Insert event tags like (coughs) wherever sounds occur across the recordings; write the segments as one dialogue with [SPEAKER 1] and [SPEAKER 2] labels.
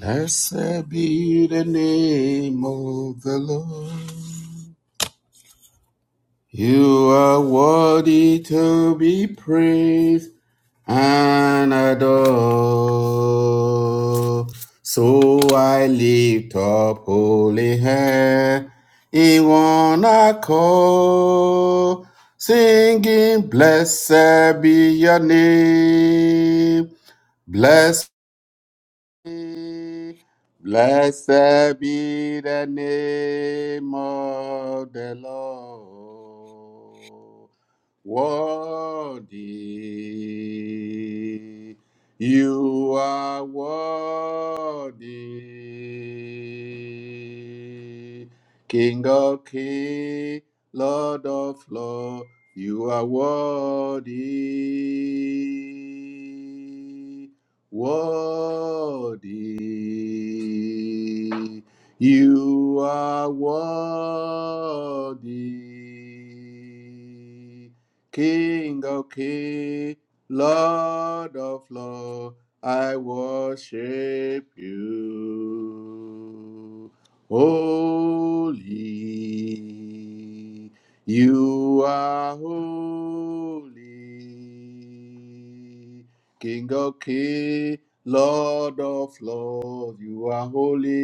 [SPEAKER 1] Blessed be the name of the Lord. You are worthy to be praised and adored. So I lift up holy hands in one accord, singing, Blessed be your name, blessed. Blessed be the name of the Lord worthy. You are worthy. King of kings, Lord of lords, you are worthy. Worthy. You are worthy. King of kings, Lord of lords, I worship you. Holy, you are holy. King of kings, Lord of lords, you are holy.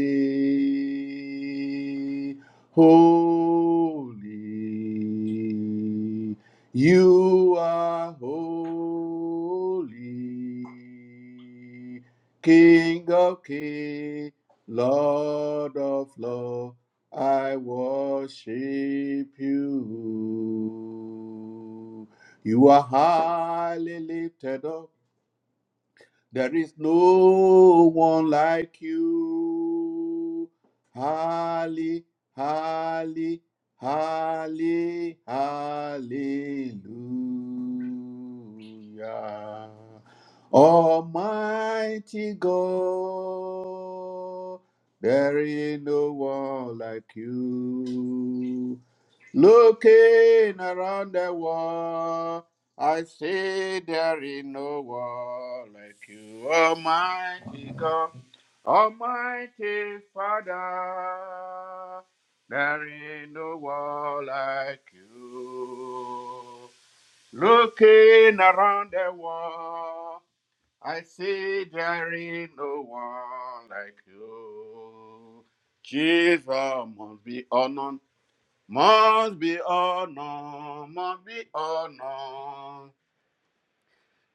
[SPEAKER 1] Holy. You are holy, King of kings, Lord of lords. I worship you. You are highly lifted up. There is no one like you. Halle, halle, halle, hallelujah. Almighty God, there is no one like you. Looking around the world, I see there is no one like you, Almighty God, Almighty Father. There is no one like you. Looking around the world, I see there is no one like you. Jesus must be honored must be honored, must be honored.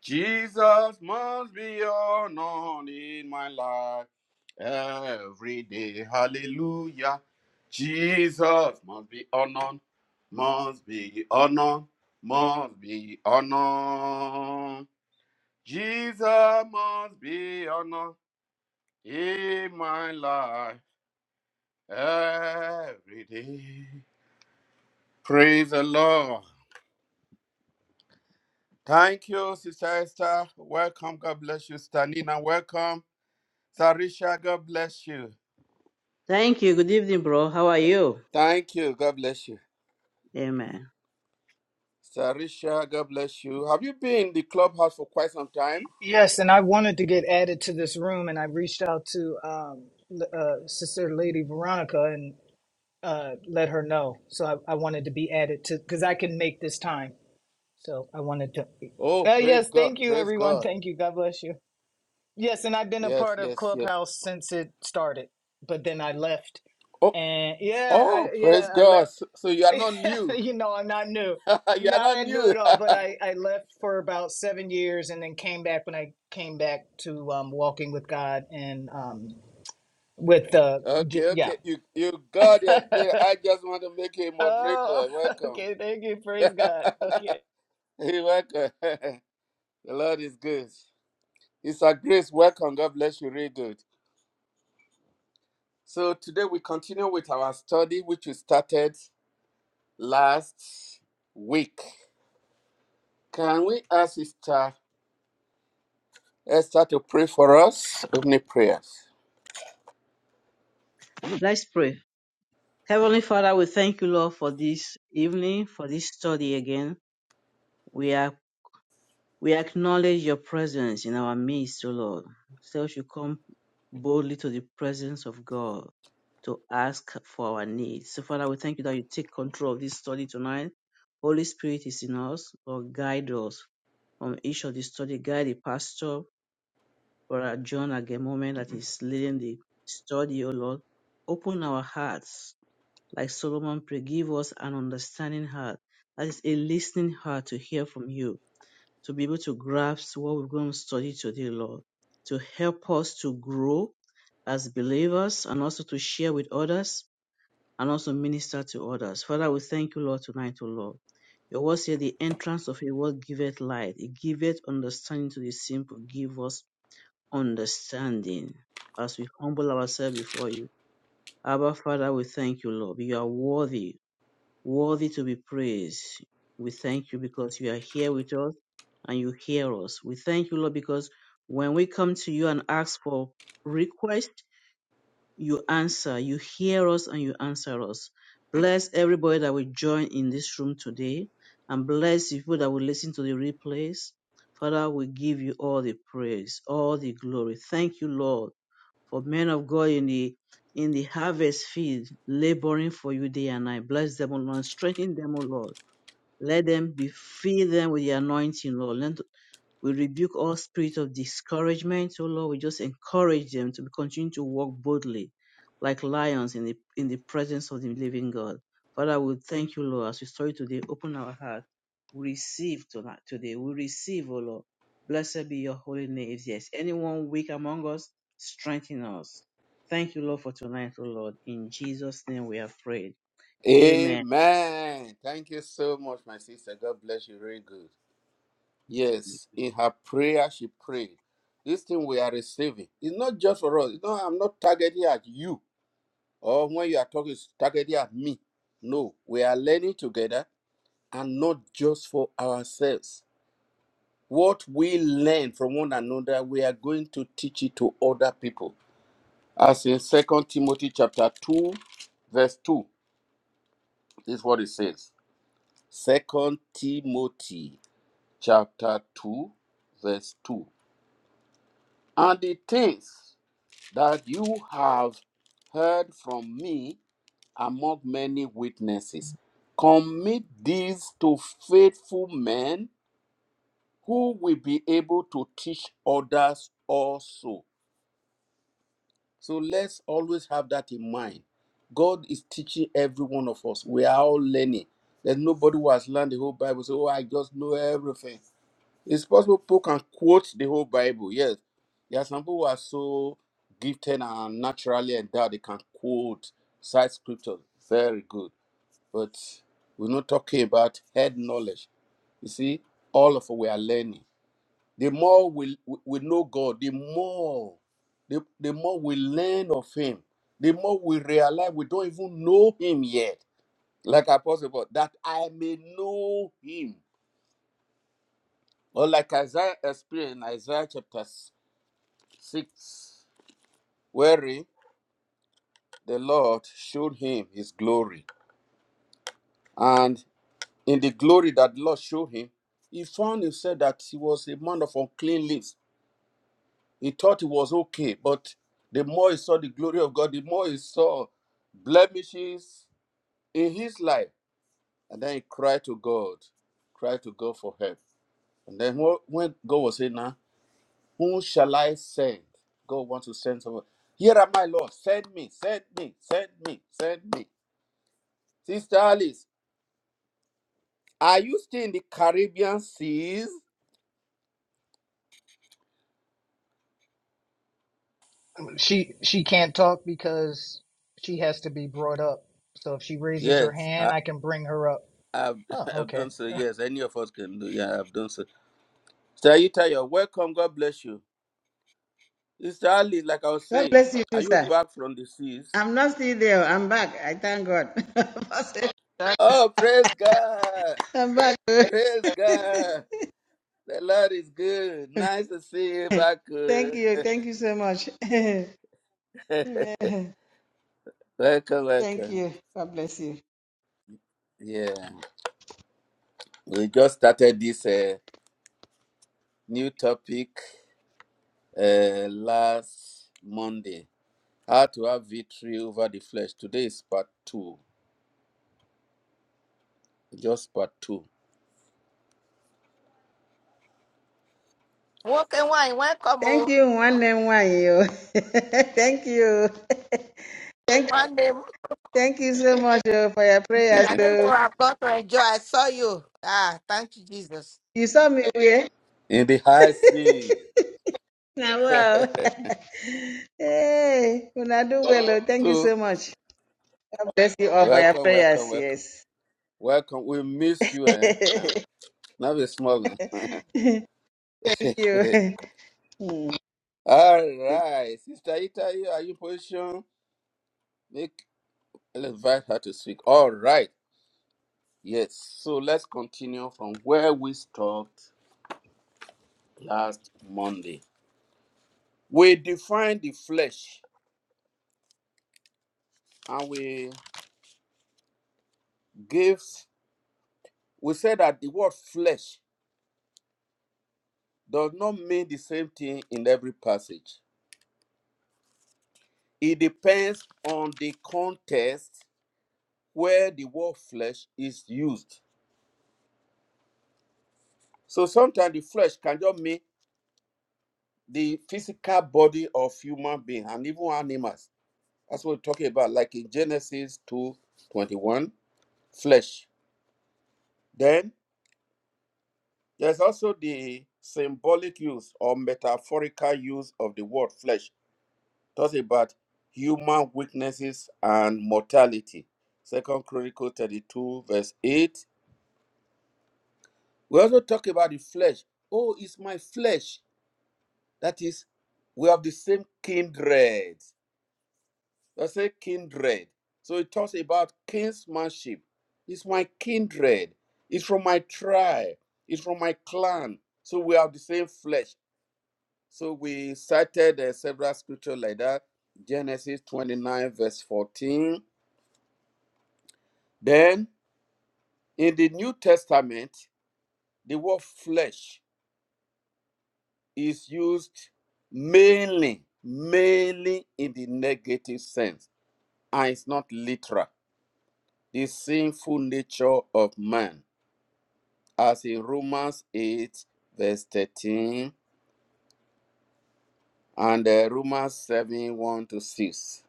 [SPEAKER 1] Jesus must be honored in my life every day. Hallelujah. Jesus must be honored, must be honored, must be honored. Jesus must be honored in my life every day. Praise the Lord. Thank you, Sister Esther. Welcome. God bless you. Sister Nina, welcome. Sarisha, God bless you.
[SPEAKER 2] Thank you. Good evening, bro. How are you?
[SPEAKER 1] Thank you. God bless you.
[SPEAKER 2] Amen.
[SPEAKER 1] Sarisha, God bless you. Have you been in the clubhouse for quite some time?
[SPEAKER 3] Yes, and I wanted to get added to this room, and I reached out to um, l- uh, Sister Lady Veronica and uh, let her know. So I, I wanted to be added to because I can make this time. So I wanted to.
[SPEAKER 1] Oh,
[SPEAKER 3] Uh,
[SPEAKER 1] praise
[SPEAKER 3] yes,
[SPEAKER 1] God.
[SPEAKER 3] thank you,
[SPEAKER 1] Praise
[SPEAKER 3] everyone. (laughs)
[SPEAKER 1] God.
[SPEAKER 3] Thank you. God bless you. Yes, and I've been a
[SPEAKER 1] Yes,
[SPEAKER 3] part of
[SPEAKER 1] yes, yes.
[SPEAKER 3] Clubhouse since it started, but then I left.
[SPEAKER 1] Oh,
[SPEAKER 3] And yeah, I
[SPEAKER 1] oh,
[SPEAKER 3] yeah,
[SPEAKER 1] praise
[SPEAKER 3] I left
[SPEAKER 1] God. So, so you are not
[SPEAKER 3] (laughs)
[SPEAKER 1] new.
[SPEAKER 3] you know, I'm not new,
[SPEAKER 1] (laughs) you are
[SPEAKER 3] not
[SPEAKER 1] not
[SPEAKER 3] that new
[SPEAKER 1] new.
[SPEAKER 3] at all. But I I left for about seven years, and then came back when I came back to um, Walking with God and um, with the
[SPEAKER 1] (laughs)
[SPEAKER 3] J-
[SPEAKER 1] okay,
[SPEAKER 3] yeah.
[SPEAKER 1] okay. You you got your spirit. I just want to make you a
[SPEAKER 3] (laughs) oh,
[SPEAKER 1] moderator.
[SPEAKER 3] (laughs)
[SPEAKER 1] Welcome.
[SPEAKER 3] okay. Thank you. Praise
[SPEAKER 1] (laughs)
[SPEAKER 3] God. (laughs) Okay.
[SPEAKER 1] you welcome. (laughs) the Lord is good. It's a grace. Welcome. God bless you. Really good. So today we continue with our study, which we started last week. Can we ask Sister Esther to pray for us? Opening prayers.
[SPEAKER 2] Let's pray. Heavenly Father, we thank you, Lord, for this evening, for this study again. We are we acknowledge your presence in our midst, O Lord. So we should come boldly to the presence of God to ask for our needs. So, Father, we thank you that you take control of this study tonight. Holy Spirit is in us. Lord, guide us from each of the study. Guide the pastor. for our John at the moment that is leading the study, O Lord. Open our hearts, like Solomon prayed, give us an understanding heart, that is a listening heart to hear from you, to be able to grasp what we're going to study today, Lord, to help us to grow as believers and also to share with others and also minister to others. Father, we thank you, Lord, tonight, O Lord. Your word says the entrance of Your word giveth light, it giveth understanding to the simple, give us understanding. As we humble ourselves before you, Abba Father, we thank you, Lord. You are worthy, worthy to be praised. We thank you because you are here with us and you hear us. We thank you, Lord, because when we come to you and ask for request, you answer. You hear us and you answer us. Bless everybody that will join in this room today and bless the people that will listen to the replays. Father, we give you all the praise, all the glory. Thank you, Lord, for men of God in the in the harvest field, laboring for you day and night. Bless them, O Lord. Strengthen them, O Lord. Let them be fill them with the anointing, Lord. Let, we rebuke all spirit of discouragement. Oh Lord, we just encourage them to continue to walk boldly like lions in the in the presence of the living God. Father, we thank you, Lord, as we story today. Open our heart. We receive tonight today. We receive, oh Lord. Blessed be your holy name. If there's anyone weak among us, strengthen us. Thank you, Lord, for tonight, oh Lord. In Jesus' name we have prayed. Amen.
[SPEAKER 1] Amen. Thank you so much, my sister. God bless you. Really good. Yes, in her prayer, she prayed. This thing we are receiving is not just for us. You know, I'm not targeting at you or when you are talking, it's targeting at me. No, we are learning together and not just for ourselves. What we learn from one another, we are going to teach it to other people. As in Second Timothy chapter 2, verse 2, this is what it says. Second Timothy chapter 2, verse 2. And the things that you have heard from me among many witnesses, commit these to faithful men who will be able to teach others also. So let's always have that in mind. God is teaching every one of us. We are all learning. There's nobody who has learned the whole Bible. So, oh, I just know everything. It's possible people can quote the whole Bible. Yes. There are some people who are so gifted and naturally endowed, they can quote side scriptures. Very good. But we're not talking about head knowledge. You see, all of us we are learning. The more we, we know God, the more the, the more we learn of Him, the more we realize we don't even know Him yet. Like Apostle Paul, that I may know Him. Or like Isaiah experienced in Isaiah chapter s- 6, wherein the Lord showed him His glory. And in the glory that the Lord showed him, he found himself that he was a man of unclean lips He thought it was okay, but the more he saw the glory of God, the more he saw blemishes in his life. And then he cried to God, cried to God for help. And then wh- when God was saying, Now, whom shall I send? God wants to send someone. Here am I, Lord. Send me, send me, send me, send me. Sister Alice, are you still in the Caribbean seas?
[SPEAKER 3] She she can't talk because she has to be brought up. So if she raises her
[SPEAKER 1] Yes,
[SPEAKER 3] hand,
[SPEAKER 1] I,
[SPEAKER 3] I can bring her up.
[SPEAKER 1] I've, (laughs)
[SPEAKER 3] Oh,
[SPEAKER 1] I've
[SPEAKER 3] okay.
[SPEAKER 1] done so. Yes, any of us can do. Yeah, I've done so. Sister Ayita, you're welcome. God bless you. Sister Ali, like I was
[SPEAKER 4] God
[SPEAKER 1] saying,
[SPEAKER 4] bless you too,
[SPEAKER 1] are you
[SPEAKER 4] sir.
[SPEAKER 1] back from the seas?
[SPEAKER 4] I'm not still there. I'm back. I thank God. (laughs)
[SPEAKER 1] Oh, praise God!
[SPEAKER 4] I'm back.
[SPEAKER 1] Praise
[SPEAKER 4] (laughs)
[SPEAKER 1] God! The Lord is good. Nice to see you back.
[SPEAKER 4] thank you.
[SPEAKER 1] uh.
[SPEAKER 4] Thank you so much. (laughs) thank
[SPEAKER 1] (laughs) welcome, welcome.
[SPEAKER 4] you. God bless you.
[SPEAKER 1] Yeah, we just started this uh, new topic uh, last Monday. How to have victory over the flesh. Today is part two, just part two.
[SPEAKER 5] Walk and wine, welcome.
[SPEAKER 4] Thank
[SPEAKER 5] Oh,
[SPEAKER 4] you, one and one you. (laughs) thank you. (laughs) thank,
[SPEAKER 5] one day
[SPEAKER 4] thank you so much oh, for your prayers.
[SPEAKER 5] I know people
[SPEAKER 4] So
[SPEAKER 5] have got to enjoy. I saw you. Ah, thank you, Jesus.
[SPEAKER 4] you saw me here.
[SPEAKER 1] In the high
[SPEAKER 4] (laughs)
[SPEAKER 1] seas.
[SPEAKER 4] now, wow.
[SPEAKER 1] (laughs)
[SPEAKER 4] (laughs) hey, when I do well, oh, thank you so
[SPEAKER 1] so,
[SPEAKER 4] much. God bless you all for your
[SPEAKER 1] welcome, welcome,
[SPEAKER 4] prayers.
[SPEAKER 1] welcome.
[SPEAKER 4] Yes.
[SPEAKER 1] Welcome. We missed you, eh? (laughs) (laughs) Now we're smuggling. (laughs) All
[SPEAKER 4] (laughs) you. (laughs) Hmm. You
[SPEAKER 1] right. Sister Ita, you- are you position? Make I'll invite her to speak. All right. Yes. So let's continue from where we stopped last Monday. We defined the flesh and we gave we said that the word flesh does not mean the same thing in every passage. It depends on the context where the word flesh is used. So sometimes the flesh can just mean the physical body of human being and even animals. That's what we're talking about, like in Genesis two twenty one, flesh. Then there's also the symbolic use or metaphorical use of the word flesh. Talks about human weaknesses and mortality. Second Chronicles 32, verse 8. We also talk about the flesh. Oh, it's my flesh. That is, we have the same kindred. I say kindred. So it talks about kinsmanship. It's my kindred. It's from my tribe. It's from my clan. So we have the same flesh. So we cited uh, several scriptures like that. Genesis 29, verse 14. Then in the New Testament, the word flesh is used mainly, mainly in the negative sense. And it's not literal. The sinful nature of man as in Romans 8, verse 13, and uh, Romans 7, 1 to 6.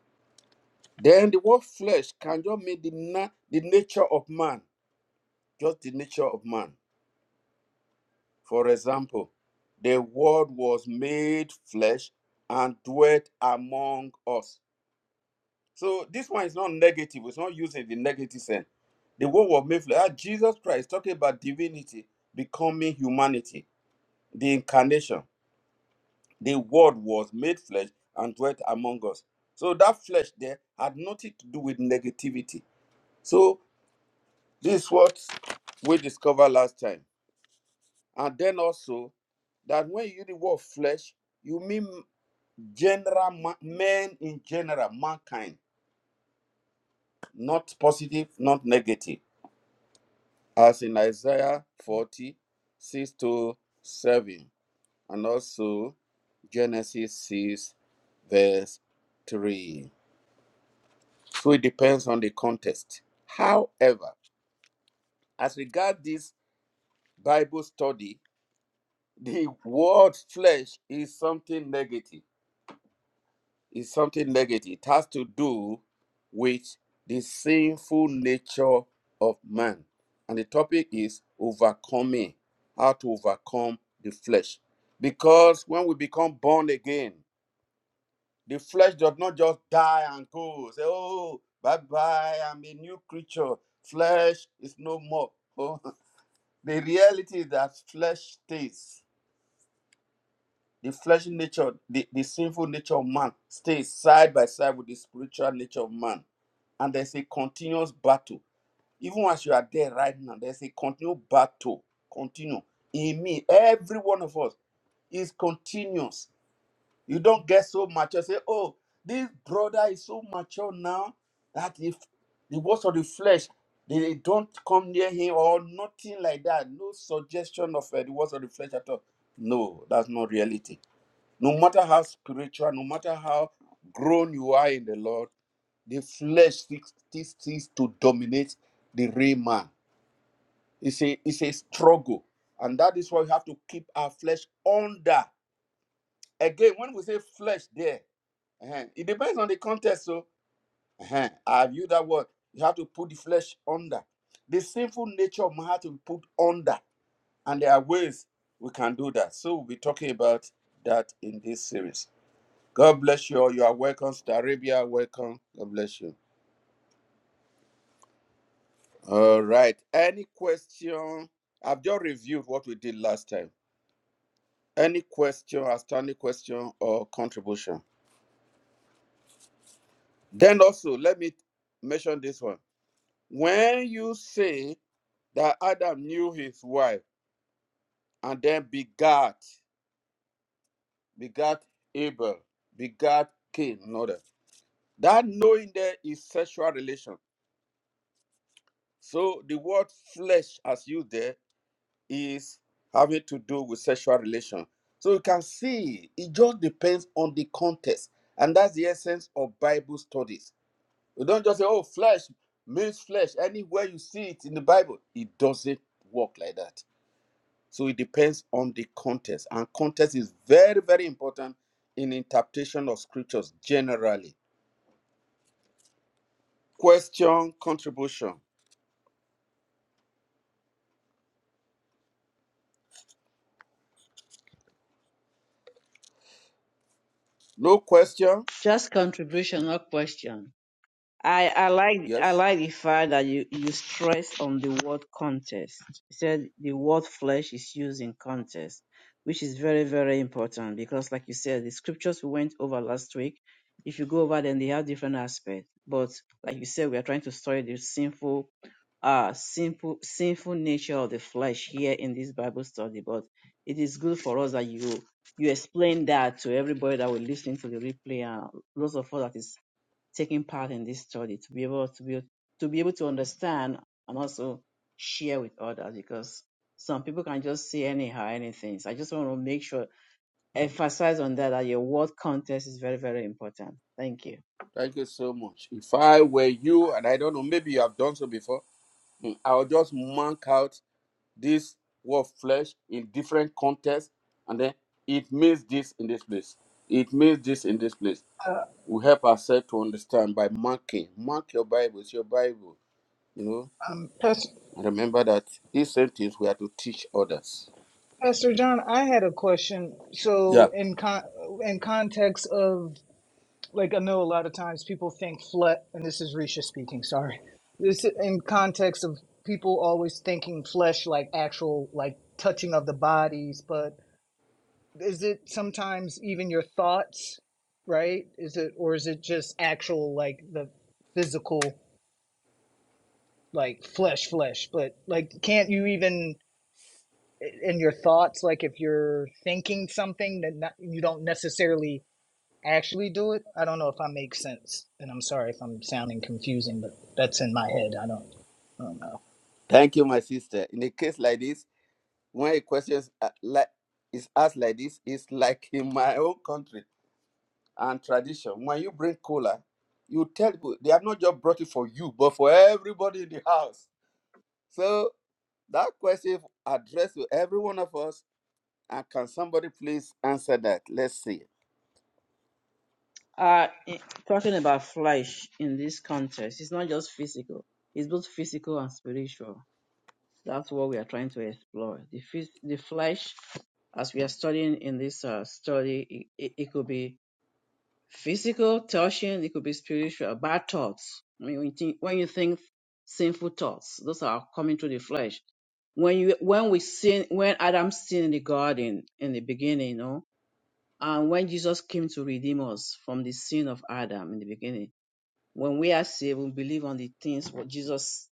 [SPEAKER 1] Then the word flesh can just mean the, na- the nature of man, just the nature of man. For example, the word was made flesh and dwelt among us. So this one is not negative, it's not using the negative sense. The word was made flesh. Ah, Jesus Christ talking about divinity becoming humanity, the incarnation. the word was made flesh and dwelt among us so that flesh there had nothing to do with negativity so this is what we discovered last time and then also that when you use the word flesh you mean general ma- men in general mankind not positive not negative as in isaiah 40 6 to 7 and also genesis 6 verse 3 So it depends on the context. However, as regard this Bible study, the word flesh is something negative. Is something negative. It has to do with the sinful nature of man. And the topic is overcoming, how to overcome the flesh. Because when we become born again, The flesh does not just die and go. Say, oh, bye bye, I'm a new creature. Flesh is no more. Oh, (laughs) the reality is that flesh stays. The flesh nature, the, the sinful nature of man stays side by side with the spiritual nature of man. And there's a continuous battle. Even as you are there right now, there's a continual battle. Continue. In me, every one of us is continuous You don't get so mature. Say, oh, this brother is so mature now that if the works of the flesh, they don't come near him or nothing like that. No suggestion of uh, the works of the flesh at all. No, that's not reality. No matter how spiritual, no matter how grown you are in the Lord, the flesh seeks still seeks to dominate the real man. It's a, it's a struggle. And that is why we have to keep our flesh under. Again, when we say flesh there, uh-huh. It depends on the context. So, uh-huh. I've used that word. You have to put the flesh under. The sinful nature of man has to be put under. And there are ways we can do that. So, we'll be talking about that in this series. God bless you all. You are welcome. Sister Arabia, welcome. God bless you. All right. Any question? I've just reviewed what we did last time. Any question, outstanding question, or contribution? Then also, let me mention this one. When you say that Adam knew his wife and then begat, begat Abel, begat Cain. Another. That knowing there is sexual relation. So the word flesh as used there is having to do with sexual relation. So you can see it just depends on the context. And that's the essence of Bible studies. You don't just say, oh, flesh means flesh. Anywhere you see it in the Bible, it doesn't work like that. So it depends on the context. And context is very, very important in interpretation of scriptures generally. Question, contribution. No question?
[SPEAKER 2] Just contribution, not question. I, I like I
[SPEAKER 1] Yes.
[SPEAKER 2] like the fact that you, you stress on the word contest. You said the word flesh is used in contest, which is very, very important because like you said, the scriptures we went over last week, if you go over them they have different aspects. But like you said, we are trying to study the sinful uh simple sinful nature of the flesh here in this Bible study. But it is good for us that you you explain that to everybody that will listen to the replay and those of us that is taking part in this study to be able to be to be able to understand and also share with others because some people can just say anyhow anything. So I just want to make sure emphasize on that that your word context is very very important. Thank you.
[SPEAKER 1] Thank you so much. If I were you, and I don't know, maybe you have done so before, mm, I'll just mark out this word flesh in different contexts, and then it means this in this place. It means this in this place.
[SPEAKER 3] Uh,
[SPEAKER 1] We help ourselves to understand by marking. Mark your Bible. It's your Bible, you know.
[SPEAKER 3] um, Pastor,
[SPEAKER 1] Remember that these same things we are to teach others.
[SPEAKER 3] Pastor John, I had a question.
[SPEAKER 1] Yeah.
[SPEAKER 3] So in con- in context of like I know a lot of times people think flesh, and this is Risha speaking. Sorry, this in context of people always thinking flesh like actual like touching of the bodies, but is it sometimes even your thoughts, right? Is it or is it just actual like the physical like flesh, flesh? But like, can't you even in your thoughts, like if you're thinking something that not, you don't necessarily actually do it. I don't know if I make sense, and I'm sorry if I'm sounding confusing, but that's in my head. I don't, I don't know.
[SPEAKER 1] Thank you, my sister. In a case like this, when a question is a- like is asked like this, it's like in my own country and tradition. When you bring cola, you tell people they have not just brought it for you, but for everybody in the house. So that question addressed to every one of us. And can somebody please answer that? Let's see.
[SPEAKER 2] Uh, i- talking about flesh in this context, it's not just physical; it's both physical and spiritual. That's what we are trying to explore. The the flesh, as we are studying in this uh, study, it, it it could be physical touching, it could be spiritual, bad thoughts. When you think, when you think sinful thoughts, those are coming to the flesh. When you when we sin, when Adam sinned in the garden in the beginning, you know, and when Jesus came to redeem us from the sin of Adam in the beginning, when we are saved, we believe on the things what Jesus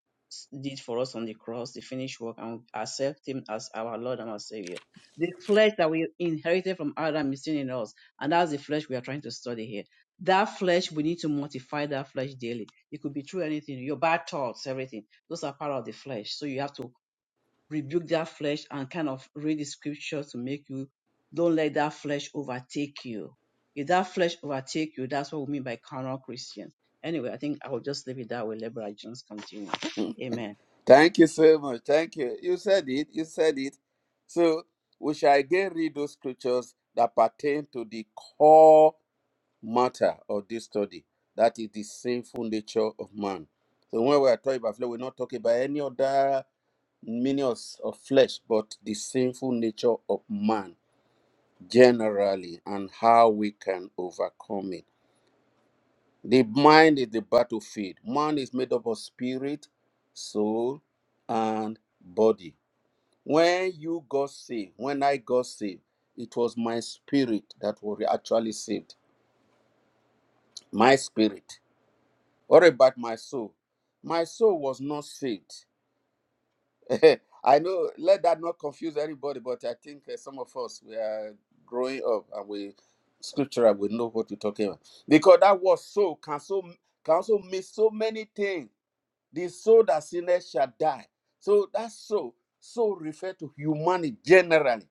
[SPEAKER 2] did for us on the cross, the finished work, and accept Him as our Lord and our Savior. The flesh that we inherited from Adam is still in us, and that's the flesh we are trying to study here. That flesh, we need to mortify that flesh daily. It could be through anything, your bad thoughts, everything. Those are part of the flesh. So you have to rebuke that flesh and kind of read the scripture to make you don't let that flesh overtake you. If that flesh overtake you, that's what we mean by carnal Christian. Anyway, I think I will just leave it that way. Let Brother Jones continue.
[SPEAKER 1] Hmm.
[SPEAKER 2] Amen.
[SPEAKER 1] Thank you so much. Thank you. You said it. You said it. So we shall again read those scriptures that pertain to the core matter of this study. That is the sinful nature of man. So when we are talking about flesh, we're not talking about any other meanings of of flesh, but the sinful nature of man generally and how we can overcome it. The mind is the battlefield. Man is made up of spirit, soul, and body when you got saved, when I got saved, it was my spirit that was actually saved. My spirit. What about my soul? My soul was not saved. (laughs) I know, let that not confuse anybody, but I think uh, some of us, we are growing up and we, scriptural, we know what we're talking about. Because that word soul can, so, can also mean so many things. The soul that sinners shall die. So that soul, soul refer to humanity generally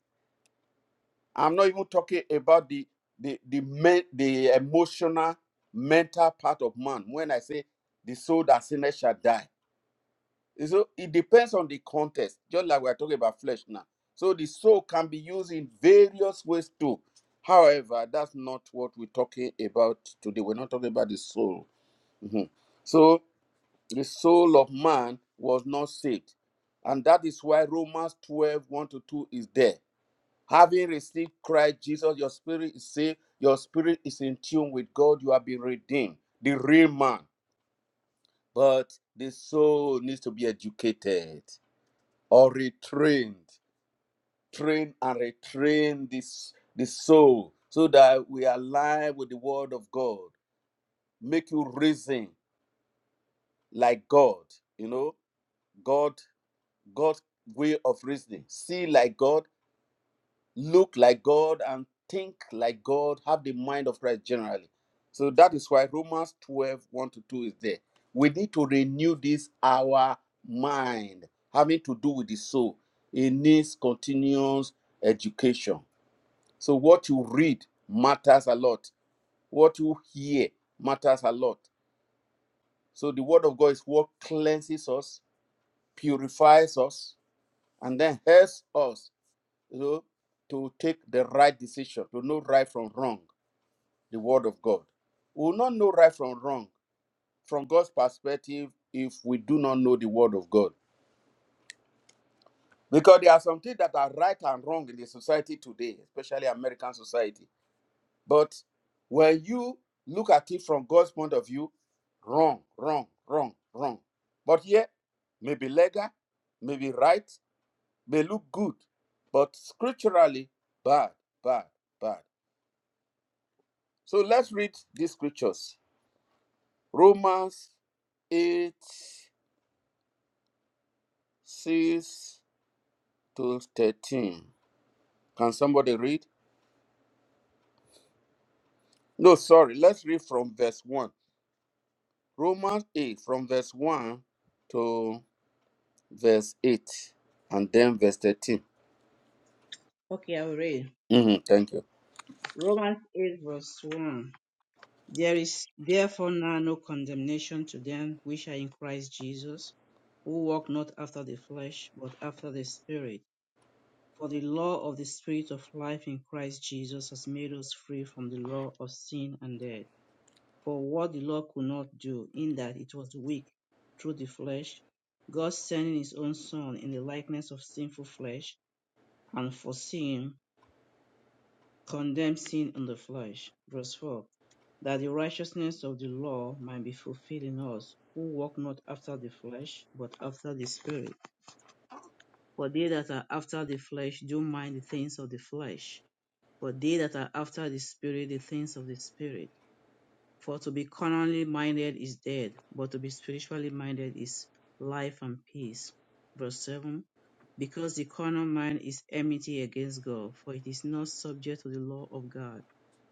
[SPEAKER 1] I'm not even talking about the the the men, the emotional mental part of man. When I say the soul that sinners shall die, And so it depends on the context. Just like we are talking about flesh now, so the soul can be used in various ways too. However, that's not what we're talking about today. We're not talking about the soul. Mhm. So the soul of man was not saved, and that is why Romans twelve one to 2 is there Having received Christ Jesus, your spirit is saved. Your spirit is in tune with God. You have been redeemed, the real man. But the soul needs to be educated or retrained. Train and retrain this the soul so that we align with the word of God. Make you reason like God. You know, God, God's way of reasoning. See like God, look like God and think like God, have the mind of Christ generally. So that is why Romans twelve one to 2 is there. We need to renew this our mind, having to do with the soul. It needs continuous education. So what you read matters a lot, what you hear matters a lot. So the word of God is what cleanses us, purifies us, and then helps us you know, to take the right decision, to know right from wrong, the word of God. We will not know right from wrong from God's perspective if we do not know the word of God. Because there are some things that are right and wrong in the society today, especially American society. But when you look at it from God's point of view, wrong, wrong, wrong, wrong. But here, maybe legal, maybe right, may look good, but scripturally, bad, bad, bad. So let's read these scriptures Romans 8, 6 to 13. Can somebody read? No, sorry. Let's read from verse 1. Romans 8, from verse 1 to verse 8, and then verse 13.
[SPEAKER 2] Okay, I will read
[SPEAKER 1] Mhm, thank you.
[SPEAKER 2] Romans 8, verse 1. There is therefore now no condemnation to them which are in Christ Jesus, who walk not after the flesh, but after the Spirit. For the law of the Spirit of life in Christ Jesus has made us free from the law of sin and death. For what the law could not do, in that it was weak through the flesh, God sending his own Son in the likeness of sinful flesh, and for sin, condemned sin in the flesh. Verse 4 That the righteousness of the law might be fulfilled in us, who walk not after the flesh, but after the Spirit. For they that are after the flesh do mind the things of the flesh But they that are after the Spirit, the things of the Spirit. For to be carnally minded is death, but to be spiritually minded is life and peace. Verse 7 Because the carnal mind is enmity against God, for it is not subject to the law of God,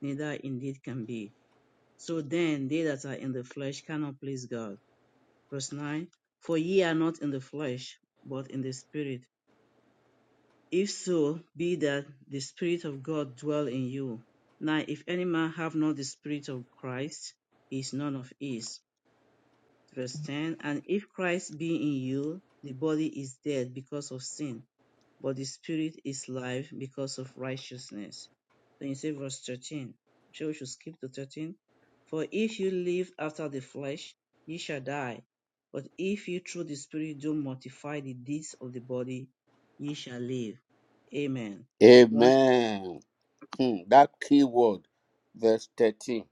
[SPEAKER 2] neither indeed can be. So then they that are in the flesh cannot please God. Verse 9 For ye are not in the flesh, but in the Spirit if so be that the Spirit of God dwell in you. Now, if any man have not the Spirit of Christ, he is none of his. Verse 10 And if Christ be in you, the body is dead because of sin but the Spirit is life because of righteousness. Then you say verse 13. I'm sure we should skip to 13. For if you live after the flesh, ye shall die. But if you through the Spirit do mortify the deeds of the body, ye shall live. Amen. One,
[SPEAKER 1] Amen. Hmm, that key word, verse 13.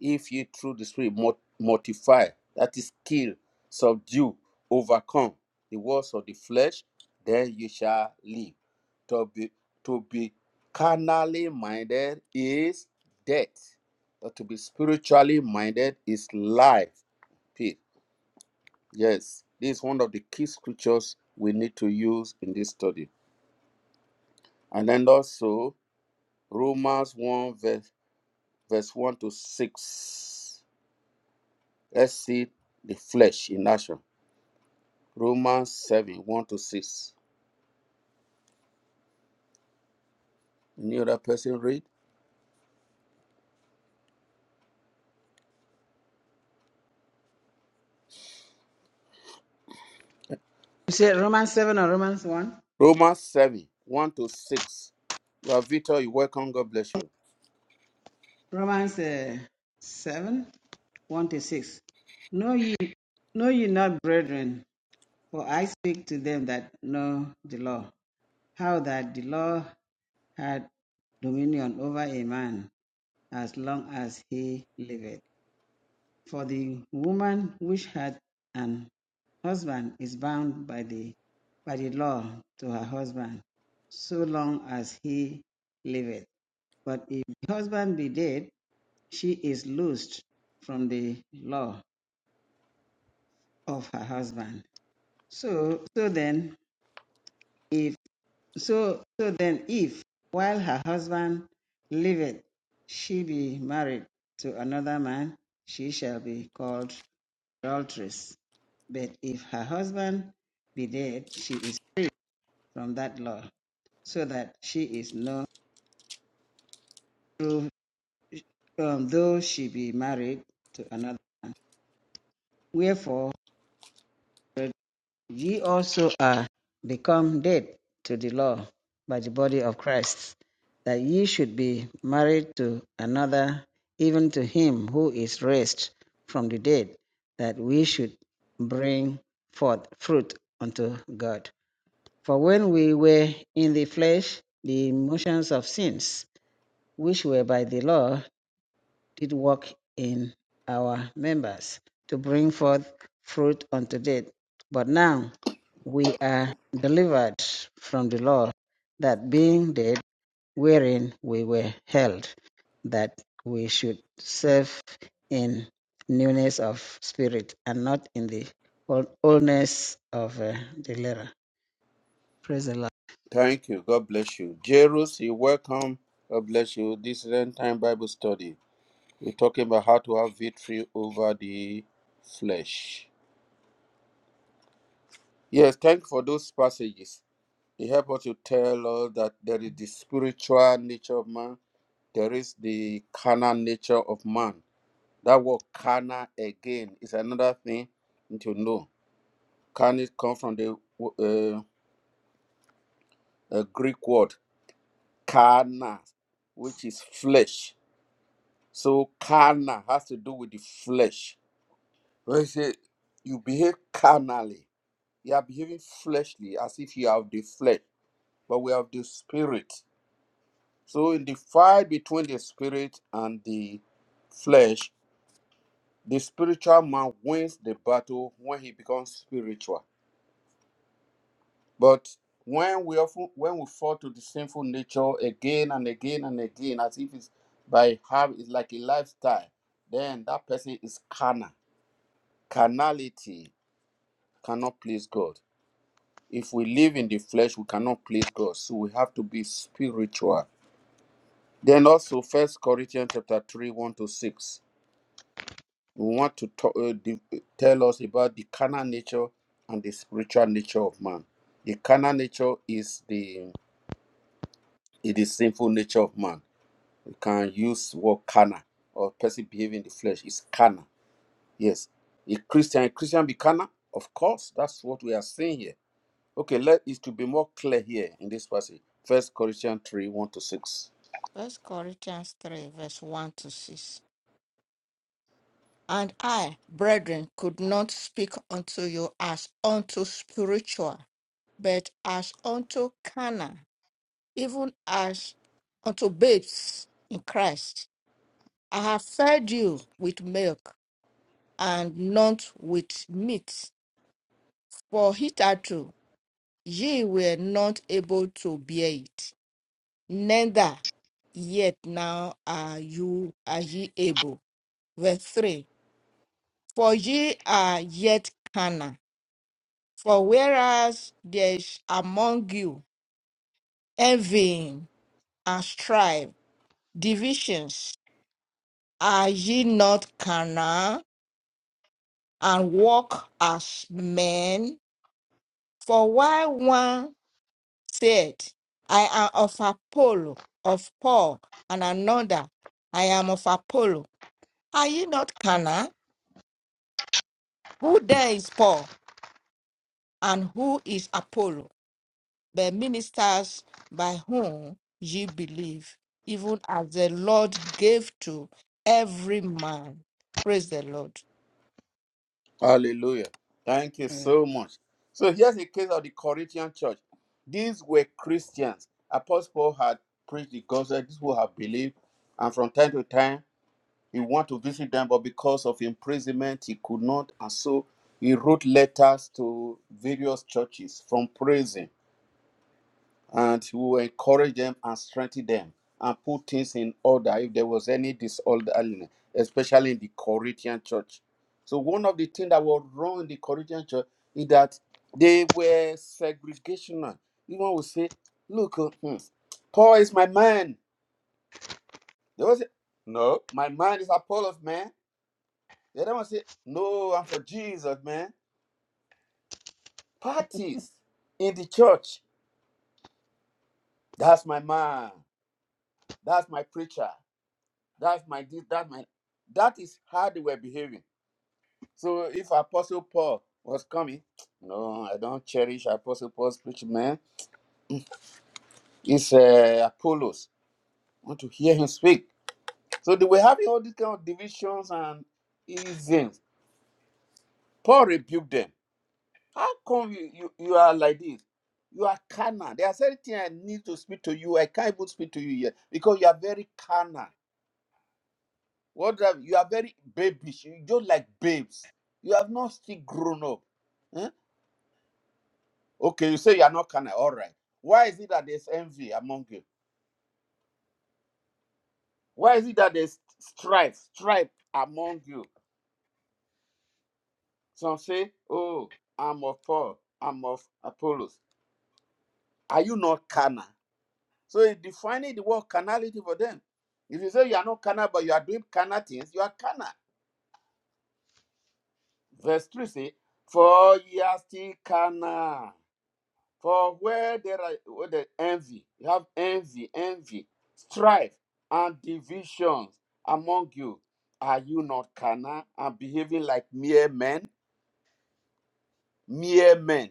[SPEAKER 1] if you through the spirit mult- mortify, that is, kill, subdue, overcome the works of the flesh, then you shall live. To be to be carnally minded is death, but to be spiritually minded is life. Peace. Yes, this is one of the key scriptures we need to use in this study. And then also Romans 1 verse, verse 1 to 6. Let's see the flesh in action. Romans 7 1 to 6. Any other person read?
[SPEAKER 4] said Romans 7 or Romans 1?
[SPEAKER 1] Romans 7 1 to 6. Ravito, you welcome. God bless you.
[SPEAKER 4] Romans uh, 7, 1 to 6. Know ye, know ye not, brethren, for I speak to them that know the law, how that the law had dominion over a man as long as he liveth. For the woman which hath an husband is bound by the by the law to her husband, so long as he liveth. But if the husband be dead, she is loosed from the law of her husband. So so then if so so then if while her husband liveth she be married to another man, she shall be called adulteress. But if her husband be dead, she is free from that law, so that she is no true, um, though she be married to another. Wherefore Ye also are become dead to the law by the body of Christ, that ye should be married to another, even to him who is raised from the dead, that we should bring forth fruit unto God. For when we were in the flesh, the motions of sins, which were by the law, did work in our members to bring forth fruit unto death. But now we are delivered from the law that being dead wherein we were held, that we should serve in newness of spirit and not in the oldness of uh, the letter. Praise the Lord.
[SPEAKER 1] Thank you. God bless you. Jerus, you welcome. God bless you. This is end time Bible study. We're talking about how to have victory over the flesh. Yes, thank you for those passages. It helps us to tell us that there is the spiritual nature of man, there is the carnal nature of man. That word carnal again is another thing you need to know. Carnal comes from the uh, uh, Greek word carna, which is flesh. So carna has to do with the flesh. When you say you behave carnally, you are behaving fleshly as if you have the flesh, but we have the spirit. So in the fight between the spirit and the flesh, the spiritual man wins the battle when he becomes spiritual But when we often when we fall to the sinful nature again and again and again, as if it's by habit, it's like a lifestyle, then that person is carnal. Carnality cannot please God. If we live in the flesh, we cannot please God. So we have to be spiritual. Then also, First Corinthians chapter three, one to six. We want to talk, uh, the, tell us about the carnal nature and the spiritual nature of man. The carnal nature is the it is sinful nature of man You can use word carnal or person behaving in the flesh. It's carnal. Yes. A Christian, a Christian be carnal? Of course, that's what we are saying here. Okay, let it to be more clear here in this passage. First Corinthians 3, 1 to 6.
[SPEAKER 5] First Corinthians 3, verse 1 to 6. And I, brethren, could not speak unto you as unto spiritual, but as unto carnal, even as unto babes in Christ. I have fed you with milk and not with meat, for hitherto ye were not able to bear it, neither yet now are you are ye able. Verse 3 For ye are yet carnal. For whereas there is among you envying and strife, divisions, are ye not carnal and walk as men? For why one said, I am of Apollo, of Paul, and another. I am of Apollo. Are you not Cana? Who then is Paul, and who is Apollo? The ministers by whom ye believe, even as the Lord gave to every man. Praise the Lord.
[SPEAKER 1] Hallelujah. Thank you so much. So here's the case of the Corinthian church. These were Christians. Apostle Paul had preached the gospel, these who have believed, and from time to time He wanted to visit them, but because of imprisonment, he could not. And so he wrote letters to various churches from prison and he will encourage them and strengthen them and put things in order if there was any disorderliness, especially in the Corinthian church. So one of the things that was wrong in the Corinthian church is that they were segregational. Even would say, look, uh, hmm, Paul is my man. They will say, no, my man is Apollos' man They don't say, no, I'm for Jesus, man. Parties in the church. That's my man. That's my preacher. That's my this, that my that is how they were behaving. So if Apostle Paul was coming, no, I don't cherish Apostle Paul's preaching, man. It's uh, Apollos. I want to hear him speak. So they were having all these kind of divisions and isms. Paul rebuked them. How come you, you, you are like this? You are carnal. There are certain things I need to speak to you. I can't even speak to you here because you are very carnal. What have, you are very babish. You just like babes. You have not still grown up. Eh? Okay, you say you are not carnal. All right. Why is it that there's envy among you? Why is it that there's strife, strife among you? Some say, "Oh, I'm of Paul. I'm of Apollos." Are you not carnal? So it's defining the word carnality for them. If you say you are not carnal, but you are doing carnal things, you are carnal. Verse 3 says, For ye are still carnal. For where there are where there envy, you have envy, envy, strife, and divisions among you. Are you not carnal and behaving like mere men? Mere men.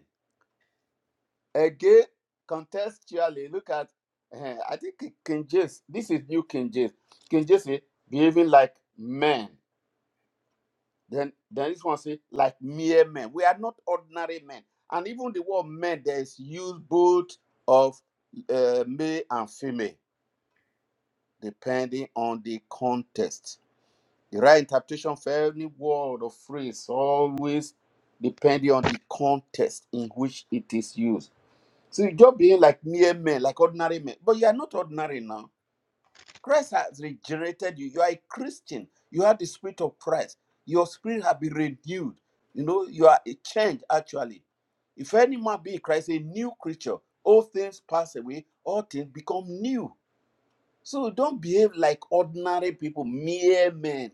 [SPEAKER 1] Again, contextually, look at, eh, I think King James, this is New King James. King James says, behaving like men. Then, then this one say, like mere men. We are not ordinary men. And even the word men, there is use both of uh, male and female, depending on the context. The right interpretation for any word or phrase always depending on the context in which it is used. So you're just being like mere men, like ordinary men. But you are not ordinary now Christ has regenerated you. You are a Christian. You have the spirit of Christ. Your spirit has been renewed. You know, you are a change actually. If any man be in Christ, a new creature, all things pass away, all things become new. So don't behave like ordinary people, mere men,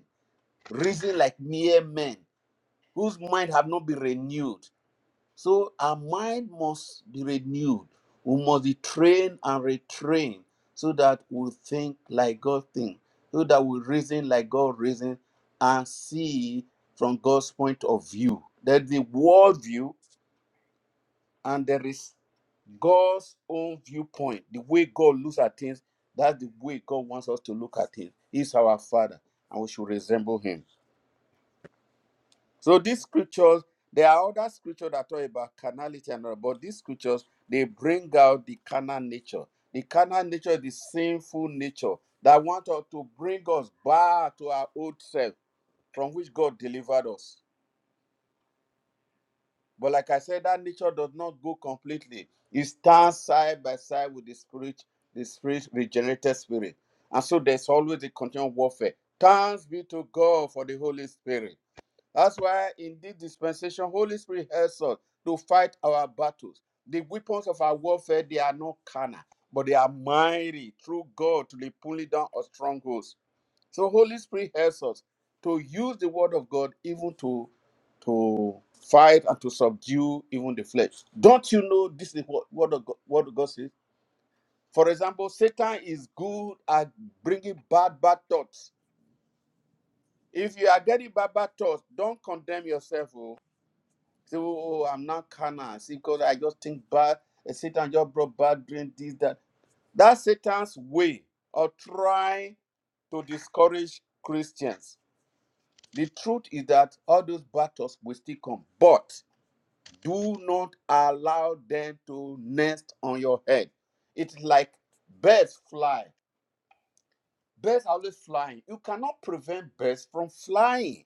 [SPEAKER 1] reason like mere men, whose mind have not been renewed. So our mind must be renewed. We must be trained and retrained so that we think like God thinks, so that we reason like God reasons, and see from God's point of view. There's the world view and there is God's own viewpoint. The way God looks at things, that's the way God wants us to look at things. He's our Father and we should resemble Him. So these scriptures, there are other scriptures that talk about carnality and all, but these scriptures they bring out the carnal nature. The carnal nature is the sinful nature that want us to bring us back to our old self from which God delivered us. But like I said, that nature does not go completely. It stands side by side with the spirit, the spirit regenerated spirit. And so there's always a continual warfare. Thanks be to God for the Holy Spirit that's why in this dispensation, Holy Spirit helps us to fight our battles. The weapons of our warfare, they are not carnal, but they are mighty through God to the pulling down of strongholds. So Holy Spirit helps us to use the word of God even to, to fight and to subdue even the flesh. Don't you know this is what, what, the, God- what God says? For example, Satan is good at bringing bad, bad thoughts. If you are getting bad, bad thoughts, don't condemn yourself. oh. Say, oh, oh, oh, I'm not carnal. See, because I just think bad. eh, Satan just brought bad dream, this, that. That's Satan's way of trying to discourage Christians. The truth is that all those battles will still come, but do not allow them to nest on your head. It's like birds fly. Birds are always flying. You cannot prevent birds from flying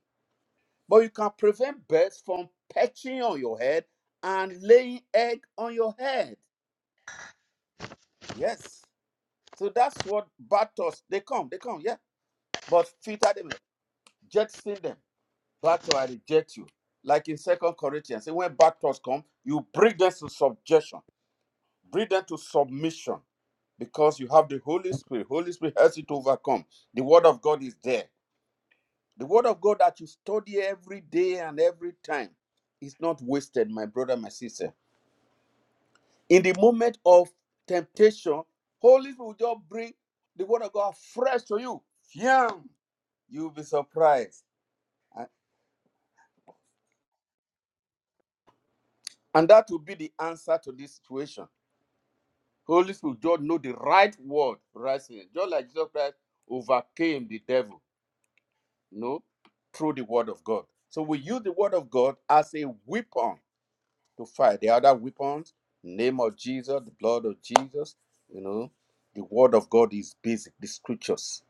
[SPEAKER 1] But you can prevent birds from perching on your head and laying egg on your head. Yes. So that's what bad thoughts, they come, they come, yeah. But filter them, jettison them. Bad thought, I reject you. Like in Second Corinthians, say, when bad thoughts come, you bring them to subjection, bring them to submission because you have the Holy Spirit. Holy Spirit helps you to overcome. The Word of God is there. The Word of God that you study every day and every time is not wasted, my brother, my sister in the moment of temptation, Holy Spirit will just bring the word of God fresh to you. Yum! You'll be surprised. And and that will be the answer to this situation. Holy Spirit will just know the right word, right thing. Just like Jesus Christ overcame the devil, you know, through the word of God. So we use the word of God as a weapon to fight. The other weapons, name of Jesus, the blood of Jesus, you know, the word of God is basic, the scriptures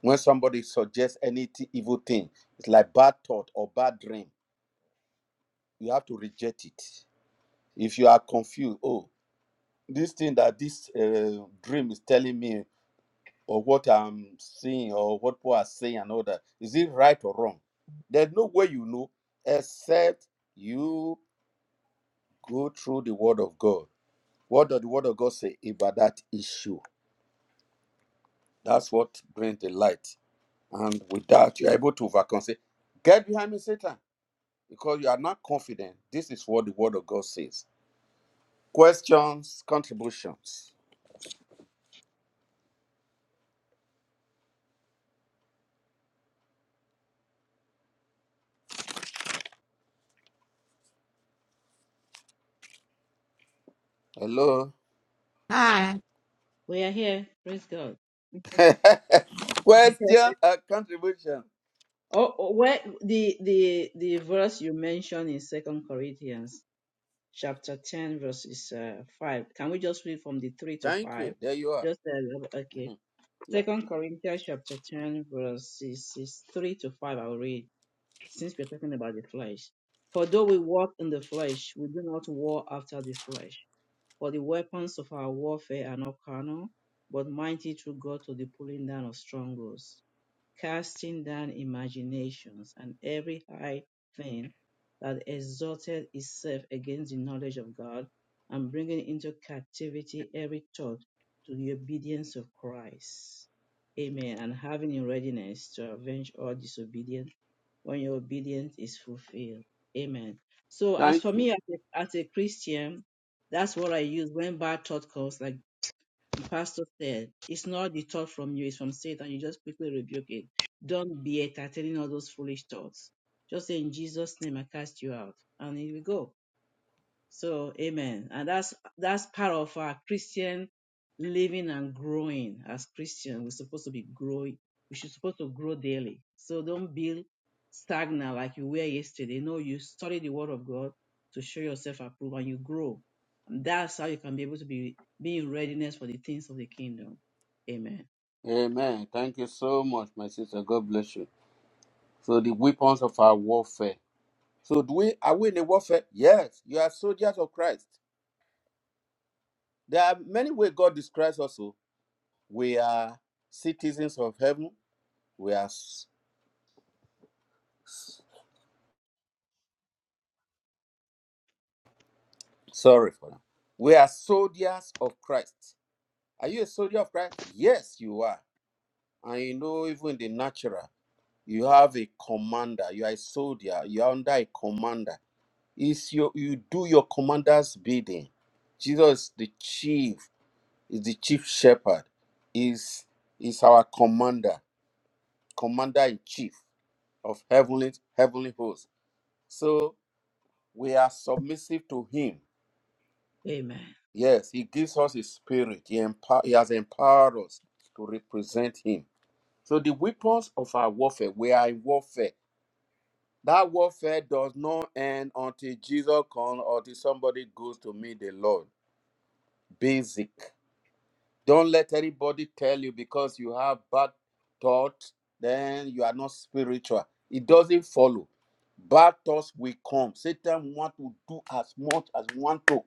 [SPEAKER 1] When somebody suggests any t- evil thing, it's like bad thought or bad dream. You have to reject it. If you are confused, oh, this thing that this uh, dream is telling me, or what I'm seeing, or what people are saying, and all that, is it right or wrong? There's no way you know except you go through the Word of God. What does the Word of God say about that issue? That's what brings the light. And with that, you're able to overcome. Say, get behind me, Satan. because you are not confident. This is what the word of God says. Questions, contributions. Hello.
[SPEAKER 5] Hi.
[SPEAKER 2] we are here. Praise God.
[SPEAKER 1] (laughs)
[SPEAKER 2] (laughs)
[SPEAKER 1] Question and contribution.
[SPEAKER 2] oh, oh, where the the the verse you mentioned in Second Corinthians. chapter 10, verses uh, 5. Can we just read from the 3 to
[SPEAKER 1] Thank
[SPEAKER 2] 5?
[SPEAKER 1] you. There you are.
[SPEAKER 2] Just uh, okay.
[SPEAKER 1] Mhm. Yeah.
[SPEAKER 2] Second Corinthians chapter 10, verses is 3 to 5. I'll read since we're talking about the flesh. For though we walk in the flesh, we do not war after the flesh. For the weapons of our warfare are not carnal, but mighty through God to the pulling down of strongholds casting down imaginations and every high thing that exalted itself against the knowledge of God, and bringing into captivity every thought to the obedience of Christ. Amen. And having in readiness to avenge all disobedience when your obedience is fulfilled. Amen. So as
[SPEAKER 1] Thank
[SPEAKER 2] for
[SPEAKER 1] you.
[SPEAKER 2] me as a, as a Christian, that's what I use when bad thought comes. Like the pastor said, It's not the thought from you, it's from Satan. You just quickly rebuke it. Don't be entertaining all those foolish thoughts. Just say, In Jesus' name, I cast you out. And here we go. So amen. And that's that's part of our Christian living and growing. As Christians. we're supposed to be growing. We should supposed to grow daily. So don't be stagnant like you were yesterday. No, you study the word of God to show yourself approved and you grow. And that's how you can be able to be, be in readiness for the things of the kingdom. Amen.
[SPEAKER 1] Amen. Thank you so much, my sister. God bless you. So the weapons of our warfare. So do we are we in a warfare? Yes. You are soldiers of Christ. There are many ways God describes us. oh. We are citizens of heaven. We are s- Sorry for now. We are soldiers of Christ. Are you a soldier of Christ? Yes, you are. And you know, even in the natural, you have a commander. You are a soldier. You are under a commander. It's your, you do your commander's bidding. Jesus, is the chief, is the chief shepherd. Is is our commander, commander in chief of heavenly heavenly hosts. So we are submissive to him
[SPEAKER 2] Amen.
[SPEAKER 1] Yes, he gives us his spirit. He, empower, he has empowered us to represent him. So the weapons of our warfare, we are in warfare. That warfare does not end until Jesus comes or till somebody goes to meet the Lord. Basic. Don't let anybody tell you because you have bad thoughts, then you are not spiritual. It doesn't follow. Bad thoughts will come. Satan want to do as much as want to.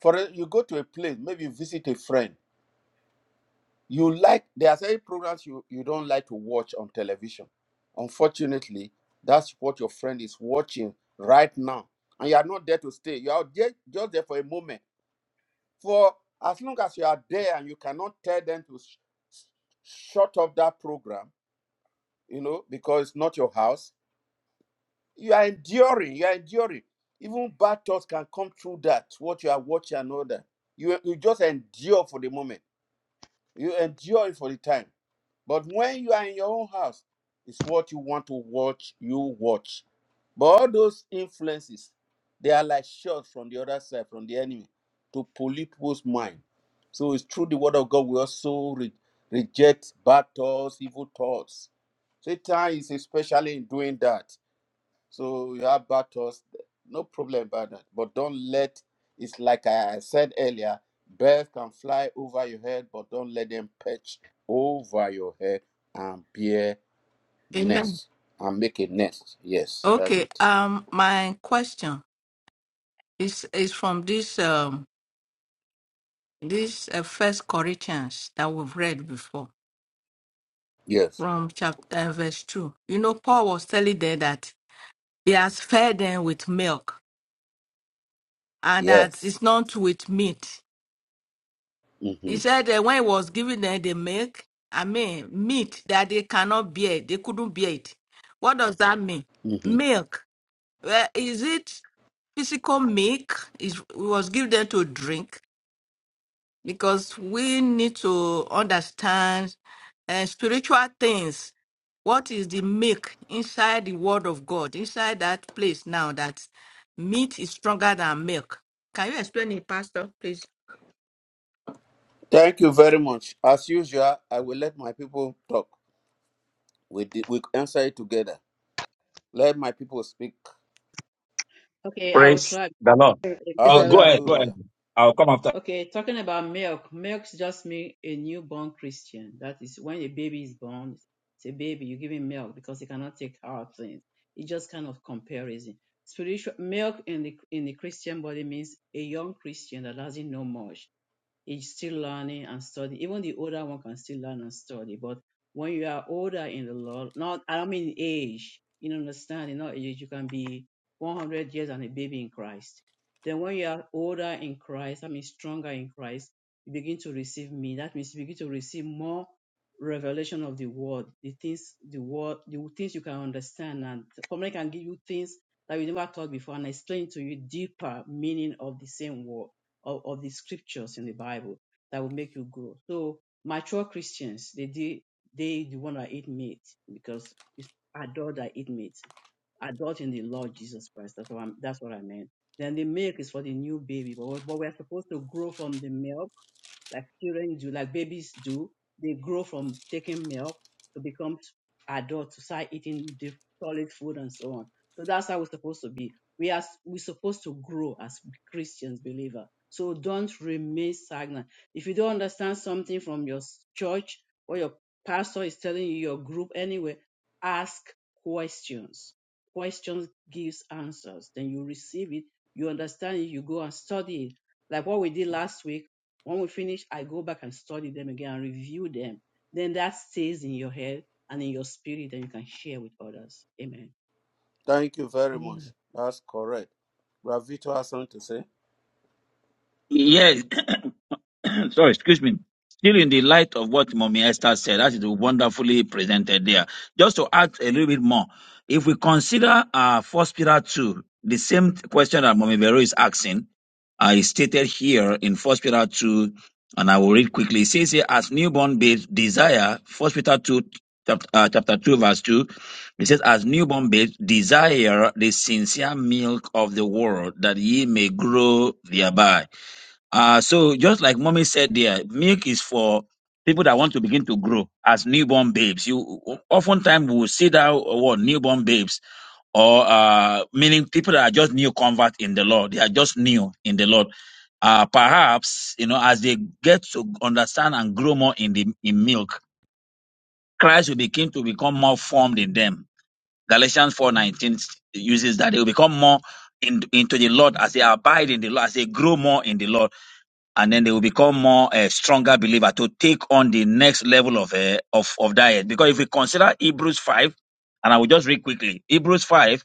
[SPEAKER 1] For you go to a place, maybe you visit a friend. You like there are certain programs you, you don't like to watch on television. Unfortunately, that's what your friend is watching right now. And you are not there to stay. You are there, just there for a moment. For as long as you are there and you cannot tell them to sh- sh- shut off that program, you know, because it's not your house, you are enduring. You are enduring. Even bad thoughts can come through that, what you are watching and all that. You, you just endure for the moment. You endure it for the time. But when you are in your own house, it's what you want to watch, you watch. But all those influences, they are like shots from the other side, from the enemy, to pollute people's mind. So it's through the word of God we also re- reject bad thoughts, evil thoughts. Satan is especially in doing that. So you have bad thoughts, no problem about that. But don't let it's like I said earlier, birds can fly over your head, but don't let them perch over your head and bear
[SPEAKER 5] Amen.
[SPEAKER 1] nest and make a nest. Yes, that's
[SPEAKER 5] Okay.
[SPEAKER 1] it.
[SPEAKER 5] Um, my question. It's, it's from this um this uh, First Corinthians that we've read before
[SPEAKER 1] Yes,
[SPEAKER 5] from chapter uh, verse two. You know, Paul was telling them that he has fed them with milk and that
[SPEAKER 1] yes.
[SPEAKER 5] it's not with meat. He
[SPEAKER 1] hmm
[SPEAKER 5] said that when he was giving them the milk, I mean meat that they cannot bear, they couldn't bear it. What does that mean?
[SPEAKER 1] hmm
[SPEAKER 5] Milk. Well, is it physical milk? Is was given them to drink? because we need to understand uh, spiritual things. What is the milk inside the Word of God, inside that place now that meat is stronger than milk? Can you explain it, Pastor, please?
[SPEAKER 1] Thank you very much. As usual, I will let my people talk. We di- we answer it together. Let my people speak.
[SPEAKER 2] Okay, I will
[SPEAKER 6] Praise
[SPEAKER 2] try.
[SPEAKER 6] the Lord. Oh,
[SPEAKER 2] Amen. I
[SPEAKER 6] go
[SPEAKER 2] will
[SPEAKER 6] ahead,
[SPEAKER 4] Praise
[SPEAKER 6] go
[SPEAKER 1] Hallelujah.
[SPEAKER 6] ahead. I'll come after.
[SPEAKER 2] Okay, talking about milk, milk just means a newborn Christian. That is when a baby is born, it's a baby, you give him milk because he cannot take hard things. It's just kind of comparison. Spiritual milk in the in the Christian body means a young Christian that doesn't know much. Is still learning and studying. Even the older one can still learn and study. But when you are older in the Lord, not I don't mean age, you know, understanding, not age, you can be 100 years and a baby in Christ. Then when you are older in Christ, I mean stronger in Christ, you begin to receive me. That means you begin to receive more revelation of the word, the things the word, the things you can understand, and somebody can give you things that you never thought before and explain to you deeper meaning of the same word of, of the scriptures in the Bible that will make you grow. So mature Christians, they they, they the one that eat meat because it's adult that eat meat. Adult in the Lord Jesus Christ. That's what, I'm, that's what I meant. Then the milk is for the new baby, but, but we're supposed to grow from the milk like children do, like babies do. They grow from taking milk to become adults, to start eating the solid food and so on. So that's how we're supposed to be we are we're supposed to grow as Christians believer. So don't remain stagnant. If you don't understand something from your church or your pastor is telling you, your group anyway, ask questions. Questions gives answers. Then you receive it, you understand it, you go and study it. Like what we did last week. When we finish, I go back and study them again and review them. Then that stays in your head and in your spirit, and you can share with others. Amen.
[SPEAKER 1] Thank you very much.
[SPEAKER 5] Mm.
[SPEAKER 1] That's correct. Bravito has something to say.
[SPEAKER 6] Yes, (clears throat) (coughs) (clears throat) sorry, excuse me. Still in the light of what Mommy Esther said, that is wonderfully presented there. Just to add a little bit more, if we consider uh, First Peter 2, the same question that Mommy Vero is asking, uh, is stated here in First Peter 2, and I will read quickly. It says here, as newborn babes desire, First Peter 2, chapter, uh, chapter 2, verse 2, it says, as newborn babes desire the sincere milk of the word that ye may grow thereby. Uh, so just like mommy said there, milk is for people that want to begin to grow as newborn babes. You oftentimes will see that word newborn babes, or uh, meaning people that are just new convert in the Lord. They are just new in the Lord. Uh, perhaps you know as they get to understand and grow more in the in milk, Christ will begin to become more formed in them. Galatians four nineteen uses that they will become more in, into the Lord as they abide in the Lord, as they grow more in the Lord and then they will become more a uh, stronger believer to take on the next level of uh, of of diet. Because if we consider Hebrews five, and I will just read quickly Hebrews five.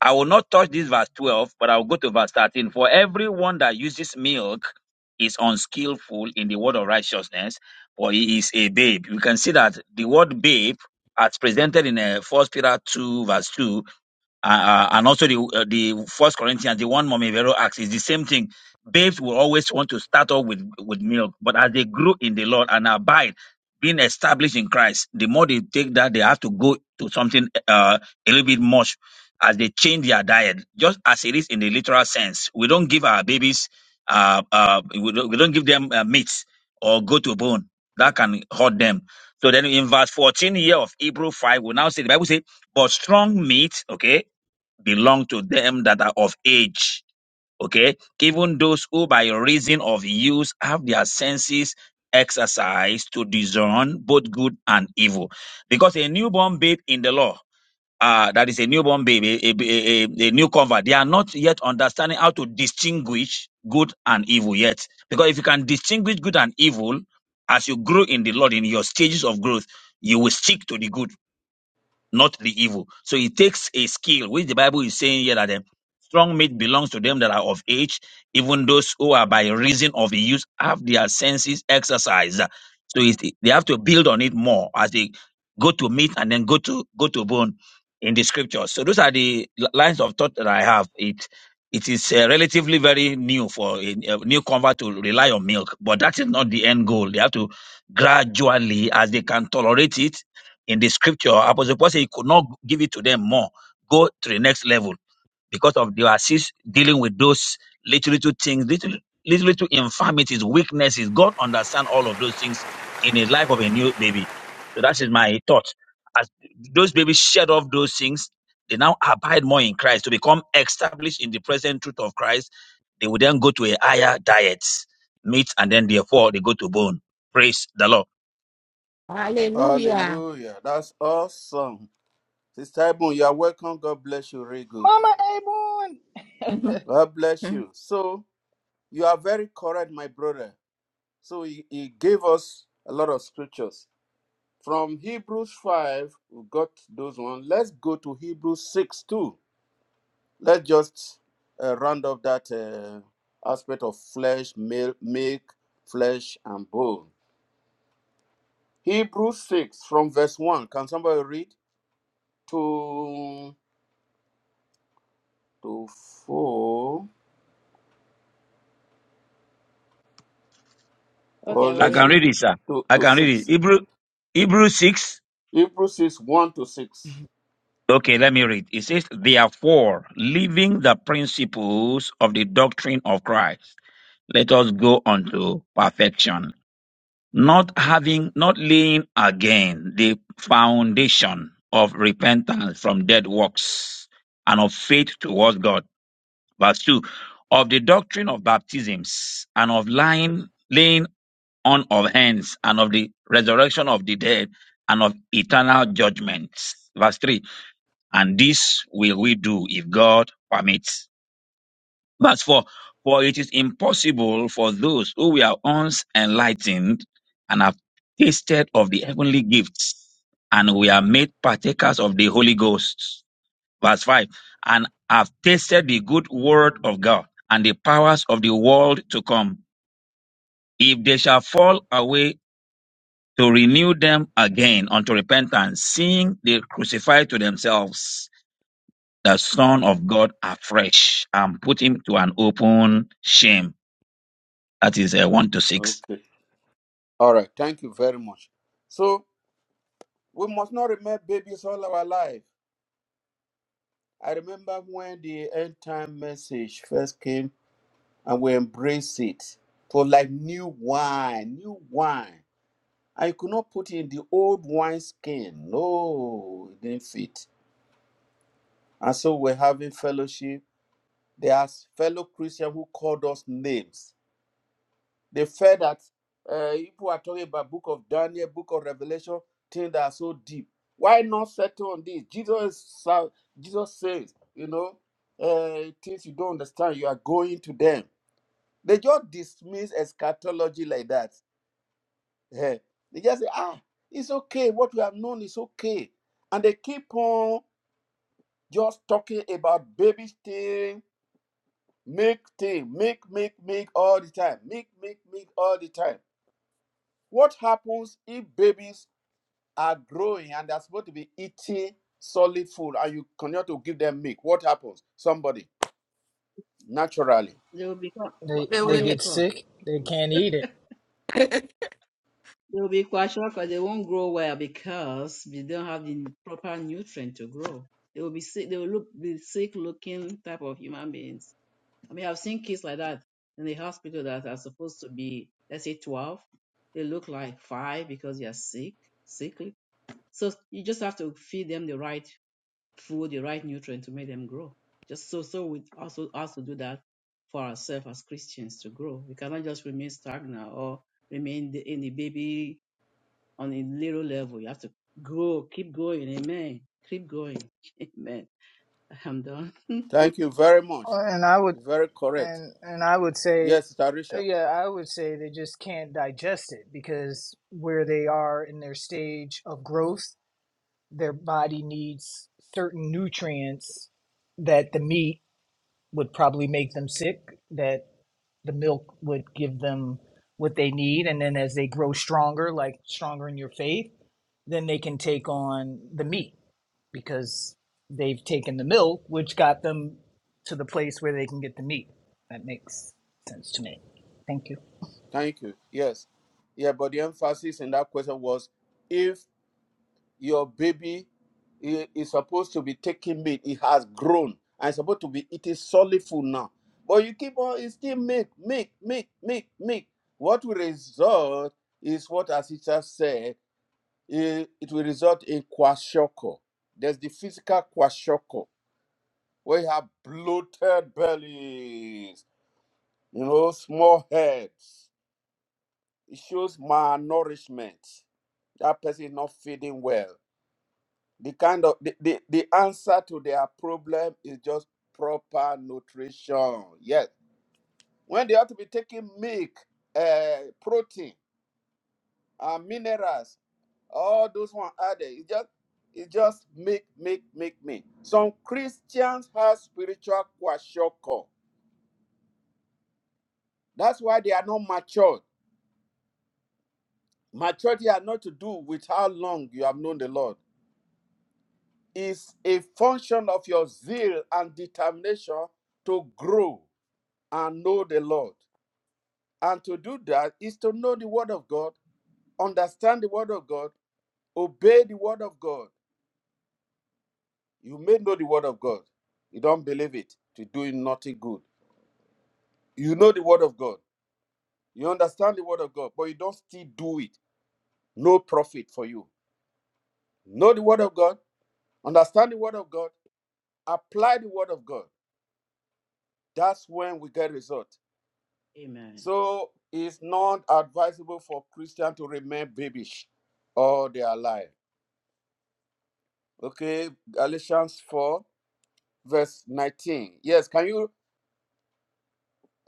[SPEAKER 6] I will not touch this verse twelve, but I will go to verse thirteen. For everyone that uses milk is unskillful in the word of righteousness, for he is a babe. You can see that the word babe as presented in uh, First Peter two verse two uh, uh, and also the uh, the First Corinthians, the one Mommy Vero acts is the same thing. Babes will always want to start off with with milk, but as they grow in the Lord and abide, being established in Christ, the more they take that, they have to go to something uh, a little bit much as they change their diet. Just as it is in the literal sense, we don't give our babies, uh, uh, we, don't, we don't give them uh, meat or go to bone that can hurt them. So then in verse 14 here of Hebrew 5, we now say the Bible says, but strong meat, okay, belong to them that are of age. Okay. Even those who, by reason of use, have their senses exercised to discern both good and evil. Because a newborn babe in the law, uh, that is a newborn baby, a, a, a, a new convert, they are not yet understanding how to distinguish good and evil yet. Because if you can distinguish good and evil, as you grow in the Lord, in your stages of growth, you will stick to the good not the evil. So it takes a skill, which the Bible is saying here that the strong meat belongs to them that are of age, even those who are by reason of the use have their senses exercised. So it, they have to build on it more as they go to meat and then go to go to bone in the scriptures. So those are the li- lines of thought that I have. It it is uh, relatively very new for a, a new convert to rely on milk, but that is not the end goal. They have to gradually, as they can tolerate it, in the scripture, Apostle Paul said he could not give it to them more. Go to the next level because of their assist dealing with those little little things, little little little infirmities, weaknesses. God understands all of those things in the life of a new baby. So that is my thought. As those babies shed off those things, they now abide more in Christ to become established in the present truth of Christ. They will then go to a higher diet, meat, and then therefore they go to bone. Praise the Lord.
[SPEAKER 5] Hallelujah.
[SPEAKER 1] Hallelujah. That's awesome. Sister Ebon, you are welcome. God bless you. Very good.
[SPEAKER 3] Mama Aborn.
[SPEAKER 5] Mhm.
[SPEAKER 1] God bless
[SPEAKER 5] Mm.
[SPEAKER 1] you. So, you are very correct, my brother. So, he, he gave us a lot of scriptures. From Hebrews 5, we got those one. Let's go to Hebrews 6 too. Let's just uh, round up that uh, aspect of flesh, milk, milk, flesh, and bone. Hebrews 6 from verse 1. Can somebody read? To, to 4,
[SPEAKER 2] Okay,
[SPEAKER 1] or
[SPEAKER 2] I will
[SPEAKER 6] I
[SPEAKER 1] let's
[SPEAKER 2] read.
[SPEAKER 6] can
[SPEAKER 1] say
[SPEAKER 6] read it, sir.
[SPEAKER 1] to,
[SPEAKER 6] I
[SPEAKER 1] to
[SPEAKER 6] can read it.
[SPEAKER 1] 6.
[SPEAKER 6] Hebrew, Hebrew 6.
[SPEAKER 1] Hebrews 6, 1 to 6.
[SPEAKER 6] Okay, let me read. It says, Therefore, leaving the principles of the doctrine of Christ, let us go unto perfection, not having, not laying again the foundation of repentance from dead works and of faith towards God. Verse 2. Of the doctrine of baptisms and of lying, laying on of hands and of the resurrection of the dead and of eternal judgments. Verse 3 And this will we do if God permits. Verse 4 For it is impossible for those who were once enlightened and have tasted of the heavenly gifts and we are made partakers of the Holy Ghost. Verse 5 And have tasted the good word of God and the powers of the world to come. If they shall fall away to renew them again unto repentance, seeing they crucify to themselves the Son of God afresh and put him to an open shame. That is uh, 1 to 6.
[SPEAKER 1] Okay. All right. Thank you very much. So we must not remain babies all our life. I remember when the end time message first came and we embraced it for like new wine, new wine. I could not put it in the old wine skin. No, it didn't fit. And so we're having fellowship. There are fellow Christians who called us names. They felt that uh, people are talking about book of Daniel, book of Revelation, things that are so deep. Why not settle on this? Jesus, Jesus says, you know, uh, things you don't understand, you are going to them. They just dismiss eschatology like that. Eh, They just say, ah, it's okay. What we have known is okay. And they keep on just talking about baby things Make thing, make, make, make all the time. Make, make, make all the time. What happens if babies are growing and they're supposed to be eating solid food and you continue to give them milk? What happens? Somebody, naturally.
[SPEAKER 2] They will become qua-
[SPEAKER 3] They
[SPEAKER 5] They
[SPEAKER 3] they
[SPEAKER 5] will-
[SPEAKER 3] get
[SPEAKER 2] kwashiorkor.
[SPEAKER 3] sick. They can't eat it.
[SPEAKER 5] (laughs)
[SPEAKER 2] They will be kwashiorkor. They won't grow well because they don't have the proper nutrient to grow. They will be sick. They will look be sick looking type of human beings. I mean, I've seen kids like that in the hospital that are supposed to be, let's say, 12. They look like five because they are sick, sickly. So you just have to feed them the right food, the right nutrient to make them grow. Just so so we also also do that for ourselves as Christians to grow. We cannot just remain stagnant or remain the, in the baby on a little level. You have to grow, keep going. Amen. Keep going. (laughs) Amen. I'm done. (laughs)
[SPEAKER 1] Thank you very much.
[SPEAKER 3] And I would
[SPEAKER 1] Very correct.
[SPEAKER 3] and and I would say,
[SPEAKER 1] Yes,
[SPEAKER 3] uh,
[SPEAKER 1] Tarisha.
[SPEAKER 3] yeah, I would say they just can't digest it because where they are in their stage of growth, their body needs certain nutrients that the meat would probably make them sick. That the milk would give them what they need and then as they grow stronger like stronger in your faith then they can take on the meat because they've taken the milk which got them to the place where they can get the meat that makes sense to me thank you
[SPEAKER 1] Thank you. Yes. Yeah, but the emphasis in that question was if. your baby i- is supposed to be taking meat. It has grown and it's supposed to be eating solid food now. But you keep on, it's still milk, milk, milk, milk, milk. What will result is what as sister said, it, it will result in kwashiorkor. There's the physical kwashiorkor where you have bloated bellies, you know, small heads. It shows malnourishment. That person is not feeding well The kind of the, the, the answer to their problem is just proper nutrition. Yes. When they ought to be taking milk, uh, protein, and minerals, all those one added. It just it just make make make me. Some Christians have spiritual kwashoko. That's why they are not matured. Maturity has not to do with how long you have known the Lord. It's a function of your zeal and determination to grow and know the Lord. And to do that is to know the Word of God, understand the Word of God, obey the Word of God. You may know the Word of God. You don't believe it to do nothing good. You know the Word of God. You understand the Word of God, but you don't still do it. No profit for you. Know the Word of God, understand the Word of God, apply the Word of God. That's when we get result.
[SPEAKER 2] Amen.
[SPEAKER 1] So it's not advisable for Christian to remain babish all their life. Okay, Galatians 4 verse 19. Yes, can you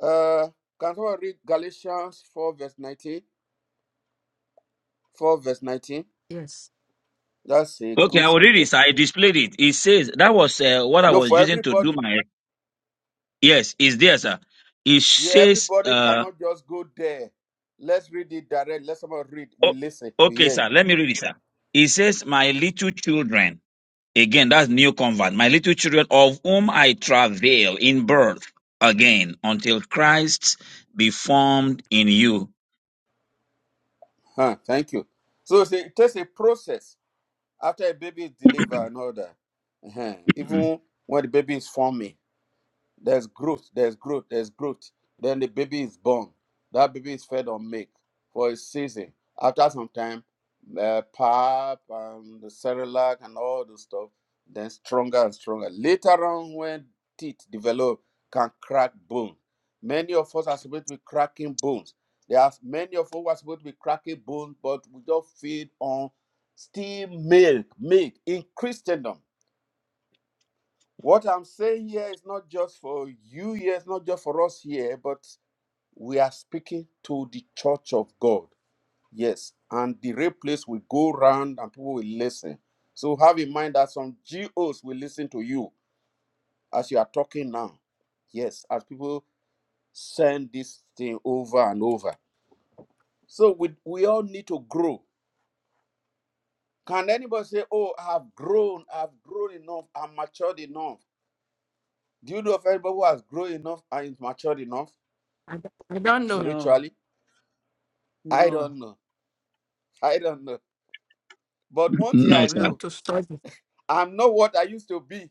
[SPEAKER 1] uh can someone read Galatians 4 verse 19? 4 verse 19.
[SPEAKER 5] yes,
[SPEAKER 1] That's a
[SPEAKER 6] Okay,
[SPEAKER 1] good
[SPEAKER 6] I will read
[SPEAKER 1] scripture.
[SPEAKER 6] this. I displayed it. It says, that was uh, what I
[SPEAKER 1] No,
[SPEAKER 6] was
[SPEAKER 1] for
[SPEAKER 6] using to do
[SPEAKER 1] everybody.
[SPEAKER 6] my. Yes, it's there, sir. It
[SPEAKER 1] Yeah,
[SPEAKER 6] says,
[SPEAKER 1] everybody
[SPEAKER 6] uh,
[SPEAKER 1] cannot just go there. Let's read it direct. Let someone read. We
[SPEAKER 6] o-
[SPEAKER 1] listen. You
[SPEAKER 6] okay,
[SPEAKER 1] hear it.
[SPEAKER 6] sir, let me read it, sir. It says, My little children. Again, that's new convert. My little children of whom I travail in birth again until Christ be formed in you.
[SPEAKER 1] Huh, thank you. So it's a- it takes a process after a baby is delivered and all that. Uh-huh.
[SPEAKER 6] (clears throat)
[SPEAKER 1] Even when the baby is forming. There's growth, there's growth, there's growth. Then the baby is born. That baby is fed on milk for a season. After some time, uh, pap and the Cerelac and all the stuff, then stronger and stronger. Later on, when teeth develop, can crack bone. Many of us are supposed to be cracking bones. There are many of us who are supposed to be cracking bones, but we just feed on still milk, milk in Christendom. What I'm saying here is not just for you here, it's not just for us here, but we are speaking to the church of God. Yes. And the real place will go round and people will listen. So have in mind that some GOs will listen to you as you are talking now. Yes, as people send this thing over and over. So we we all need to grow. Can anybody say, Oh, I've grown, I've grown enough, I'm matured enough? Do you know of anybody who has grown enough and is matured enough?
[SPEAKER 5] I, don't I don't know.
[SPEAKER 2] No,
[SPEAKER 1] spiritually? I
[SPEAKER 2] no.
[SPEAKER 1] don't know. I don't know. But one thing
[SPEAKER 6] no,
[SPEAKER 1] I
[SPEAKER 5] We
[SPEAKER 6] sir.
[SPEAKER 5] have
[SPEAKER 1] know,
[SPEAKER 5] to study.
[SPEAKER 1] I'm not what I used to be.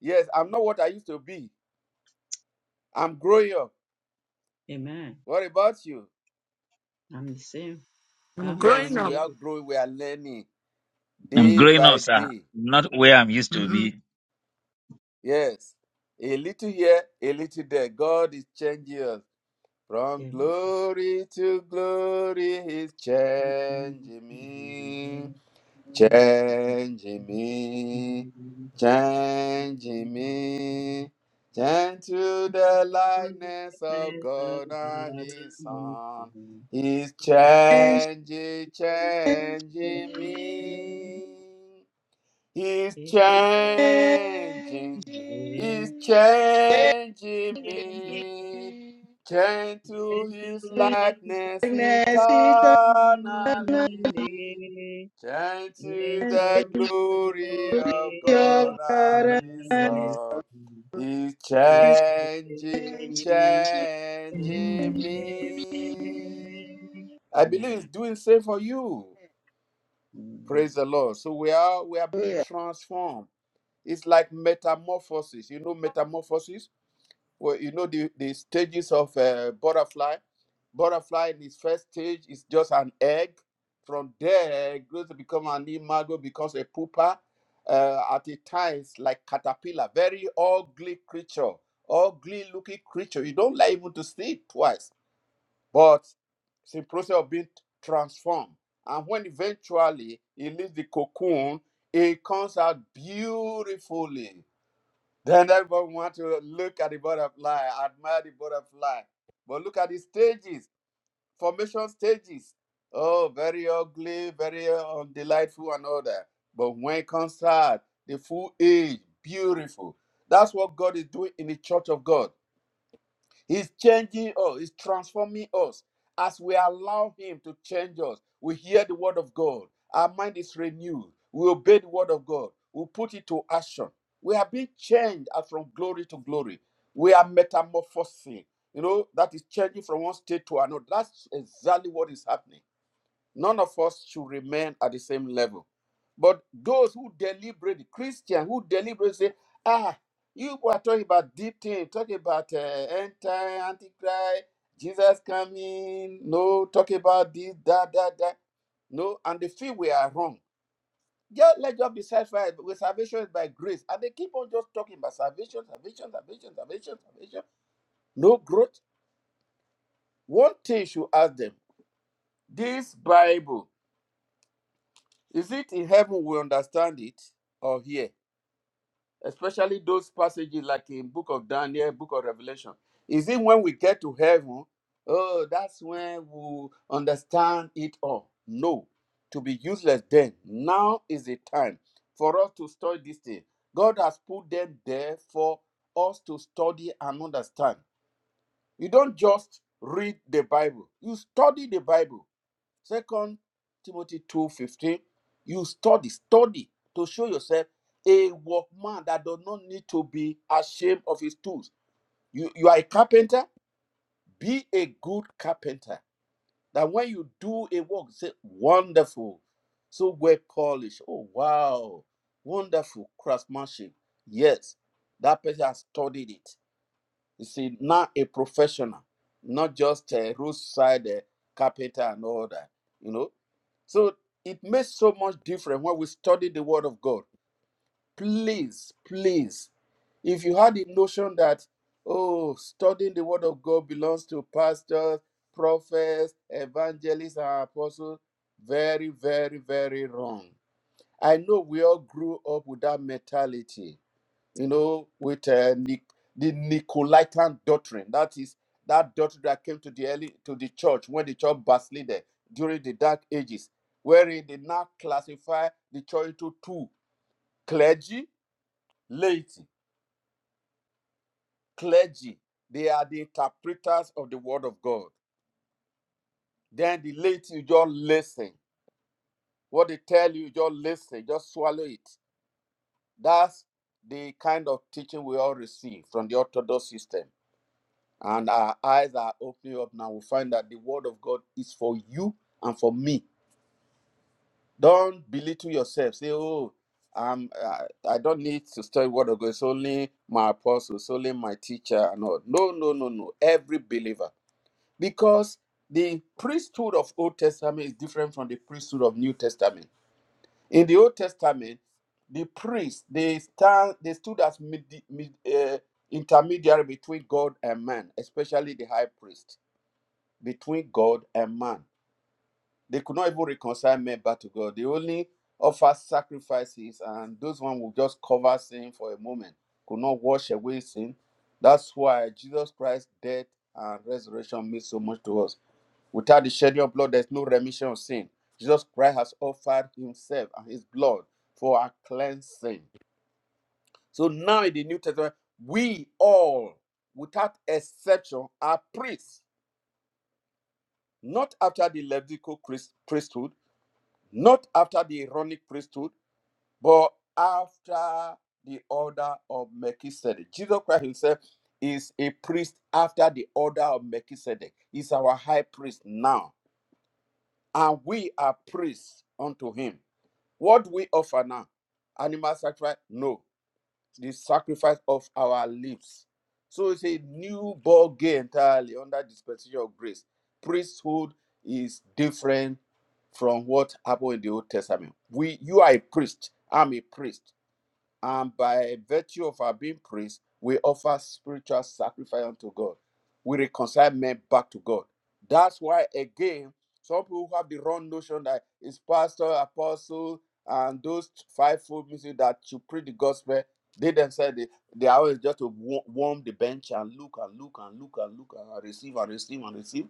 [SPEAKER 1] Yes, I'm not what I used to be. I'm growing up.
[SPEAKER 2] Amen.
[SPEAKER 1] What about you?
[SPEAKER 2] I'm the same.
[SPEAKER 5] I'm
[SPEAKER 2] I'm
[SPEAKER 5] growing
[SPEAKER 1] Yes,
[SPEAKER 2] growing
[SPEAKER 1] we
[SPEAKER 5] up.
[SPEAKER 1] are
[SPEAKER 2] daily.
[SPEAKER 1] growing, we are learning
[SPEAKER 6] I'm
[SPEAKER 1] day
[SPEAKER 6] growing
[SPEAKER 1] by
[SPEAKER 6] up, sir.
[SPEAKER 1] day.
[SPEAKER 6] Not where I'm used to be.
[SPEAKER 1] Yes, a little here, a little there. God is changing us. From
[SPEAKER 2] Amen.
[SPEAKER 1] glory to glory, He's changing me. Changing me, changing
[SPEAKER 2] (laughs)
[SPEAKER 1] me, change to the likeness
[SPEAKER 2] Amen.
[SPEAKER 1] of God and His Son. He's changing,
[SPEAKER 4] the
[SPEAKER 1] changing me.
[SPEAKER 4] Lord.
[SPEAKER 1] He's changing, He's
[SPEAKER 4] Changing,
[SPEAKER 1] changing me. Change to His likeness
[SPEAKER 4] magnetic
[SPEAKER 1] eternally. Chant to
[SPEAKER 4] and the
[SPEAKER 1] the glory of
[SPEAKER 4] joy
[SPEAKER 1] God
[SPEAKER 4] of God
[SPEAKER 1] and His
[SPEAKER 4] and His
[SPEAKER 1] Son. He's changing, changing
[SPEAKER 5] Mhm.
[SPEAKER 1] me.
[SPEAKER 4] Hallelujah.
[SPEAKER 1] I believe He's doing same for you. Praise the
[SPEAKER 2] Amen.
[SPEAKER 1] Lord. So we are we are being transformed. It's like metamorphosis. You know metamorphosis well, you know the, the stages of uh, butterfly butterfly in its first stage is just an egg from there it grows to become an imago becomes a pupa uh, at a times like caterpillar very ugly creature ugly looking creature you don't like even to see it twice but it's a process of being transformed and when eventually it leaves the cocoon it comes out beautifully then everybody want to look at the butterfly, admire the butterfly. But look at the stages, formation stages. Oh, very ugly, very uh, delightful and all that. But when it comes out, the full age, beautiful. That's what God is doing in the church of God. He's changing us, He's transforming us. As we allow Him to change us, we hear the Word of God. Our mind is renewed. We obey the Word of God. We put it to action. We are being changed as from glory to glory. We are metamorphosing. You know, that is changing from one state to another. That's exactly what is happening. None of us should remain at the same level. But those who deliberately, Christian, who deliberately say, ah, you are talking about deep things, talking about uh, end time, antichrist, Jesus coming, no, talking about this, that, that, that. No, and they feel we are wrong. Just let God be satisfied with salvation is by grace. And they keep on just talking about salvation, salvation, salvation, salvation, salvation. No growth. One thing you should ask them this Bible Is it in heaven we understand it or here? Especially those passages like in Book of Daniel, Book of Revelation. Is it when we get to heaven? Oh, that's when we understand it all. No, to be useless then. Now is the time for us to study this thing. God has put them there for us to study and understand. You don't just read the Bible, you study the Bible. Second Timothy 2:15, you study, study to show yourself a workman that does not need to be ashamed of his tools. You, you are a carpenter, be a good carpenter. That when you do a work, say, wonderful, so well polished. Oh, wow, wonderful craftsmanship. Yes, that person has studied it you see, now a professional, not just a roadside uh, carpenter and all that, you know. So it makes so much difference when we study the Word of God. Please, please, if you had the notion that, oh, studying the Word of God belongs to pastors, prophets, evangelists, and apostles, very, very, very wrong. I know we all grew up with that mentality you know, with uh, Nic- the Nicolaitan doctrine. That is that doctrine that came to the early to the church when the church backslided during the Dark Ages, wherein they now classify the church into two: clergy, laity. Clergy, they are the interpreters of the word of God. Then the laity, you just listen. What they tell you, you just listen, just swallow it. That's the kind of teaching we all receive from the Orthodox system and our eyes are opening up now. We find that the word of God is for you and for me. Don't belittle yourself. Say, oh, um, I, I don't need to study word of God. It's only my apostle. It's only my teacher. No, no, no, no, no. Every believer, because the priesthood of Old Testament is different from the priesthood of New Testament. In the Old Testament, the priests they stand they stood as mid, mid, uh, intermediary between God and man, especially the high priest between God and man. They could not even reconcile men back to God. They only offer sacrifices, and those ones will just cover sin for a moment, could not wash away sin. That's why Jesus Christ's death and resurrection means so much to us. Without the shedding of blood, there's no remission of sin. Jesus Christ has offered himself and his blood for our cleansing. So now in the New Testament, we all, without exception, are priests, not after the Levitical priesthood, not after the Aaronic priesthood, but after the order of Melchizedek. Jesus Christ himself is a priest after the order of Melchizedek. He's our high priest now, and we are priests unto him. What we offer now? Animal sacrifice? No the sacrifice of our lips. So it's a new ball game entirely under dispensation of grace. Priesthood is different from what happened in the Old Testament. We, you are a priest. I'm a priest. And by virtue of our being priests, we offer spiritual sacrifice unto God. We reconcile men back to God. That's why, again, some people have the wrong notion that it's pastor, apostle, and those fivefold ministry that should preach the gospel. They themselves they, they are always just to wa- warm the bench and look and look and look and look and receive and receive and receive.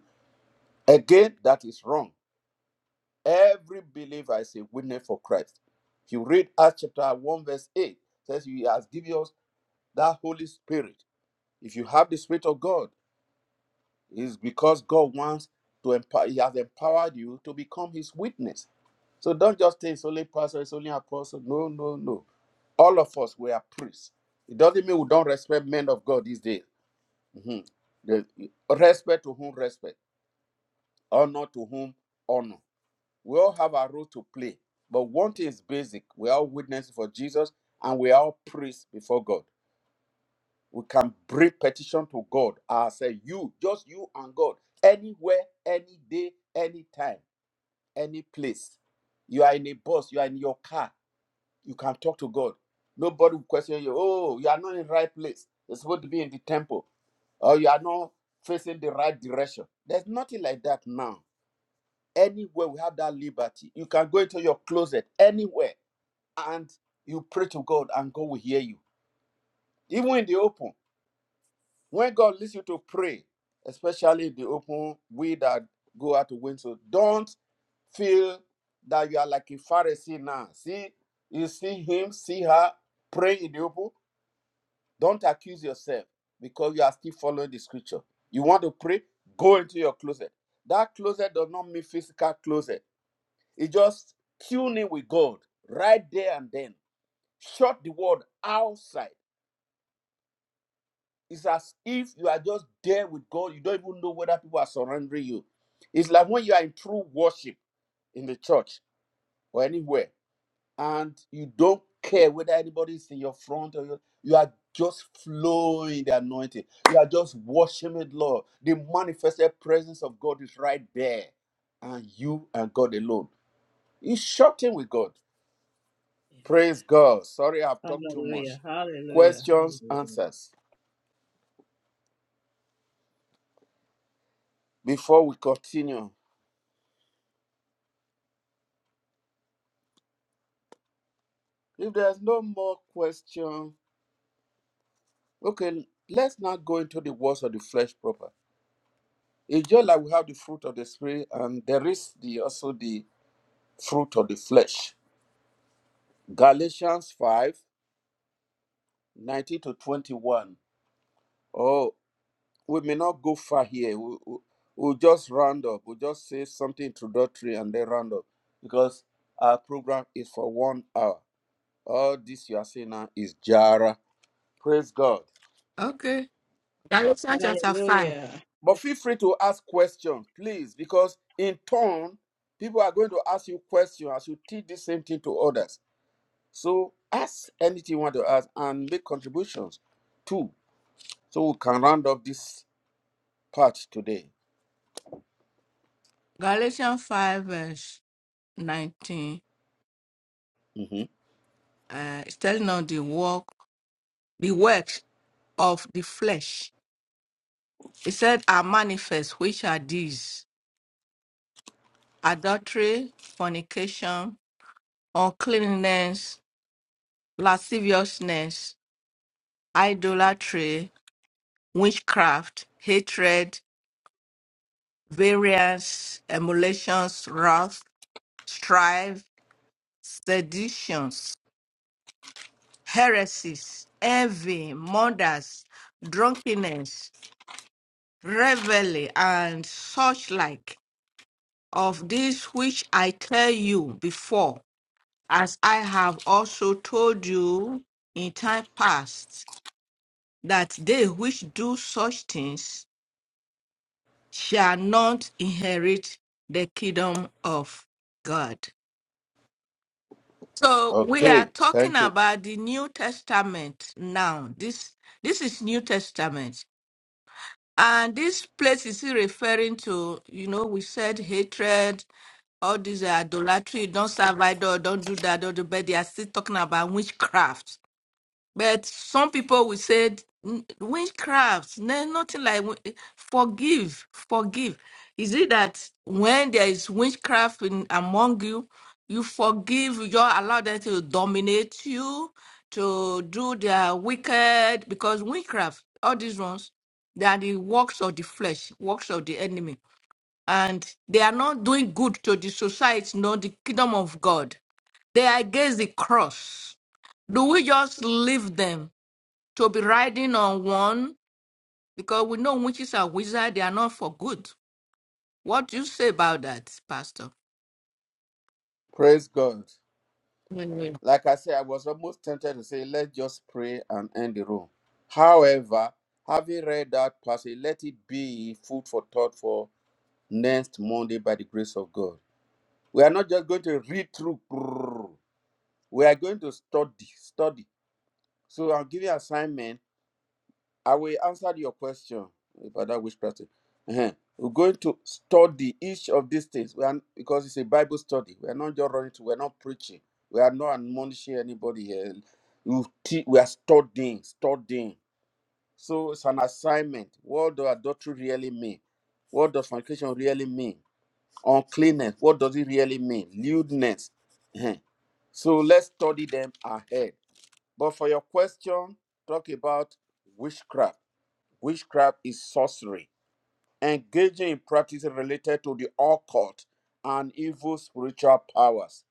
[SPEAKER 1] Again, that is wrong. Every believer is a witness for Christ. If you read Acts chapter 1, verse 8, says he has given us that Holy Spirit. If you have the Spirit of God, it's because God wants to empower, He has empowered you to become His witness. So don't just say it's only pastor, it's only apostle. No, no, no. All of us, we are priests. It doesn't mean we don't respect men of God these days. Mhm. The- respect to whom respect, honor to whom honor. We all have our role to play. But one thing is basic. We are all witnesses for Jesus and we are all priests before God. we can bring petition to God I say You, just you and God, anywhere, any day, any time, any place. You are in a bus, you are in your car, you can talk to God. Nobody will question you. Oh, you are not in the right place. You're supposed to be in the temple, or you are not facing the right direction. There's nothing like that now. Anywhere we have that liberty, you can go into your closet anywhere and you pray to God, and God will hear you, even in the open. When God leads you to pray, especially the open, way that go out to win so don't feel that you are like a Pharisee now. See, you see him, see her praying in the open. Don't accuse yourself because you are still following the scripture. You want to pray, go into your closet. That closet does not mean physical closet. It's just tuning with God right there and then. Shut the world outside. It's as if you are just there with God. You don't even know whether people are surrendering you. It's like when you are in true worship in the church or anywhere, and you don't care whether anybody is in your front or your, you are just flowing the anointing. You are just worshiping the Lord. The manifested presence of God is right there, and you and God alone. It's shocking with God. Praise God. Sorry, I've talked too much.
[SPEAKER 2] Hallelujah. Hallelujah.
[SPEAKER 1] Questions,
[SPEAKER 2] Hallelujah.
[SPEAKER 1] answers. Before we continue. If there's no more question, okay, let's now go into the works of the flesh proper. It's just like we have the fruit of the spirit, and there is the also the fruit of the flesh. Galatians 5 19 to 21. Oh, we may not go far here. We, we, we'll just round up. We'll just say something introductory and then round up because our program is for one hour. All this you are saying now is Jara. Praise God.
[SPEAKER 5] Okay. Galatians chapter 5.
[SPEAKER 2] Hallelujah.
[SPEAKER 1] But feel free to ask questions, please, because in turn, people are going to ask you questions as you teach the same thing to others. So ask anything you want to ask and make contributions too. So we can round up this part today.
[SPEAKER 5] Galatians 5 verse 19.
[SPEAKER 1] Mhm.
[SPEAKER 5] Uh, it's telling us the work, the works of the flesh. It said are manifest, which are these adultery, fornication, uncleanness, lasciviousness, idolatry, witchcraft, hatred, variance, emulations, wrath, strife, seditions, heresies, envy, murders, drunkenness, revelry, and such like. Of these, which I tell you before, as I have also told you in time past, that they which do such things shall not inherit the kingdom of God. So we are
[SPEAKER 1] Okay,
[SPEAKER 5] talking
[SPEAKER 1] thank you.
[SPEAKER 5] about the New Testament now. This this is New Testament. And this place is still referring to, you know, we said hatred, all these are idolatry, don't serve idol, don't do that, don't do but they are still talking about witchcraft But some people will say "N- witchcraft, no, nothing like wi- forgive, forgive. Is it that when there is witchcraft in, among you, you forgive, you don't allow them to dominate you, to do their wicked, because witchcraft, all these ones, they are the works of the flesh, works of the enemy. And they are not doing good to the society, nor the kingdom of God. They are against the cross. Do we just leave them? to be riding on one because we know witches are wizards, they are not for good. What do you say about that, Pastor?
[SPEAKER 1] Praise God.
[SPEAKER 5] Mm.
[SPEAKER 1] Like I said, I was almost tempted to say, let's just pray and end the room. However, having read that passage, let it be food for thought for next Monday by the grace of God. We are not just going to read through. grrr. We are going to study, study. So I'll give you assignment. I will answer your question about that which person. Uh-huh. We're going to study each of these things. We are because it's a Bible study. We are not just running to. We are not preaching. We are not admonishing anybody here. You te- we are studying, studying. So it's an assignment. What does adultery really mean? What does fornication really mean? Uncleanness, what does it really mean? Lewdness. Eh. So let's study them ahead. But for your question, talk about witchcraft. Witchcraft is sorcery, engaging in practices related to the occult and evil spiritual powers.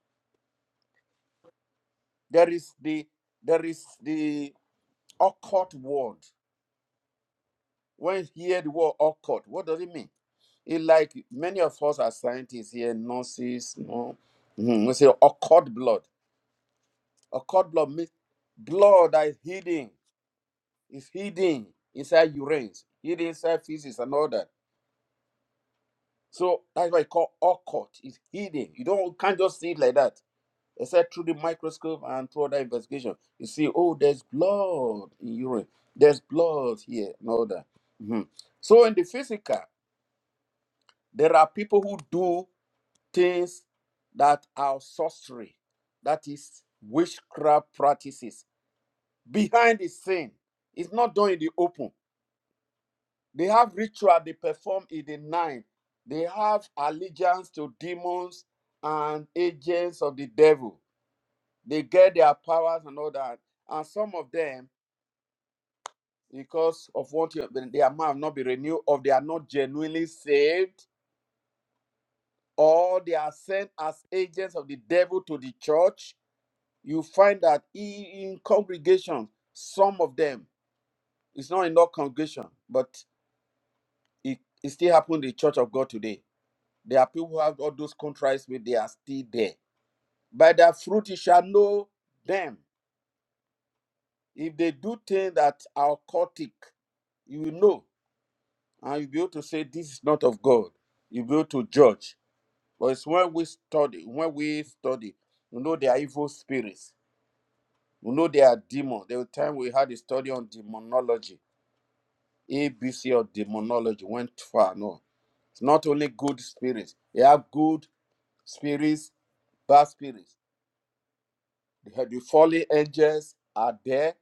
[SPEAKER 1] There is the there is the occult word. When you hear the word occult, what does it mean? It like many of us are scientists here, nurses, no, Mhm, we say occult blood. A cord blood means blood that is hidden, is hidden inside urines, hidden inside feces and all that. So that's why it's called occult. It's hidden. You don't can't just see it like that. Except through the microscope and through other investigation. You see, oh, there's blood in urine. There's blood here and all that. Mhm. So in the physical, there are people who do things that are sorcery, that is witchcraft practices behind the scene. It's not done in the open. They have ritual they perform in the night. They have allegiance to demons and agents of the devil. They get their powers and all that. And some of them, because of what you, their mind have not been renewed, or they are not genuinely saved, or they are sent as agents of the devil to the church. You find that i- in congregations, some of them, it's not in all congregation, but It, it still happened in the church of God today. There are people who have all those contracts but they are still there. By their fruit you shall know them. If they do things that are occultic, you will know. And you'll be able to say this is not of God. You'll be able to judge. But it's when we study, when we study, you know they are evil spirits. You know they are demons. There was a time we had a study on demonology, ABC of demonology, went far. No. It's not only good spirits, they have good spirits, bad spirits. The, the fallen angels are there.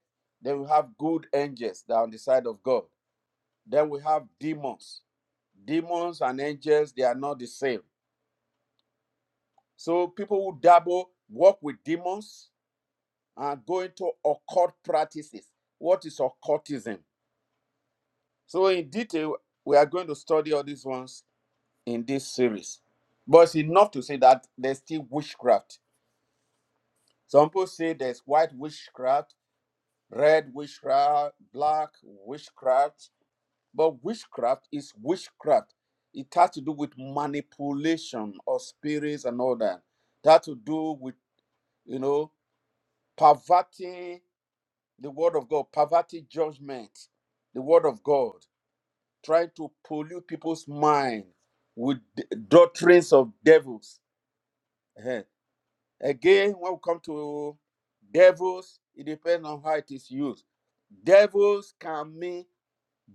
[SPEAKER 1] Then we have good angels that are on the side of God. Then we have demons. Demons and angels, they are not the same. So people who dabble, work with demons, and go into occult practices. What is occultism? So in detail, we are going to study all these ones in this series. But it's enough to say that there's still witchcraft. Some people say there's white witchcraft, red witchcraft, black witchcraft. But witchcraft is witchcraft. It has to do with manipulation of spirits and all that. That has to do with, you know, perverting the word of God, perverting judgment, the word of God, trying to pollute people's mind with d- doctrines of devils. Eh. Again, when we come to devils, it depends on how it is used. Devils can mean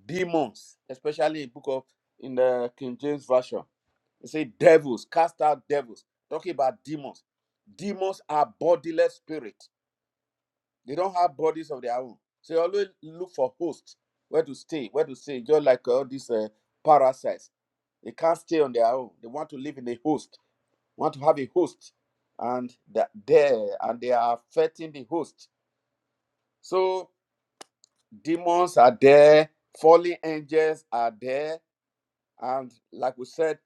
[SPEAKER 1] demons, especially in book of in the King James Version. It say devils, cast out devils. Talking about demons. Demons are bodiless spirits. They don't have bodies of their own. So you always look for hosts, where to stay, where to stay. Just like all these uh, parasites, they can't stay on their own. They want to live in a host, want to have a host, and that there and they are affecting the host. So demons are there, fallen angels are there, And like we said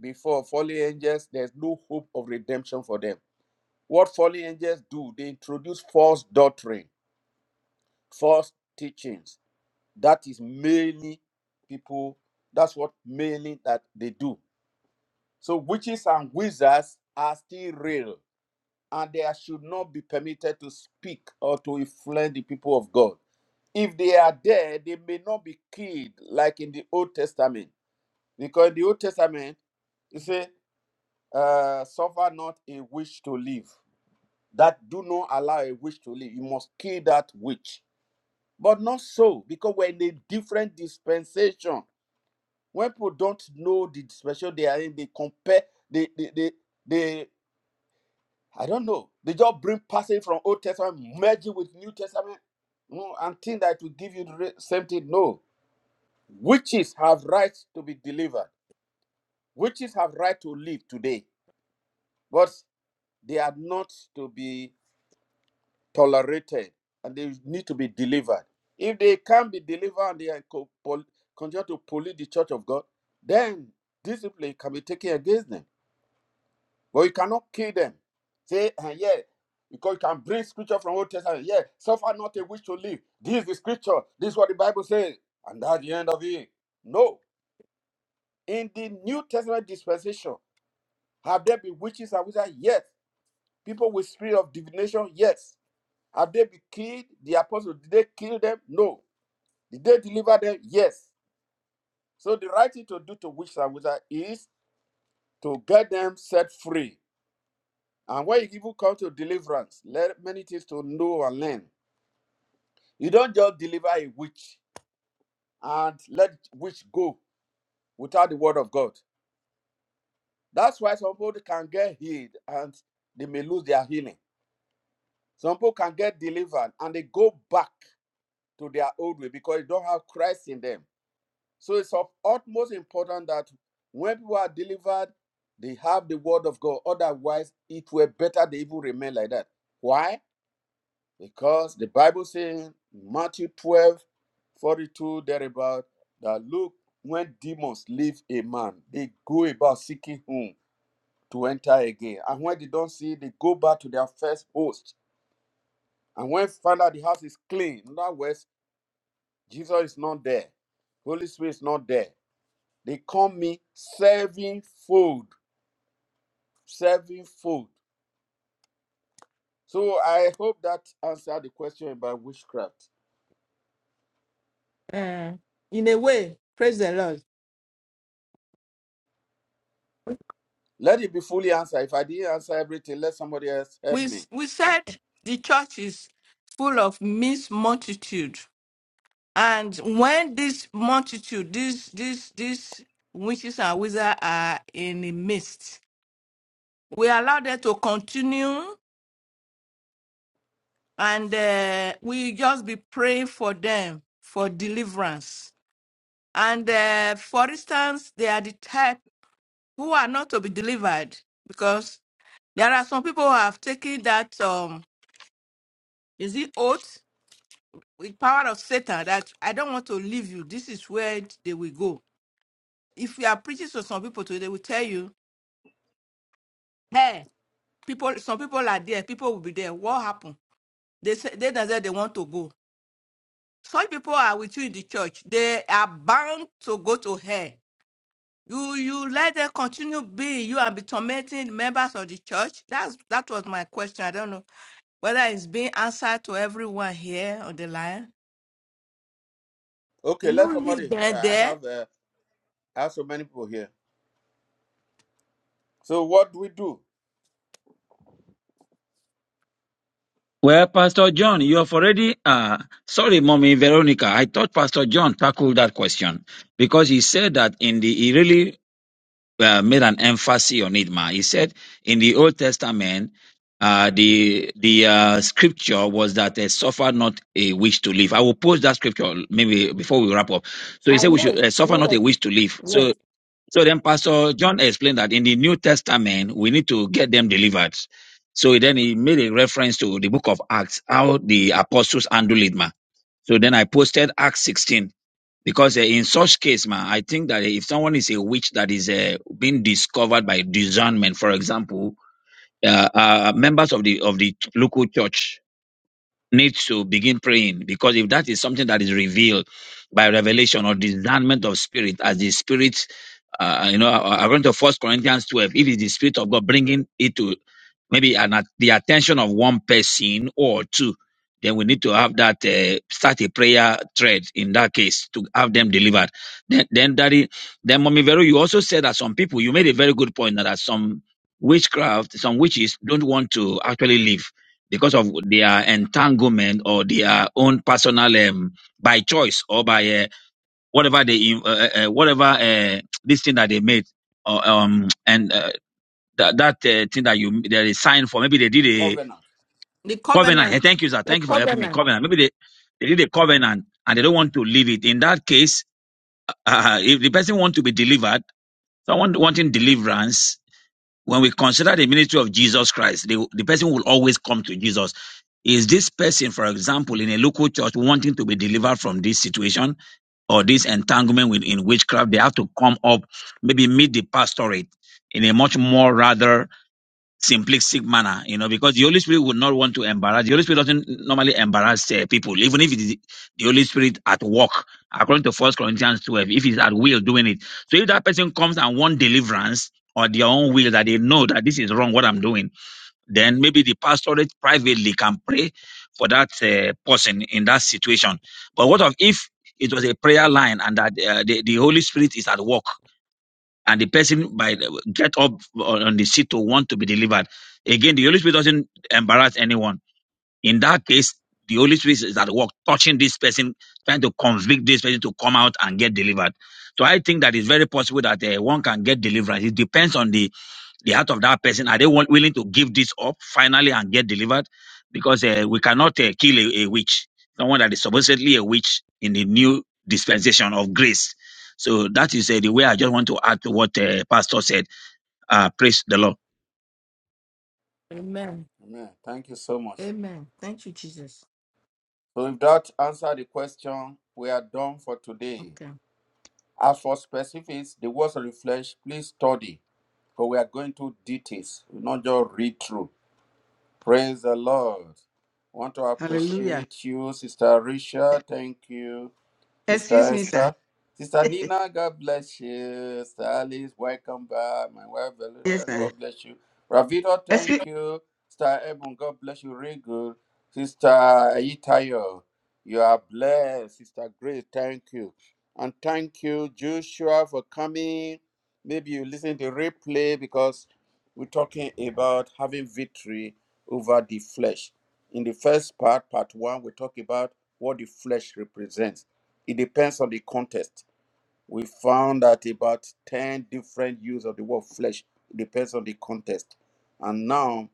[SPEAKER 1] before, fallen angels, there's no hope of redemption for them. What fallen angels do, they introduce false doctrine, false teachings. That is mainly people, that's what mainly that they do. So witches and wizards are still real, and they are- should not be permitted to speak or to influence the people of God. If they are there, they may not be killed like in the Old Testament. Because in the Old Testament, you see. uh, suffer not a witch to live. That do not allow a witch to live. You must kill that witch. But not so, because we're in a different dispensation. When people don't know the dispensation they are in, they compare, they, they, they, they I don't know, they just bring passage from Old Testament, merge it with New Testament, you know, and think that will give you the re- same thing. No. Witches have rights to be delivered. Witches have right to live today, but they are not to be tolerated and they need to be delivered. If they can't be delivered and they are co- pol- continue to pollute the church of God, then discipline can be taken against them. But you cannot kill them. Say, "Ah, yeah, because you can bring scripture from Old Testament. Yeah, suffer not a wish to live. This is the scripture. This is what the Bible says. And that's the end of it. No. In the New Testament dispensation, have there been witches and wizards? Yes. People with spirit of divination? Yes. Have they been killed? The apostles, did they kill them? No. Did they deliver them? Yes. So the right thing to do to witches and wizards is to get them set free. And when you even come to deliverance, let many things to know and learn. You don't just deliver a witch and let witch go without the word of God. That's why some people can get healed and they may lose their healing. Some people can get delivered and they go back to their old way because they don't have Christ in them. So it's of utmost importance that when people are delivered, they have the word of God. Otherwise, it were better they even remain like that. Why? Because the Bible says in Matthew 12, 42, thereabout, that look, when demons leave a man, they go about seeking whom to enter again. And when they don't see, they go back to their first host. And when they find out the house is clean, in other words, Jesus is not there, Holy Spirit is not there They call me sevenfold, sevenfold. So I hope that answered the question about witchcraft.
[SPEAKER 5] Uh, in a way, praise the Lord.
[SPEAKER 1] Let it be fully answered. If I didn't answer everything, let somebody else help
[SPEAKER 5] We,
[SPEAKER 1] me.
[SPEAKER 5] s- we said the church is full of mixed multitude. And when this multitude, these these these witches and wizards are in the midst, we allow them to continue and uh, we just be praying for them for deliverance. And uh, for instance, they are the type who are not to be delivered because there are some people who have taken that um is it oath with power of Satan that I don't want to leave you. This is where they will go. If you are preaching to some people today, they will tell you, hey, people, some people are there, people will be there. What happened? They say they don't say they want to go. Such people are with you in the church. They are bound to go to hell You you let them continue being you and be tormenting members of the church. That's that was my question. I don't know whether it's being answered to everyone here on the line.
[SPEAKER 1] Okay,
[SPEAKER 5] Do
[SPEAKER 1] let
[SPEAKER 5] you leave
[SPEAKER 1] somebody. uh,
[SPEAKER 5] them
[SPEAKER 1] I
[SPEAKER 5] there?
[SPEAKER 1] have uh, I have so many people here. So what do we do?
[SPEAKER 6] Well, Pastor John, you have already, uh, sorry, Mommy Veronica. I thought Pastor John tackled that question because he said that in the, he really uh, made an emphasis on it, ma. He said in the Old Testament, uh, the the uh, scripture was that they suffer not a wish to live. I will post that scripture maybe before we wrap up. So he
[SPEAKER 5] I
[SPEAKER 6] said we
[SPEAKER 5] know
[SPEAKER 6] should
[SPEAKER 5] it.
[SPEAKER 6] uh,
[SPEAKER 5] I
[SPEAKER 6] suffer
[SPEAKER 5] know
[SPEAKER 6] not a
[SPEAKER 5] that it.
[SPEAKER 6] wish to live.
[SPEAKER 5] Yes.
[SPEAKER 6] So so then Pastor John explained that in the New Testament we need to get them delivered. So then he made a reference to the book of Acts, how the apostles handled it, ma. So then I posted Acts 16 because eh, in such case, man, I think that eh, if someone is a witch that is uh, being discovered by discernment, for example, uh, uh, members of the of the local church need to begin praying because if that is something that is revealed by revelation or discernment of spirit, as the spirit, uh, you know, uh, according to First Corinthians twelve, it is the spirit of God bringing it to maybe an, at the attention of one person or two, then we need to have that uh, start a prayer thread in that case to have them delivered. Then, then daddy, then mommy Vero, you also said that some people you made a very good point that some witchcraft, some witches don't want to actually leave because of their entanglement or their own personal um, by choice or by uh, whatever they uh, uh, uh, whatever uh, this thing that they made. Or, um, and uh, that that uh, thing that you they signed for. Maybe they did a
[SPEAKER 1] Covenant.
[SPEAKER 5] The
[SPEAKER 6] covenant. Hey,
[SPEAKER 5] covenant.
[SPEAKER 6] thank you, sir.
[SPEAKER 5] The
[SPEAKER 6] Thank you for helping me.
[SPEAKER 5] covenant.
[SPEAKER 6] Covenant. Maybe they, they did a covenant and they don't want to leave it. In that case, uh, if the person want to be delivered, someone wanting deliverance, when we consider the ministry of Jesus Christ, the, the person will always come to Jesus. Is this person, for example, in a local church wanting to be delivered from this situation or this entanglement with, in witchcraft? They have to come up, maybe meet the pastorate in a much more rather simplistic manner, you know, because the Holy Spirit would not want to embarrass. The Holy Spirit doesn't normally embarrass uh, people, even if it is the Holy Spirit at work, according to First Corinthians 12, if he's at will doing it. So if that person comes and want deliverance or their own will that they know that this is wrong, what I'm doing, then maybe the pastorate privately can pray for that uh, person in that situation. But what of if it was a prayer line and that uh, the, the Holy Spirit is at work? and the person by the- get up on on the seat to want to be delivered. Again, the Holy Spirit doesn't embarrass anyone. In that case, the Holy Spirit is at work touching this person, trying to convict this person to come out and get delivered. So I think that it's very possible that uh, one can get deliverance. It depends on the the heart of that person are they want, willing to give this up finally and get delivered because uh, we cannot uh, kill a, a witch someone that is supposedly a witch in the new dispensation of grace so that is uh, the way i just want to add to what uh, pastor said uh, praise the lord
[SPEAKER 5] Amen.
[SPEAKER 1] Amen. Thank you so much.
[SPEAKER 5] Amen. Thank you, Jesus.
[SPEAKER 1] So if that answered the question, we are done for today.
[SPEAKER 5] Okay.
[SPEAKER 1] As for specifics, the words of the flesh, please study, for we are going to details, We not just read through. Praise the Lord. Want to
[SPEAKER 4] Hallelujah.
[SPEAKER 1] appreciate you, Sister Risha. Thank you.
[SPEAKER 4] Excuse
[SPEAKER 1] Sister
[SPEAKER 4] me, sir.
[SPEAKER 1] Esther. Sister
[SPEAKER 4] (laughs)
[SPEAKER 1] Nina, God bless you. Sister Alice, welcome back. My wife,
[SPEAKER 4] yes,
[SPEAKER 1] Veluka,
[SPEAKER 4] sir.
[SPEAKER 1] God bless you. Ravito,
[SPEAKER 4] Excuse,
[SPEAKER 1] thank you. Sister Ebon, God bless you. Real good. Sister Ayitayo, you are blessed. Sister Grace, thank you. And thank you, Joshua, for coming. Maybe you listen to replay because we're talking about having victory over the flesh. In the first part, part one, we talk about what the flesh represents it depends on the context. We found that about 10 different use of the word flesh It depends on the context. And now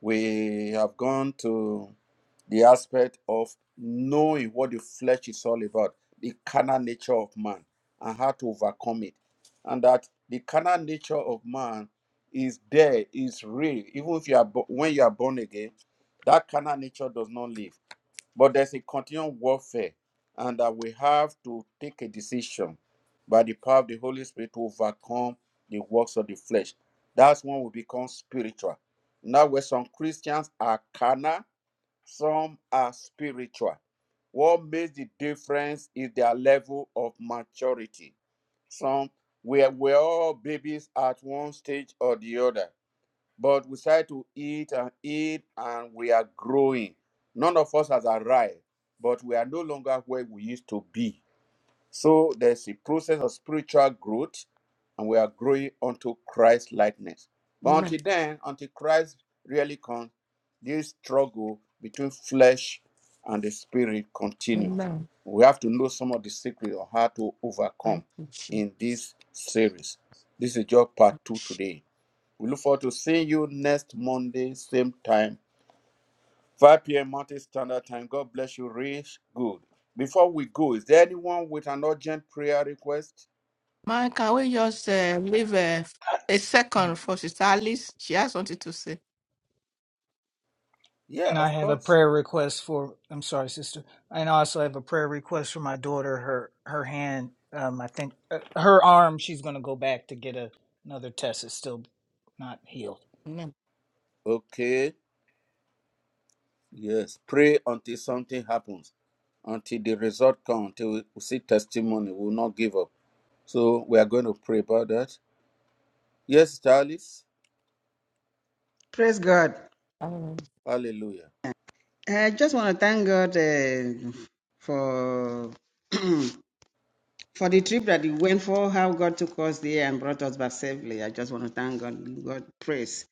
[SPEAKER 1] we have gone to the aspect of knowing what the flesh is all about, the carnal nature of man, and how to overcome it. And that the carnal nature of man is there, is real. Even if you are bo- when you are born again, that carnal nature does not live but there's a continual warfare, and that we have to take a decision by the power of the Holy Spirit to overcome the works of the flesh. That's when we become spiritual. Now, where some Christians are carnal, some are spiritual. What makes the difference is their level of maturity. Some we're, we're all babies at one stage or the other but we started to eat and eat, and we are growing. None of us has arrived, but we are no longer where we used to be. So there's a process of spiritual growth, and we are growing unto Christ likeness. But
[SPEAKER 5] Amen.
[SPEAKER 1] until then, until Christ really comes, this struggle between flesh and the spirit continues.
[SPEAKER 5] Amen.
[SPEAKER 1] We have to know some of the secrets of how to
[SPEAKER 5] Thank
[SPEAKER 1] overcome
[SPEAKER 5] you, Jesus.
[SPEAKER 1] in this series. This is just part two today. We look forward to seeing you next Monday, same time, 5 p.m. Mountain Standard Time. God bless you, Rich. Good. Before we go, is there anyone with an urgent prayer request?
[SPEAKER 5] Man, can we just uh, leave a, a second for Sister Alice? She has something to say.
[SPEAKER 1] Yeah,
[SPEAKER 3] and i
[SPEAKER 1] of
[SPEAKER 3] have a
[SPEAKER 1] course.
[SPEAKER 3] prayer request for i'm sorry sister and i also have a prayer request for my daughter her her hand um i think uh, her arm she's going to go back to get a, another test it's still not healed
[SPEAKER 5] Amen.
[SPEAKER 1] Okay. Yes. Pray until something happens, until the result comes, until we see testimony. We will not give up. So we are going to pray about that. Yes, Sister Alice.
[SPEAKER 4] praise God.
[SPEAKER 1] Hallelujah.
[SPEAKER 4] I just want to thank God uh, for (clears throat) for the trip that we went for, how God took us there and brought us back safely. I just want to thank God, give God praise,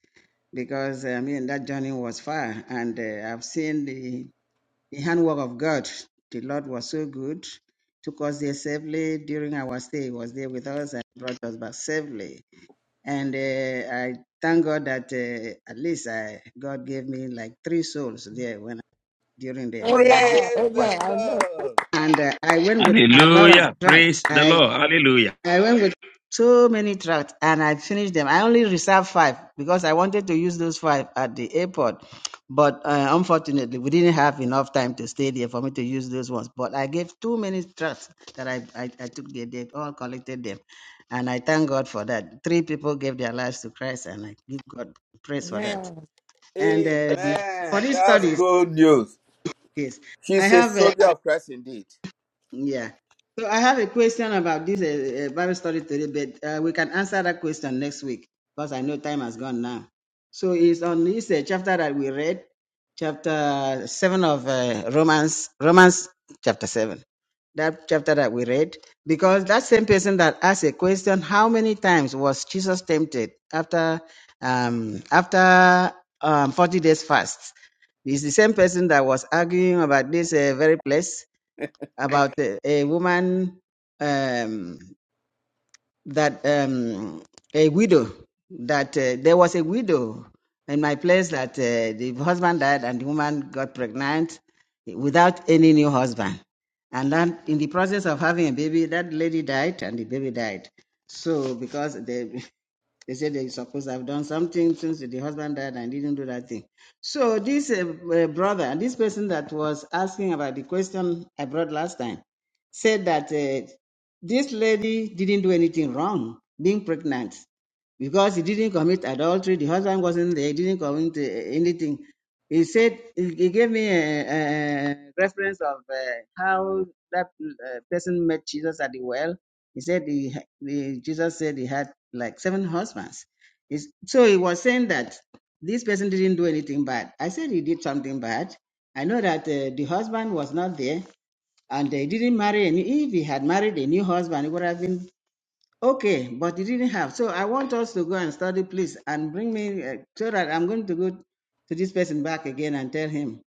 [SPEAKER 4] because I mean that journey was far, and uh, I've seen the the handwork of God. The Lord was so good, took us there safely during our stay. He was there with us and brought us back safely. And uh, I thank God that uh, at least I, God gave me like three souls there when during the
[SPEAKER 5] Amen.
[SPEAKER 1] Praise
[SPEAKER 4] was,
[SPEAKER 1] the
[SPEAKER 5] Amen. I know.
[SPEAKER 1] Lord.
[SPEAKER 4] and uh, I went with a lot of
[SPEAKER 6] hallelujah
[SPEAKER 4] truck.
[SPEAKER 6] praise the
[SPEAKER 4] I
[SPEAKER 6] lord hallelujah
[SPEAKER 4] I went with so many tracts and I finished them. I only reserved five because I wanted to use those five at the airport. But uh, unfortunately, we didn't have enough time to stay there for me to use those ones. But I gave too many tracts that I, I, I took there. They all collected them. And I thank God for that. Three people gave their lives to Christ, and I give God praise for that.
[SPEAKER 5] Amen.
[SPEAKER 4] And uh,
[SPEAKER 2] Amen.
[SPEAKER 4] for
[SPEAKER 1] Amen.
[SPEAKER 4] these
[SPEAKER 1] That's
[SPEAKER 4] studies,
[SPEAKER 1] good news.
[SPEAKER 4] yes, I
[SPEAKER 1] She's a
[SPEAKER 4] have. uh,
[SPEAKER 1] soldier of Christ indeed.
[SPEAKER 4] yeah. So I have a question about this uh, uh, Bible study today, but uh, we can answer that question next week because I know time has gone now. So it's on this uh, chapter that we read, chapter seven of uh, Romans, Romans chapter seven. That chapter that we read, because that same person that asked a question, how many times was Jesus tempted after um, after um, forty days fast? It's the same person that was arguing about this uh, very place about a, a woman um, that um, a widow that uh, there was a widow in my place that uh, the husband died and the woman got pregnant without any new husband and then in the process of having a baby that lady died and the baby died so because the they said they supposed to have done something since the husband died and didn't do that thing. So this uh, uh, brother, this person that was asking about the question I brought last time, said that uh, this lady didn't do anything wrong being pregnant because he didn't commit adultery. The husband wasn't there. He didn't commit uh, anything. He said he he gave me a, a reference of uh, how that uh, person met Jesus at the well he said he, ha- the- Jesus said he had like seven husbands. It's- so he was saying that this person didn't do anything bad. I said he did something bad. I know that uh, the husband was not there and they didn't marry. And if he had married a new husband, it would have been okay, but he didn't have. So I want us to go and study, please, and bring me uh, so that I'm going to go to this person back again and tell him.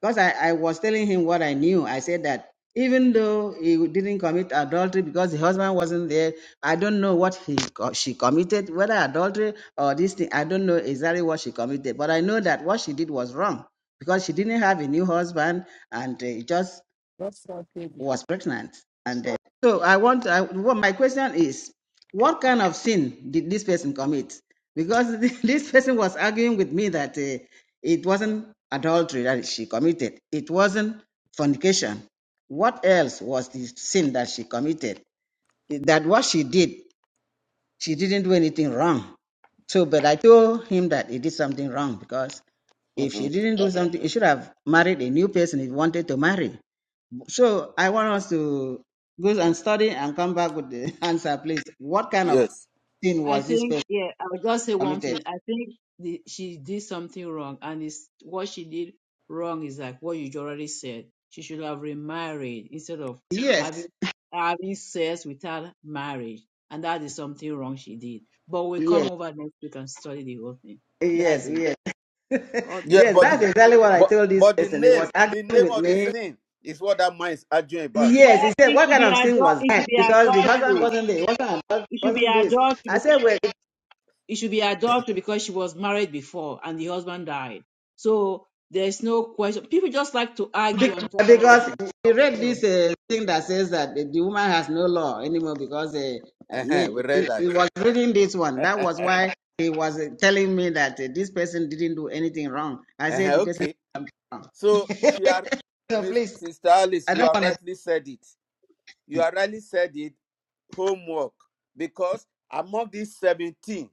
[SPEAKER 4] Because I, I was telling him what I knew. I said that even though he didn't commit adultery because the husband wasn't there, I don't know what he co- she committed, whether adultery or this thing. I don't know exactly what she committed, but I know that what she did was wrong because she didn't have a new husband and uh, just
[SPEAKER 5] That's what baby.
[SPEAKER 4] was pregnant. And uh, so I want, I, what my question is, what kind of sin did this person commit? Because (laughs) this person was arguing with me that uh, it wasn't adultery that she committed, it wasn't fornication. What else was the sin that she committed? That what she did, she didn't do anything wrong. So, but I told him that he did something wrong because
[SPEAKER 1] (laughs)
[SPEAKER 4] if she didn't do something, he should have married a new person he wanted to marry. So I want us to go and study and come back with the (laughs) answer, please. What kind
[SPEAKER 2] I
[SPEAKER 4] of
[SPEAKER 1] Yes.
[SPEAKER 4] sin
[SPEAKER 2] I
[SPEAKER 4] was this
[SPEAKER 2] think,
[SPEAKER 4] person
[SPEAKER 2] yeah, I'll just say one
[SPEAKER 4] committed?
[SPEAKER 2] thing. I think the, she did something wrong, and it's what she did wrong is like what you already said. She should have remarried instead of
[SPEAKER 4] Yes,
[SPEAKER 2] having having sex without marriage, and that is something wrong she did. But we'll come
[SPEAKER 4] yes,
[SPEAKER 2] over next week and study the whole thing.
[SPEAKER 4] yes,
[SPEAKER 2] That's it.
[SPEAKER 4] yes. (laughs)
[SPEAKER 2] All
[SPEAKER 1] Yeah,
[SPEAKER 2] this.
[SPEAKER 4] yes,
[SPEAKER 1] but the,
[SPEAKER 4] that's exactly what I
[SPEAKER 1] but
[SPEAKER 4] told this
[SPEAKER 1] but the
[SPEAKER 4] person. He was
[SPEAKER 1] name, the
[SPEAKER 4] arguing
[SPEAKER 1] name
[SPEAKER 4] with
[SPEAKER 1] of the
[SPEAKER 4] me.
[SPEAKER 1] sin is what that mind is arguing about.
[SPEAKER 2] Well,
[SPEAKER 4] Yes, he said,
[SPEAKER 2] it
[SPEAKER 4] What
[SPEAKER 2] should
[SPEAKER 4] kind
[SPEAKER 2] be
[SPEAKER 4] of sin
[SPEAKER 2] adul-
[SPEAKER 4] was
[SPEAKER 2] It should
[SPEAKER 4] that?
[SPEAKER 2] be
[SPEAKER 4] Because the husband
[SPEAKER 2] adultery.
[SPEAKER 4] wasn't there, it wasn't,
[SPEAKER 2] It should be
[SPEAKER 4] wasn't this. I
[SPEAKER 2] adultery
[SPEAKER 4] said, well,
[SPEAKER 2] it should be adultery because she was married before and the husband died. So there's no question. People just like to argue and talk rubbish.
[SPEAKER 4] Because we read
[SPEAKER 2] No,
[SPEAKER 4] this uh, thing that says that the, the woman has no law anymore because uh, I
[SPEAKER 1] Uh-huh,
[SPEAKER 4] mean,
[SPEAKER 1] we
[SPEAKER 4] he,
[SPEAKER 1] read
[SPEAKER 4] he
[SPEAKER 1] that.
[SPEAKER 4] was reading this one.
[SPEAKER 1] (laughs)
[SPEAKER 4] That was why he was uh, telling me that uh, this person didn't do anything wrong. I said
[SPEAKER 1] uh-huh,
[SPEAKER 4] the person did
[SPEAKER 1] okay.
[SPEAKER 4] something wrong.
[SPEAKER 1] So she had
[SPEAKER 4] So
[SPEAKER 1] Miss
[SPEAKER 4] please,
[SPEAKER 1] Sister Alice,
[SPEAKER 4] I
[SPEAKER 1] you
[SPEAKER 4] don't
[SPEAKER 1] have
[SPEAKER 4] want to.
[SPEAKER 1] rightly said it. You have rightly said it, homework. Because among these 17,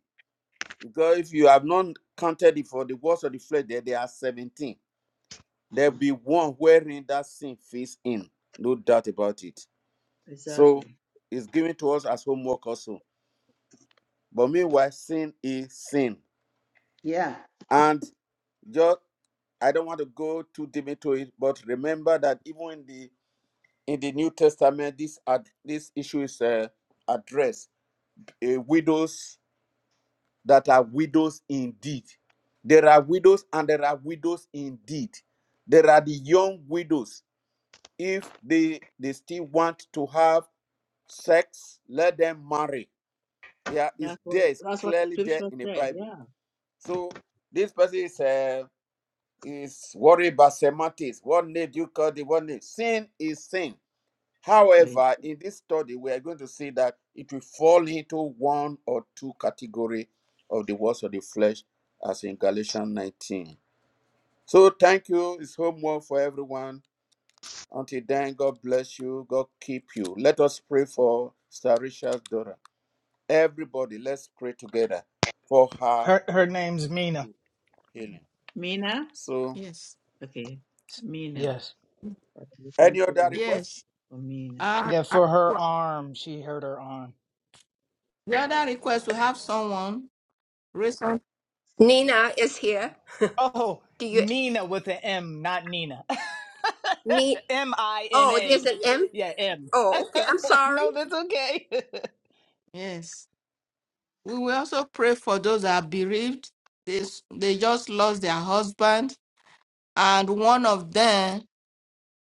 [SPEAKER 1] because if you have not counted it for the words of the flesh, there, there are 17. There'll be one wherein that sin fits in. No doubt about it. So
[SPEAKER 2] exactly.
[SPEAKER 1] it's given to us as homework also. But meanwhile, sin is sin.
[SPEAKER 4] Yeah.
[SPEAKER 1] And just I don't want to go too deep into it, but remember that even in the in the New Testament, this ad, this issue is uh, addressed. Uh, widows that are widows indeed. There are widows and there are widows indeed. There are the young widows. If they they still want to have sex, let them marry Yeah, it's
[SPEAKER 2] That's what
[SPEAKER 1] there. It's
[SPEAKER 2] that's what the
[SPEAKER 1] clearly there
[SPEAKER 2] scripture
[SPEAKER 1] in the
[SPEAKER 2] said.
[SPEAKER 1] Bible.
[SPEAKER 2] Yeah.
[SPEAKER 1] So this person is uh, is worried about semantics. What name do you call the one name? Sin is sin.
[SPEAKER 2] Praise.
[SPEAKER 1] However, in this study, we are going to see that it will fall into one or two category of the works of the flesh, as in Galatians 19. So thank you. It's homework for everyone. Until then, God bless you. God keep you. Let us pray for Sir Richard's daughter. Everybody, let's pray together for her
[SPEAKER 3] her her name's mina
[SPEAKER 1] healing.
[SPEAKER 2] Mina?
[SPEAKER 1] So,
[SPEAKER 5] Yes.
[SPEAKER 2] Okay. Mina.
[SPEAKER 3] Yes.
[SPEAKER 2] Okay,
[SPEAKER 1] any
[SPEAKER 2] Thank you,
[SPEAKER 1] other
[SPEAKER 2] Lord,
[SPEAKER 1] request?
[SPEAKER 5] Yes.
[SPEAKER 2] for Mina.
[SPEAKER 5] Uh,
[SPEAKER 3] Yeah, for
[SPEAKER 2] Worship.
[SPEAKER 3] her arm. She hurt her arm.
[SPEAKER 5] the other request we
[SPEAKER 2] Okay.
[SPEAKER 5] have someone recent.
[SPEAKER 7] Nina is here.
[SPEAKER 3] Oh,
[SPEAKER 7] Do you
[SPEAKER 3] Mina with an M, not Nina. (laughs)
[SPEAKER 7] need?
[SPEAKER 3] M I N
[SPEAKER 7] Oh,
[SPEAKER 3] A.
[SPEAKER 7] there's an
[SPEAKER 3] Yeah,
[SPEAKER 7] M.
[SPEAKER 3] yeah, M. (laughs)
[SPEAKER 7] Oh, okay. I'm sorry.
[SPEAKER 3] no, that's okay. (laughs)
[SPEAKER 5] Yes. We will also pray for those that are bereaved. They, s- they just lost their husband, and one of them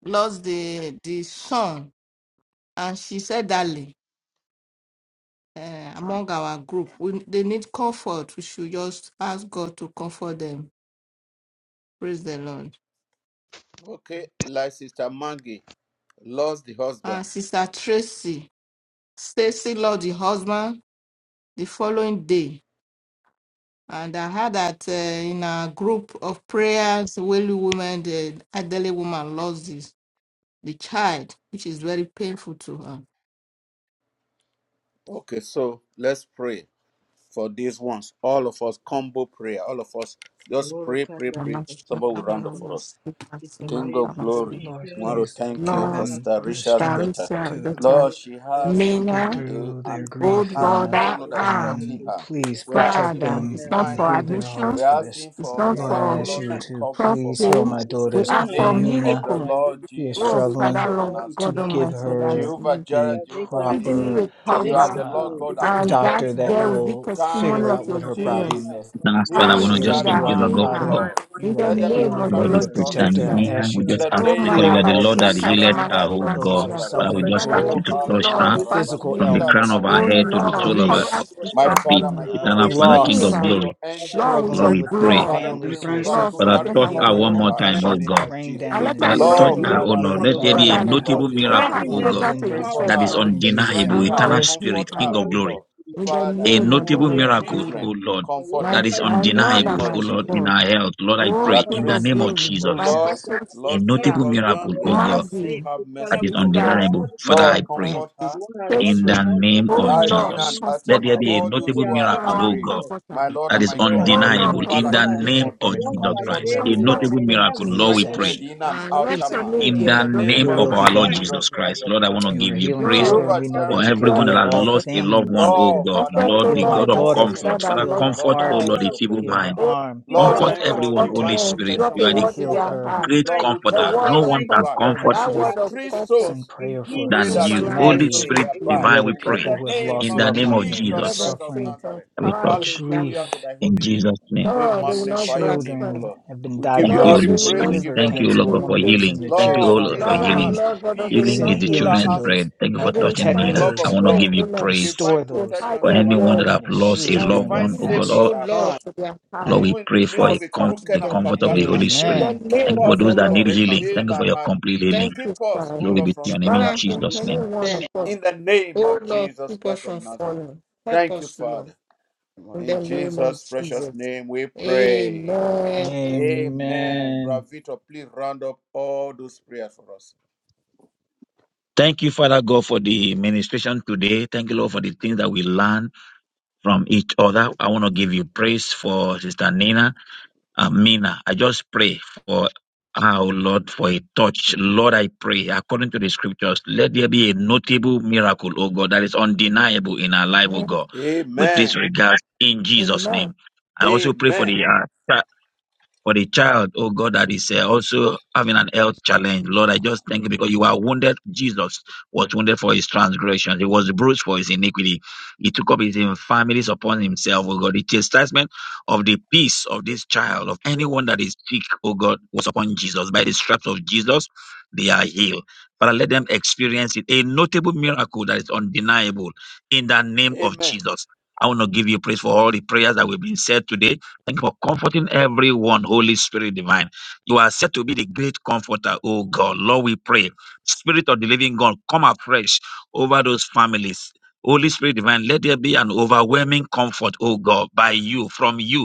[SPEAKER 5] lost the the son. And she said, darling, uh, among our group, we, they need comfort. We should just ask God to comfort them. Praise the Lord.
[SPEAKER 1] Okay, like Sister Maggie lost the husband.
[SPEAKER 5] Uh, Sister Tracy. Stacy lost the husband the following day. And I heard that uh, in a group of prayers, Welu woman, the elderly woman lost this, the child, which is very painful to her.
[SPEAKER 1] Okay, so let's pray for these ones. All of us, combo prayer. All of us,
[SPEAKER 2] The
[SPEAKER 1] just
[SPEAKER 2] Lord will
[SPEAKER 1] pray,
[SPEAKER 2] find
[SPEAKER 1] pray,
[SPEAKER 2] that he
[SPEAKER 1] pray.
[SPEAKER 2] was to
[SPEAKER 1] Somebody will
[SPEAKER 2] pray
[SPEAKER 1] round up
[SPEAKER 2] for
[SPEAKER 1] for us.
[SPEAKER 2] Sister
[SPEAKER 1] King
[SPEAKER 2] Rib,
[SPEAKER 1] of glory,
[SPEAKER 3] Lord,
[SPEAKER 1] we want
[SPEAKER 2] Rishio,
[SPEAKER 3] please
[SPEAKER 1] to thank you
[SPEAKER 3] give
[SPEAKER 1] for
[SPEAKER 5] Lord,
[SPEAKER 3] them
[SPEAKER 1] Sister
[SPEAKER 2] Dalakan,
[SPEAKER 3] the
[SPEAKER 1] Richard's
[SPEAKER 3] strength
[SPEAKER 1] daughter.
[SPEAKER 5] Starisha,
[SPEAKER 3] to
[SPEAKER 2] Mr.
[SPEAKER 5] daughter,
[SPEAKER 1] Lord,
[SPEAKER 2] Mary,
[SPEAKER 1] she has
[SPEAKER 2] Dalakan, the
[SPEAKER 3] get
[SPEAKER 5] Mina,
[SPEAKER 2] man of the
[SPEAKER 1] a,
[SPEAKER 3] through
[SPEAKER 1] an
[SPEAKER 3] their
[SPEAKER 2] spirit, the
[SPEAKER 3] grief
[SPEAKER 5] old
[SPEAKER 2] Lord,
[SPEAKER 3] and
[SPEAKER 1] arm,
[SPEAKER 5] Lord,
[SPEAKER 3] uh,
[SPEAKER 1] oh
[SPEAKER 5] I
[SPEAKER 1] Lord,
[SPEAKER 7] Wanda,
[SPEAKER 1] that is
[SPEAKER 2] by
[SPEAKER 5] am.
[SPEAKER 1] hurting
[SPEAKER 3] and
[SPEAKER 1] her.
[SPEAKER 7] Nina,
[SPEAKER 3] please
[SPEAKER 1] We are
[SPEAKER 2] God
[SPEAKER 3] protect
[SPEAKER 1] asking
[SPEAKER 2] came
[SPEAKER 1] for
[SPEAKER 5] Father,
[SPEAKER 7] Rose,
[SPEAKER 2] to
[SPEAKER 3] them
[SPEAKER 5] it's
[SPEAKER 2] their
[SPEAKER 5] not
[SPEAKER 3] and
[SPEAKER 7] Priscilla,
[SPEAKER 1] divine
[SPEAKER 5] for
[SPEAKER 2] call,
[SPEAKER 3] heal
[SPEAKER 1] healing.
[SPEAKER 3] their
[SPEAKER 7] um,
[SPEAKER 3] hearts
[SPEAKER 5] admission,
[SPEAKER 1] We
[SPEAKER 2] by
[SPEAKER 3] for
[SPEAKER 1] are
[SPEAKER 2] which
[SPEAKER 3] this.
[SPEAKER 2] is
[SPEAKER 1] asking
[SPEAKER 5] it's
[SPEAKER 1] for
[SPEAKER 5] not
[SPEAKER 2] that
[SPEAKER 3] Lord, I
[SPEAKER 7] Maggie,
[SPEAKER 5] for
[SPEAKER 3] ask
[SPEAKER 1] miraculous
[SPEAKER 7] Kulon,
[SPEAKER 3] you
[SPEAKER 2] Mina,
[SPEAKER 3] to
[SPEAKER 1] recovery for
[SPEAKER 3] please
[SPEAKER 1] her.
[SPEAKER 3] heal
[SPEAKER 5] self-gain,
[SPEAKER 2] um,
[SPEAKER 3] my
[SPEAKER 1] In
[SPEAKER 7] Christina,
[SPEAKER 5] we
[SPEAKER 1] the
[SPEAKER 3] daughter's
[SPEAKER 2] in
[SPEAKER 5] ask
[SPEAKER 7] Nina,
[SPEAKER 2] love
[SPEAKER 5] for
[SPEAKER 2] by
[SPEAKER 3] arm,
[SPEAKER 1] name
[SPEAKER 2] your
[SPEAKER 3] Mina
[SPEAKER 1] of
[SPEAKER 2] power,
[SPEAKER 1] the
[SPEAKER 5] miracle
[SPEAKER 2] Lord,
[SPEAKER 1] Lord
[SPEAKER 2] you
[SPEAKER 3] He is
[SPEAKER 7] and
[SPEAKER 5] Oh,
[SPEAKER 1] Jesus
[SPEAKER 7] then,
[SPEAKER 2] can
[SPEAKER 1] Christ
[SPEAKER 5] Father,
[SPEAKER 3] struggling
[SPEAKER 2] put
[SPEAKER 1] of
[SPEAKER 2] all
[SPEAKER 5] Lord
[SPEAKER 7] oh,
[SPEAKER 2] the
[SPEAKER 3] to
[SPEAKER 5] God
[SPEAKER 1] Nazareth.
[SPEAKER 2] pain
[SPEAKER 7] and
[SPEAKER 3] give
[SPEAKER 2] to
[SPEAKER 5] Almighty,
[SPEAKER 2] my
[SPEAKER 5] that
[SPEAKER 3] her
[SPEAKER 2] home.
[SPEAKER 1] Jehovah
[SPEAKER 5] we
[SPEAKER 3] the
[SPEAKER 1] Jireh,
[SPEAKER 2] Lord, make
[SPEAKER 1] Jehovah
[SPEAKER 7] and
[SPEAKER 2] our
[SPEAKER 7] then
[SPEAKER 5] speedily
[SPEAKER 3] proper
[SPEAKER 1] Nissi,
[SPEAKER 2] heal,
[SPEAKER 1] you
[SPEAKER 2] make
[SPEAKER 1] are
[SPEAKER 7] kids,
[SPEAKER 5] recover,
[SPEAKER 2] our
[SPEAKER 1] the Lord
[SPEAKER 2] whole,
[SPEAKER 3] um,
[SPEAKER 1] God
[SPEAKER 2] we
[SPEAKER 7] and
[SPEAKER 1] that
[SPEAKER 7] then
[SPEAKER 5] and
[SPEAKER 2] cannot
[SPEAKER 1] healeth
[SPEAKER 5] that
[SPEAKER 2] get
[SPEAKER 3] doctor
[SPEAKER 7] the
[SPEAKER 3] that
[SPEAKER 5] there
[SPEAKER 1] us.
[SPEAKER 5] will
[SPEAKER 7] mom,
[SPEAKER 2] fire,
[SPEAKER 5] be
[SPEAKER 2] the
[SPEAKER 3] will
[SPEAKER 1] Thank
[SPEAKER 5] testimony
[SPEAKER 3] figure
[SPEAKER 7] son,
[SPEAKER 5] of
[SPEAKER 3] out
[SPEAKER 7] you
[SPEAKER 1] you,
[SPEAKER 5] your
[SPEAKER 3] what
[SPEAKER 7] know,
[SPEAKER 3] her
[SPEAKER 2] church
[SPEAKER 7] Aaron,
[SPEAKER 5] goodness.
[SPEAKER 3] problem
[SPEAKER 2] our
[SPEAKER 3] is.
[SPEAKER 1] Jesus.
[SPEAKER 2] home,
[SPEAKER 6] That's
[SPEAKER 2] and
[SPEAKER 6] what I
[SPEAKER 7] Atlanta,
[SPEAKER 2] make
[SPEAKER 5] How
[SPEAKER 6] want
[SPEAKER 2] our
[SPEAKER 1] Heal
[SPEAKER 6] to
[SPEAKER 7] here,
[SPEAKER 3] Yeshua,
[SPEAKER 6] just
[SPEAKER 5] should
[SPEAKER 1] that
[SPEAKER 2] home.
[SPEAKER 6] thank
[SPEAKER 3] you
[SPEAKER 5] I
[SPEAKER 6] you,
[SPEAKER 3] are the
[SPEAKER 1] arm,
[SPEAKER 6] Lord
[SPEAKER 5] hear
[SPEAKER 6] God,
[SPEAKER 1] O
[SPEAKER 6] for
[SPEAKER 5] her?
[SPEAKER 3] Father,
[SPEAKER 1] God.
[SPEAKER 7] fire on one
[SPEAKER 5] In
[SPEAKER 3] you
[SPEAKER 7] hand.
[SPEAKER 2] Pray
[SPEAKER 3] are
[SPEAKER 5] the
[SPEAKER 3] the
[SPEAKER 1] Let
[SPEAKER 2] for
[SPEAKER 1] there be
[SPEAKER 2] all
[SPEAKER 5] name
[SPEAKER 2] our
[SPEAKER 7] Oh
[SPEAKER 5] of
[SPEAKER 3] healer,
[SPEAKER 1] total
[SPEAKER 5] the
[SPEAKER 6] all
[SPEAKER 3] you're the
[SPEAKER 7] God,
[SPEAKER 6] this
[SPEAKER 5] Lord
[SPEAKER 2] sisters,
[SPEAKER 7] this
[SPEAKER 6] Christian.
[SPEAKER 5] Jesus
[SPEAKER 3] protector.
[SPEAKER 7] is
[SPEAKER 3] I
[SPEAKER 1] restoration
[SPEAKER 5] Christ.
[SPEAKER 2] and
[SPEAKER 6] union.
[SPEAKER 3] ask
[SPEAKER 6] We
[SPEAKER 2] for
[SPEAKER 3] you
[SPEAKER 1] in
[SPEAKER 2] our
[SPEAKER 3] to
[SPEAKER 6] just
[SPEAKER 1] the
[SPEAKER 6] ask
[SPEAKER 5] Oh,
[SPEAKER 7] comfort,
[SPEAKER 6] because
[SPEAKER 1] name
[SPEAKER 3] heal
[SPEAKER 6] you are
[SPEAKER 1] of
[SPEAKER 6] the
[SPEAKER 2] love,
[SPEAKER 3] all
[SPEAKER 6] Lord
[SPEAKER 7] this
[SPEAKER 3] those
[SPEAKER 2] our
[SPEAKER 6] that
[SPEAKER 5] Malabashaka,
[SPEAKER 7] is
[SPEAKER 1] Jesus
[SPEAKER 6] healeth
[SPEAKER 5] Mama
[SPEAKER 3] suffering,
[SPEAKER 6] our
[SPEAKER 1] Christ
[SPEAKER 6] whole
[SPEAKER 1] of
[SPEAKER 5] Shema
[SPEAKER 3] those who
[SPEAKER 6] God.
[SPEAKER 3] are
[SPEAKER 2] family,
[SPEAKER 5] Shira.
[SPEAKER 1] Nazareth.
[SPEAKER 6] But I will
[SPEAKER 3] suffering
[SPEAKER 7] comfort,
[SPEAKER 6] just
[SPEAKER 5] Father,
[SPEAKER 6] ask
[SPEAKER 3] through
[SPEAKER 2] and
[SPEAKER 5] let
[SPEAKER 6] you
[SPEAKER 1] Oh,
[SPEAKER 6] to
[SPEAKER 2] for
[SPEAKER 5] it
[SPEAKER 2] you,
[SPEAKER 5] be,
[SPEAKER 6] touch
[SPEAKER 2] we
[SPEAKER 6] her
[SPEAKER 5] Lord,
[SPEAKER 3] um,
[SPEAKER 1] hallelujah.
[SPEAKER 7] and
[SPEAKER 2] thank
[SPEAKER 7] this
[SPEAKER 2] you
[SPEAKER 1] Rabba
[SPEAKER 5] fast
[SPEAKER 2] very
[SPEAKER 3] physical
[SPEAKER 7] is
[SPEAKER 2] much.
[SPEAKER 6] from the
[SPEAKER 5] healing.
[SPEAKER 1] Shila,
[SPEAKER 6] crown
[SPEAKER 1] Rabba
[SPEAKER 3] ailments,
[SPEAKER 6] of
[SPEAKER 1] Huri
[SPEAKER 6] our
[SPEAKER 5] Oh,
[SPEAKER 2] You
[SPEAKER 7] for
[SPEAKER 2] are
[SPEAKER 6] head to the
[SPEAKER 1] Makondo
[SPEAKER 5] Lord,
[SPEAKER 6] sole
[SPEAKER 2] comfort,
[SPEAKER 6] of
[SPEAKER 2] I
[SPEAKER 7] and
[SPEAKER 6] our,
[SPEAKER 1] Shireba.
[SPEAKER 3] grief
[SPEAKER 5] cover
[SPEAKER 2] can't follow
[SPEAKER 1] My
[SPEAKER 6] our
[SPEAKER 5] Sister
[SPEAKER 2] them, I
[SPEAKER 6] feet.
[SPEAKER 1] Father, my
[SPEAKER 5] Nina.
[SPEAKER 3] uh,
[SPEAKER 2] them,
[SPEAKER 6] Eternal
[SPEAKER 1] God,
[SPEAKER 2] in
[SPEAKER 7] tears,
[SPEAKER 6] Father,
[SPEAKER 2] your
[SPEAKER 6] King
[SPEAKER 1] send
[SPEAKER 3] loss,
[SPEAKER 6] of
[SPEAKER 1] forth
[SPEAKER 5] Nina,
[SPEAKER 1] your
[SPEAKER 6] glory,
[SPEAKER 2] Father, in
[SPEAKER 1] angels,
[SPEAKER 5] Lord,
[SPEAKER 1] O
[SPEAKER 5] with
[SPEAKER 6] Lord,
[SPEAKER 7] for
[SPEAKER 5] your
[SPEAKER 1] Lord.
[SPEAKER 3] struggling
[SPEAKER 2] Jesus'
[SPEAKER 6] we
[SPEAKER 3] with
[SPEAKER 2] name.
[SPEAKER 3] their
[SPEAKER 7] tears,
[SPEAKER 6] pray.
[SPEAKER 5] blood.
[SPEAKER 1] Father,
[SPEAKER 2] Help
[SPEAKER 3] families
[SPEAKER 1] bring
[SPEAKER 2] them,
[SPEAKER 3] who are
[SPEAKER 7] Oh
[SPEAKER 1] about
[SPEAKER 2] Lord.
[SPEAKER 5] Lord,
[SPEAKER 2] It
[SPEAKER 3] suffering
[SPEAKER 6] Father,
[SPEAKER 2] is
[SPEAKER 1] total
[SPEAKER 3] in
[SPEAKER 5] sustain
[SPEAKER 6] touch
[SPEAKER 5] her
[SPEAKER 3] any
[SPEAKER 5] with
[SPEAKER 6] her
[SPEAKER 5] your
[SPEAKER 1] recovery
[SPEAKER 2] difficult
[SPEAKER 3] way,
[SPEAKER 6] one
[SPEAKER 1] for
[SPEAKER 3] I
[SPEAKER 6] more
[SPEAKER 5] waters.
[SPEAKER 1] her in
[SPEAKER 6] time,
[SPEAKER 3] ask you
[SPEAKER 1] the
[SPEAKER 2] to
[SPEAKER 6] oh
[SPEAKER 3] to
[SPEAKER 5] Touch
[SPEAKER 2] do
[SPEAKER 1] name
[SPEAKER 5] her.
[SPEAKER 6] God.
[SPEAKER 1] of
[SPEAKER 3] rain
[SPEAKER 1] Jesus.
[SPEAKER 5] And
[SPEAKER 7] God,
[SPEAKER 3] down
[SPEAKER 5] let
[SPEAKER 3] and
[SPEAKER 2] Receive
[SPEAKER 5] her
[SPEAKER 6] Father,
[SPEAKER 2] them
[SPEAKER 5] know
[SPEAKER 7] please
[SPEAKER 2] on
[SPEAKER 6] touch
[SPEAKER 1] Lord,
[SPEAKER 2] the
[SPEAKER 3] send
[SPEAKER 5] you.
[SPEAKER 3] your
[SPEAKER 4] you.
[SPEAKER 6] her, oh
[SPEAKER 1] Father,
[SPEAKER 2] Holy
[SPEAKER 6] Lord.
[SPEAKER 7] watch
[SPEAKER 6] Let
[SPEAKER 3] healing
[SPEAKER 4] So
[SPEAKER 1] Sister
[SPEAKER 2] Spirit.
[SPEAKER 6] there
[SPEAKER 3] love
[SPEAKER 6] be a
[SPEAKER 4] Father,
[SPEAKER 3] and
[SPEAKER 1] Maggie,
[SPEAKER 7] them,
[SPEAKER 4] I
[SPEAKER 5] Totally.
[SPEAKER 7] keep
[SPEAKER 1] lost
[SPEAKER 6] notable
[SPEAKER 3] help
[SPEAKER 1] the
[SPEAKER 5] Draw
[SPEAKER 7] enjoying
[SPEAKER 1] husband.
[SPEAKER 6] miracle,
[SPEAKER 5] her
[SPEAKER 2] Granting
[SPEAKER 7] them.
[SPEAKER 6] oh
[SPEAKER 3] on
[SPEAKER 2] them
[SPEAKER 3] those
[SPEAKER 2] by
[SPEAKER 6] God,
[SPEAKER 5] closer
[SPEAKER 1] We
[SPEAKER 2] the
[SPEAKER 5] to
[SPEAKER 1] pray
[SPEAKER 2] power
[SPEAKER 1] for
[SPEAKER 2] of
[SPEAKER 5] yourself,
[SPEAKER 3] individuals.
[SPEAKER 2] the
[SPEAKER 6] that is
[SPEAKER 1] her,
[SPEAKER 2] Lord
[SPEAKER 5] Lord,
[SPEAKER 3] In
[SPEAKER 2] Jesus
[SPEAKER 3] Jesus' name
[SPEAKER 6] undeniable.
[SPEAKER 1] strengthen
[SPEAKER 5] and
[SPEAKER 3] we
[SPEAKER 2] Christ.
[SPEAKER 1] her,
[SPEAKER 6] Eternal
[SPEAKER 5] Lord,
[SPEAKER 3] pray.
[SPEAKER 5] heal
[SPEAKER 1] comfort
[SPEAKER 6] Spirit,
[SPEAKER 5] her.
[SPEAKER 1] her,
[SPEAKER 6] King
[SPEAKER 2] Father,
[SPEAKER 1] O
[SPEAKER 6] of
[SPEAKER 2] we
[SPEAKER 5] disease.
[SPEAKER 6] glory.
[SPEAKER 1] Lord.
[SPEAKER 2] thank you, Lord.
[SPEAKER 5] In the
[SPEAKER 2] We
[SPEAKER 1] Father,
[SPEAKER 6] A
[SPEAKER 5] name
[SPEAKER 2] commit
[SPEAKER 5] of
[SPEAKER 2] it
[SPEAKER 1] even
[SPEAKER 5] the
[SPEAKER 6] notable
[SPEAKER 1] and
[SPEAKER 2] into
[SPEAKER 1] the
[SPEAKER 5] Lord
[SPEAKER 2] your
[SPEAKER 6] miracle,
[SPEAKER 5] Jesus
[SPEAKER 2] hand,
[SPEAKER 5] Christ.
[SPEAKER 1] children,
[SPEAKER 6] oh Lord,
[SPEAKER 2] and
[SPEAKER 1] comfort
[SPEAKER 5] My,
[SPEAKER 6] that
[SPEAKER 1] them
[SPEAKER 2] whatever
[SPEAKER 6] is
[SPEAKER 2] is
[SPEAKER 5] my
[SPEAKER 1] in the
[SPEAKER 2] committed
[SPEAKER 5] Lord
[SPEAKER 1] name
[SPEAKER 2] into
[SPEAKER 5] and
[SPEAKER 6] undeniable,
[SPEAKER 1] of
[SPEAKER 6] oh
[SPEAKER 2] your
[SPEAKER 5] my
[SPEAKER 2] hands.
[SPEAKER 6] Lord,
[SPEAKER 1] Jesus.
[SPEAKER 6] in
[SPEAKER 5] God,
[SPEAKER 2] grant
[SPEAKER 6] our
[SPEAKER 2] it
[SPEAKER 6] health. Lord, I
[SPEAKER 2] together.
[SPEAKER 5] oh
[SPEAKER 6] pray
[SPEAKER 1] That
[SPEAKER 5] King
[SPEAKER 2] Father,
[SPEAKER 6] in
[SPEAKER 2] we
[SPEAKER 6] the
[SPEAKER 5] of
[SPEAKER 6] name
[SPEAKER 1] Tracy,
[SPEAKER 2] thank
[SPEAKER 6] of
[SPEAKER 2] you,
[SPEAKER 5] glory,
[SPEAKER 1] O
[SPEAKER 2] Lord.
[SPEAKER 5] my
[SPEAKER 6] Jesus.
[SPEAKER 1] Lord,
[SPEAKER 3] Yes.
[SPEAKER 2] Because of
[SPEAKER 5] precious
[SPEAKER 2] the
[SPEAKER 6] A
[SPEAKER 1] lost the
[SPEAKER 6] notable
[SPEAKER 2] authority
[SPEAKER 5] sister,
[SPEAKER 2] you give to
[SPEAKER 6] miracle,
[SPEAKER 1] husband.
[SPEAKER 2] us
[SPEAKER 1] We
[SPEAKER 6] oh
[SPEAKER 1] are
[SPEAKER 2] in
[SPEAKER 6] God,
[SPEAKER 2] the
[SPEAKER 1] asking,
[SPEAKER 2] name.
[SPEAKER 5] Maggie,
[SPEAKER 2] So,
[SPEAKER 1] have
[SPEAKER 6] that
[SPEAKER 2] Father,
[SPEAKER 6] is
[SPEAKER 2] we
[SPEAKER 1] mercy, O
[SPEAKER 2] commit
[SPEAKER 5] sister
[SPEAKER 1] God.
[SPEAKER 2] all
[SPEAKER 6] undeniable.
[SPEAKER 2] this to
[SPEAKER 6] Father,
[SPEAKER 2] our
[SPEAKER 1] Lord,
[SPEAKER 5] uh,
[SPEAKER 6] I
[SPEAKER 2] people.
[SPEAKER 6] pray
[SPEAKER 5] uh,
[SPEAKER 1] comfort
[SPEAKER 2] The
[SPEAKER 1] her,
[SPEAKER 2] one that loves
[SPEAKER 6] in
[SPEAKER 2] their
[SPEAKER 5] Stacy,
[SPEAKER 6] the
[SPEAKER 1] strengthen
[SPEAKER 2] husband
[SPEAKER 6] name
[SPEAKER 5] oh
[SPEAKER 6] of
[SPEAKER 2] as
[SPEAKER 1] hide
[SPEAKER 2] their
[SPEAKER 1] in
[SPEAKER 5] Lord,
[SPEAKER 2] son,
[SPEAKER 1] and
[SPEAKER 6] Jesus. Let
[SPEAKER 5] comfort
[SPEAKER 1] Atama,
[SPEAKER 6] there
[SPEAKER 2] that
[SPEAKER 6] be
[SPEAKER 2] you
[SPEAKER 6] a
[SPEAKER 5] them,
[SPEAKER 1] all
[SPEAKER 2] fill
[SPEAKER 1] those
[SPEAKER 6] notable
[SPEAKER 1] who
[SPEAKER 2] their
[SPEAKER 1] are
[SPEAKER 5] you are
[SPEAKER 6] miracle,
[SPEAKER 2] hearts O
[SPEAKER 5] our
[SPEAKER 6] oh God
[SPEAKER 1] bereaved.
[SPEAKER 2] Lord.
[SPEAKER 5] comforter.
[SPEAKER 1] My Lord
[SPEAKER 6] That
[SPEAKER 2] And
[SPEAKER 1] and
[SPEAKER 6] is
[SPEAKER 1] my God,
[SPEAKER 3] Father,
[SPEAKER 5] Oh
[SPEAKER 2] them, O
[SPEAKER 3] we
[SPEAKER 5] Lord,
[SPEAKER 3] know
[SPEAKER 6] undeniable.
[SPEAKER 3] that
[SPEAKER 2] Lord,
[SPEAKER 6] In
[SPEAKER 3] you
[SPEAKER 2] know
[SPEAKER 1] Father,
[SPEAKER 3] are
[SPEAKER 6] the
[SPEAKER 5] comfort
[SPEAKER 3] the
[SPEAKER 2] that
[SPEAKER 5] them,
[SPEAKER 6] name
[SPEAKER 1] comfort them.
[SPEAKER 2] the
[SPEAKER 3] protector
[SPEAKER 6] of
[SPEAKER 3] and the
[SPEAKER 2] ones
[SPEAKER 6] Jesus
[SPEAKER 3] one
[SPEAKER 2] once
[SPEAKER 3] that
[SPEAKER 1] Comfort
[SPEAKER 3] do
[SPEAKER 6] Christ,
[SPEAKER 2] saved,
[SPEAKER 1] them,
[SPEAKER 6] a
[SPEAKER 1] O
[SPEAKER 2] they
[SPEAKER 3] everything.
[SPEAKER 5] comfort
[SPEAKER 1] God.
[SPEAKER 6] notable
[SPEAKER 2] are in
[SPEAKER 5] them,
[SPEAKER 6] miracle,
[SPEAKER 2] heaven,
[SPEAKER 3] So
[SPEAKER 5] oh
[SPEAKER 3] we
[SPEAKER 2] we
[SPEAKER 6] Lord,
[SPEAKER 5] Lord.
[SPEAKER 3] just
[SPEAKER 6] we
[SPEAKER 1] Strengthen
[SPEAKER 2] just
[SPEAKER 3] ask
[SPEAKER 1] them
[SPEAKER 6] pray.
[SPEAKER 3] you,
[SPEAKER 1] in
[SPEAKER 2] now.
[SPEAKER 1] and
[SPEAKER 5] And
[SPEAKER 2] Father, we
[SPEAKER 1] outer
[SPEAKER 5] let your
[SPEAKER 2] thank
[SPEAKER 1] man.
[SPEAKER 2] you,
[SPEAKER 5] name
[SPEAKER 6] In
[SPEAKER 2] Lord.
[SPEAKER 5] be
[SPEAKER 1] In
[SPEAKER 6] the
[SPEAKER 1] the
[SPEAKER 2] Give
[SPEAKER 5] exalted
[SPEAKER 1] name
[SPEAKER 6] name
[SPEAKER 3] your
[SPEAKER 2] them
[SPEAKER 1] of
[SPEAKER 6] of
[SPEAKER 3] will
[SPEAKER 5] among
[SPEAKER 3] be
[SPEAKER 6] our
[SPEAKER 5] the
[SPEAKER 6] Lord
[SPEAKER 3] done.
[SPEAKER 2] strength to
[SPEAKER 1] Jesus
[SPEAKER 6] Jesus
[SPEAKER 5] family.
[SPEAKER 1] Christ
[SPEAKER 6] Christ,
[SPEAKER 2] continue
[SPEAKER 1] of
[SPEAKER 6] Lord, I
[SPEAKER 2] to
[SPEAKER 6] want
[SPEAKER 2] do
[SPEAKER 6] to
[SPEAKER 1] Nazareth.
[SPEAKER 3] You
[SPEAKER 2] this.
[SPEAKER 3] are
[SPEAKER 6] give
[SPEAKER 3] a
[SPEAKER 6] you
[SPEAKER 3] healing
[SPEAKER 6] praise
[SPEAKER 2] Lord,
[SPEAKER 3] Father,
[SPEAKER 2] to
[SPEAKER 3] and
[SPEAKER 5] Lord,
[SPEAKER 1] Jehovah
[SPEAKER 3] we know
[SPEAKER 2] Father,
[SPEAKER 6] for
[SPEAKER 3] that
[SPEAKER 1] Jireh,
[SPEAKER 3] you
[SPEAKER 2] to
[SPEAKER 5] you
[SPEAKER 2] by
[SPEAKER 3] can
[SPEAKER 5] are
[SPEAKER 6] everyone
[SPEAKER 2] your
[SPEAKER 1] Jehovah
[SPEAKER 6] that
[SPEAKER 3] do
[SPEAKER 5] the
[SPEAKER 6] has
[SPEAKER 2] power.
[SPEAKER 3] all
[SPEAKER 6] lost
[SPEAKER 1] Nissi.
[SPEAKER 6] a
[SPEAKER 5] comforter.
[SPEAKER 2] We
[SPEAKER 6] loved
[SPEAKER 2] are
[SPEAKER 6] one,
[SPEAKER 3] things.
[SPEAKER 2] mighty
[SPEAKER 6] oh
[SPEAKER 1] Lord,
[SPEAKER 2] and
[SPEAKER 6] God.
[SPEAKER 1] Father,
[SPEAKER 5] Comfort,
[SPEAKER 2] commanded
[SPEAKER 1] all
[SPEAKER 6] Lord,
[SPEAKER 2] are
[SPEAKER 1] those
[SPEAKER 5] so
[SPEAKER 2] the
[SPEAKER 3] Heal
[SPEAKER 6] the
[SPEAKER 1] who
[SPEAKER 3] my
[SPEAKER 1] are
[SPEAKER 6] God
[SPEAKER 2] peace
[SPEAKER 5] Lord, my
[SPEAKER 6] of
[SPEAKER 2] of all
[SPEAKER 5] sister
[SPEAKER 3] daughter,
[SPEAKER 1] hurting.
[SPEAKER 2] rest
[SPEAKER 6] comfort.
[SPEAKER 2] of the
[SPEAKER 5] that
[SPEAKER 6] Father,
[SPEAKER 3] heal
[SPEAKER 2] day.
[SPEAKER 5] loves
[SPEAKER 3] her
[SPEAKER 1] Lord,
[SPEAKER 6] comfort,
[SPEAKER 5] the
[SPEAKER 2] And the
[SPEAKER 1] have
[SPEAKER 6] oh
[SPEAKER 3] heart,
[SPEAKER 5] child.
[SPEAKER 6] Lord,
[SPEAKER 2] joy
[SPEAKER 6] a
[SPEAKER 1] mercy
[SPEAKER 2] of the
[SPEAKER 1] upon
[SPEAKER 6] feeble
[SPEAKER 2] Holy
[SPEAKER 3] heal
[SPEAKER 1] them.
[SPEAKER 3] her
[SPEAKER 6] mind.
[SPEAKER 2] Spirit,
[SPEAKER 5] Oh
[SPEAKER 3] arm,
[SPEAKER 2] fill
[SPEAKER 1] Lord,
[SPEAKER 5] Lord,
[SPEAKER 2] their
[SPEAKER 6] Comfort
[SPEAKER 5] of
[SPEAKER 1] thank
[SPEAKER 2] hearts,
[SPEAKER 1] for
[SPEAKER 2] O
[SPEAKER 6] everyone,
[SPEAKER 5] comfort
[SPEAKER 2] Lord.
[SPEAKER 1] divine
[SPEAKER 6] Holy
[SPEAKER 3] protect
[SPEAKER 5] them.
[SPEAKER 6] Spirit.
[SPEAKER 1] protection
[SPEAKER 5] Drop
[SPEAKER 6] You
[SPEAKER 5] a
[SPEAKER 2] Father,
[SPEAKER 6] are
[SPEAKER 1] for
[SPEAKER 3] and
[SPEAKER 1] our
[SPEAKER 2] we
[SPEAKER 6] the
[SPEAKER 5] word in
[SPEAKER 3] heal
[SPEAKER 2] bless
[SPEAKER 5] their
[SPEAKER 1] sister.
[SPEAKER 2] you,
[SPEAKER 3] her.
[SPEAKER 2] we
[SPEAKER 5] heart.
[SPEAKER 6] great
[SPEAKER 1] Lord,
[SPEAKER 2] thank
[SPEAKER 1] who
[SPEAKER 2] you.
[SPEAKER 5] The
[SPEAKER 6] comforter.
[SPEAKER 1] travel
[SPEAKER 5] word
[SPEAKER 6] No
[SPEAKER 1] and
[SPEAKER 5] of
[SPEAKER 6] one
[SPEAKER 1] she's
[SPEAKER 2] Thank
[SPEAKER 6] can
[SPEAKER 2] you,
[SPEAKER 1] back.
[SPEAKER 3] I
[SPEAKER 5] comfort.
[SPEAKER 2] Father.
[SPEAKER 6] comfort
[SPEAKER 2] We
[SPEAKER 3] ask you
[SPEAKER 5] That
[SPEAKER 3] to
[SPEAKER 1] With
[SPEAKER 5] word
[SPEAKER 2] ask
[SPEAKER 5] of
[SPEAKER 2] for
[SPEAKER 1] three
[SPEAKER 2] this.
[SPEAKER 5] comfort.
[SPEAKER 3] Send
[SPEAKER 1] souls,
[SPEAKER 2] In
[SPEAKER 3] prayer
[SPEAKER 1] we
[SPEAKER 3] for
[SPEAKER 1] pray
[SPEAKER 6] than
[SPEAKER 5] Oh,
[SPEAKER 2] Jesus'
[SPEAKER 1] that
[SPEAKER 3] Sister
[SPEAKER 6] you.
[SPEAKER 1] those
[SPEAKER 5] Father,
[SPEAKER 2] name we
[SPEAKER 1] three
[SPEAKER 5] Lord,
[SPEAKER 6] Holy
[SPEAKER 5] in
[SPEAKER 3] Maggie
[SPEAKER 1] souls will
[SPEAKER 2] pray.
[SPEAKER 5] the
[SPEAKER 6] Spirit
[SPEAKER 3] and
[SPEAKER 1] abide.
[SPEAKER 2] Amen.
[SPEAKER 3] the
[SPEAKER 5] beauty.
[SPEAKER 6] divine,
[SPEAKER 3] other
[SPEAKER 6] we
[SPEAKER 5] Let
[SPEAKER 1] In
[SPEAKER 6] pray.
[SPEAKER 3] people
[SPEAKER 1] the
[SPEAKER 5] them
[SPEAKER 3] who have
[SPEAKER 5] see.
[SPEAKER 1] name
[SPEAKER 3] lost
[SPEAKER 6] In the
[SPEAKER 1] of
[SPEAKER 3] loved
[SPEAKER 6] name of
[SPEAKER 3] ones and who are
[SPEAKER 1] Jesus
[SPEAKER 5] Let
[SPEAKER 2] Amen.
[SPEAKER 6] Jesus,
[SPEAKER 1] Christ
[SPEAKER 5] them
[SPEAKER 1] of
[SPEAKER 5] see
[SPEAKER 3] suffering
[SPEAKER 5] from
[SPEAKER 1] Nazareth.
[SPEAKER 6] we
[SPEAKER 5] power of
[SPEAKER 3] with
[SPEAKER 6] touch.
[SPEAKER 3] grief,
[SPEAKER 1] Hallelujah
[SPEAKER 5] darkness.
[SPEAKER 1] to thy
[SPEAKER 6] In
[SPEAKER 1] holy name.
[SPEAKER 6] Jesus' name.
[SPEAKER 1] We
[SPEAKER 5] Lord, they will
[SPEAKER 3] whose
[SPEAKER 5] not
[SPEAKER 1] magnify your name, O
[SPEAKER 3] children
[SPEAKER 5] blaspheme.
[SPEAKER 1] Lord.
[SPEAKER 3] have been
[SPEAKER 1] We give
[SPEAKER 6] Thank
[SPEAKER 1] you
[SPEAKER 6] you,
[SPEAKER 1] all
[SPEAKER 5] Lord,
[SPEAKER 3] diagnosed
[SPEAKER 1] the
[SPEAKER 6] Holy
[SPEAKER 5] they
[SPEAKER 3] with
[SPEAKER 5] will
[SPEAKER 1] praise, we
[SPEAKER 5] not
[SPEAKER 6] Spirit.
[SPEAKER 1] give
[SPEAKER 3] liver
[SPEAKER 1] you all
[SPEAKER 5] speak
[SPEAKER 6] Thank
[SPEAKER 1] the
[SPEAKER 6] you,
[SPEAKER 3] cancer.
[SPEAKER 6] Lord,
[SPEAKER 3] The
[SPEAKER 6] God,
[SPEAKER 1] glory.
[SPEAKER 5] evil
[SPEAKER 6] for
[SPEAKER 3] woman that was
[SPEAKER 5] against
[SPEAKER 3] in
[SPEAKER 6] healing.
[SPEAKER 3] the
[SPEAKER 5] you.
[SPEAKER 6] Thank you,
[SPEAKER 3] church,
[SPEAKER 6] O
[SPEAKER 1] Lord,
[SPEAKER 6] Lord,
[SPEAKER 3] Father,
[SPEAKER 1] fill
[SPEAKER 6] for
[SPEAKER 1] our
[SPEAKER 5] Father
[SPEAKER 1] heart
[SPEAKER 5] and
[SPEAKER 6] healing.
[SPEAKER 3] please
[SPEAKER 1] with
[SPEAKER 5] Lord, God, they
[SPEAKER 1] peace.
[SPEAKER 5] will
[SPEAKER 6] Healing
[SPEAKER 3] send
[SPEAKER 6] is
[SPEAKER 5] not
[SPEAKER 6] the
[SPEAKER 5] hate
[SPEAKER 1] Fill
[SPEAKER 3] healing
[SPEAKER 1] our
[SPEAKER 3] to
[SPEAKER 6] children's
[SPEAKER 5] you.
[SPEAKER 1] hearts with,
[SPEAKER 3] those,
[SPEAKER 6] bread. Thank you for
[SPEAKER 5] But they will
[SPEAKER 1] with
[SPEAKER 6] touching
[SPEAKER 1] the
[SPEAKER 3] protect
[SPEAKER 5] find
[SPEAKER 6] Nina.
[SPEAKER 5] a
[SPEAKER 1] love
[SPEAKER 6] I
[SPEAKER 3] those,
[SPEAKER 4] and
[SPEAKER 1] of
[SPEAKER 6] want to
[SPEAKER 5] place,
[SPEAKER 6] give
[SPEAKER 1] God.
[SPEAKER 6] you
[SPEAKER 5] oh Lord,
[SPEAKER 6] praise
[SPEAKER 1] Divine
[SPEAKER 3] restore
[SPEAKER 5] to
[SPEAKER 3] those.
[SPEAKER 1] protection
[SPEAKER 5] hide
[SPEAKER 6] for
[SPEAKER 1] is
[SPEAKER 5] your
[SPEAKER 1] our
[SPEAKER 6] anyone that
[SPEAKER 5] word
[SPEAKER 1] portion.
[SPEAKER 3] In
[SPEAKER 6] have lost a
[SPEAKER 3] Yeshua's
[SPEAKER 5] and
[SPEAKER 6] loved
[SPEAKER 3] name,
[SPEAKER 1] Divine
[SPEAKER 6] one.
[SPEAKER 3] we
[SPEAKER 6] Oh
[SPEAKER 5] speak,
[SPEAKER 6] God,
[SPEAKER 1] safety
[SPEAKER 3] ask
[SPEAKER 5] oh
[SPEAKER 1] is
[SPEAKER 3] you.
[SPEAKER 6] oh,
[SPEAKER 1] our
[SPEAKER 5] Lord, to
[SPEAKER 1] portion,
[SPEAKER 5] their heart.
[SPEAKER 6] Lord, we
[SPEAKER 1] even in the
[SPEAKER 6] pray for
[SPEAKER 1] midst
[SPEAKER 6] a
[SPEAKER 1] of a
[SPEAKER 6] com-
[SPEAKER 5] comfort
[SPEAKER 1] crooked
[SPEAKER 6] the
[SPEAKER 1] and
[SPEAKER 5] them
[SPEAKER 6] comfort of
[SPEAKER 1] perverse
[SPEAKER 6] the Holy
[SPEAKER 1] nation.
[SPEAKER 5] in
[SPEAKER 6] Spirit.
[SPEAKER 5] the
[SPEAKER 3] Amen.
[SPEAKER 1] Keep
[SPEAKER 5] name
[SPEAKER 6] Thank you for
[SPEAKER 5] of
[SPEAKER 1] us, O
[SPEAKER 6] those
[SPEAKER 5] the
[SPEAKER 6] that
[SPEAKER 5] Lord
[SPEAKER 6] need
[SPEAKER 1] Lord,
[SPEAKER 6] healing.
[SPEAKER 1] hail
[SPEAKER 5] Jesus.
[SPEAKER 6] Thank you for
[SPEAKER 1] and
[SPEAKER 6] your
[SPEAKER 1] hardy.
[SPEAKER 6] complete healing.
[SPEAKER 5] Thank you,
[SPEAKER 1] Keep us, O
[SPEAKER 6] Glory
[SPEAKER 5] Father.
[SPEAKER 1] Lord,
[SPEAKER 6] be to
[SPEAKER 1] from
[SPEAKER 6] your name in
[SPEAKER 1] spiritual
[SPEAKER 5] Father, if
[SPEAKER 6] Jesus'
[SPEAKER 5] any
[SPEAKER 1] pollution.
[SPEAKER 6] name.
[SPEAKER 5] one of us,
[SPEAKER 1] In the name
[SPEAKER 5] oh
[SPEAKER 1] of
[SPEAKER 5] Lord,
[SPEAKER 1] Jesus
[SPEAKER 5] keep us
[SPEAKER 1] Christ of
[SPEAKER 5] from
[SPEAKER 1] Nazareth.
[SPEAKER 5] falling. Help
[SPEAKER 1] Thank you,
[SPEAKER 5] us, Lord,
[SPEAKER 1] Father.
[SPEAKER 5] in
[SPEAKER 1] In
[SPEAKER 5] the name of
[SPEAKER 1] Jesus' precious
[SPEAKER 5] Jesus.
[SPEAKER 1] name we pray.
[SPEAKER 5] Amen.
[SPEAKER 2] Amen.
[SPEAKER 1] Amen.
[SPEAKER 3] Amen.
[SPEAKER 1] Brother Victor, please round up all those prayers for us.
[SPEAKER 6] Thank you, Father God, for the ministration today. Thank you, Lord, for the things that we learn from each other. I want to give you praise for Sister Nina. Amina. I just pray for our Lord for a touch. Lord, I pray according to the scriptures, let there be a notable miracle, oh God, that is undeniable in our life, oh God, with this
[SPEAKER 1] Amen.
[SPEAKER 6] regards in Jesus'
[SPEAKER 5] Amen.
[SPEAKER 6] name. I also pray for
[SPEAKER 1] Amen.
[SPEAKER 6] the uh, for the child, oh God, that is uh, also having an health challenge. Lord, I just thank you because you are wounded. Jesus was wounded for his transgressions. He was bruised for his iniquity. He took up his infirmities upon himself, oh God. The chastisement of the peace of this child, of anyone that is sick, oh God, was upon Jesus. By the stripes of Jesus, they are healed. Father, let them experience it. A notable miracle that is undeniable in the name of
[SPEAKER 1] Amen.
[SPEAKER 6] Jesus. I want to give you praise for all the prayers that we've been said today. Thank you for comforting everyone, Holy Spirit divine. You are said to be the great comforter, oh God. Lord, we pray. Spirit of the living God, come afresh over those families. Holy Spirit divine, let there be an overwhelming comfort, oh God, by you, from you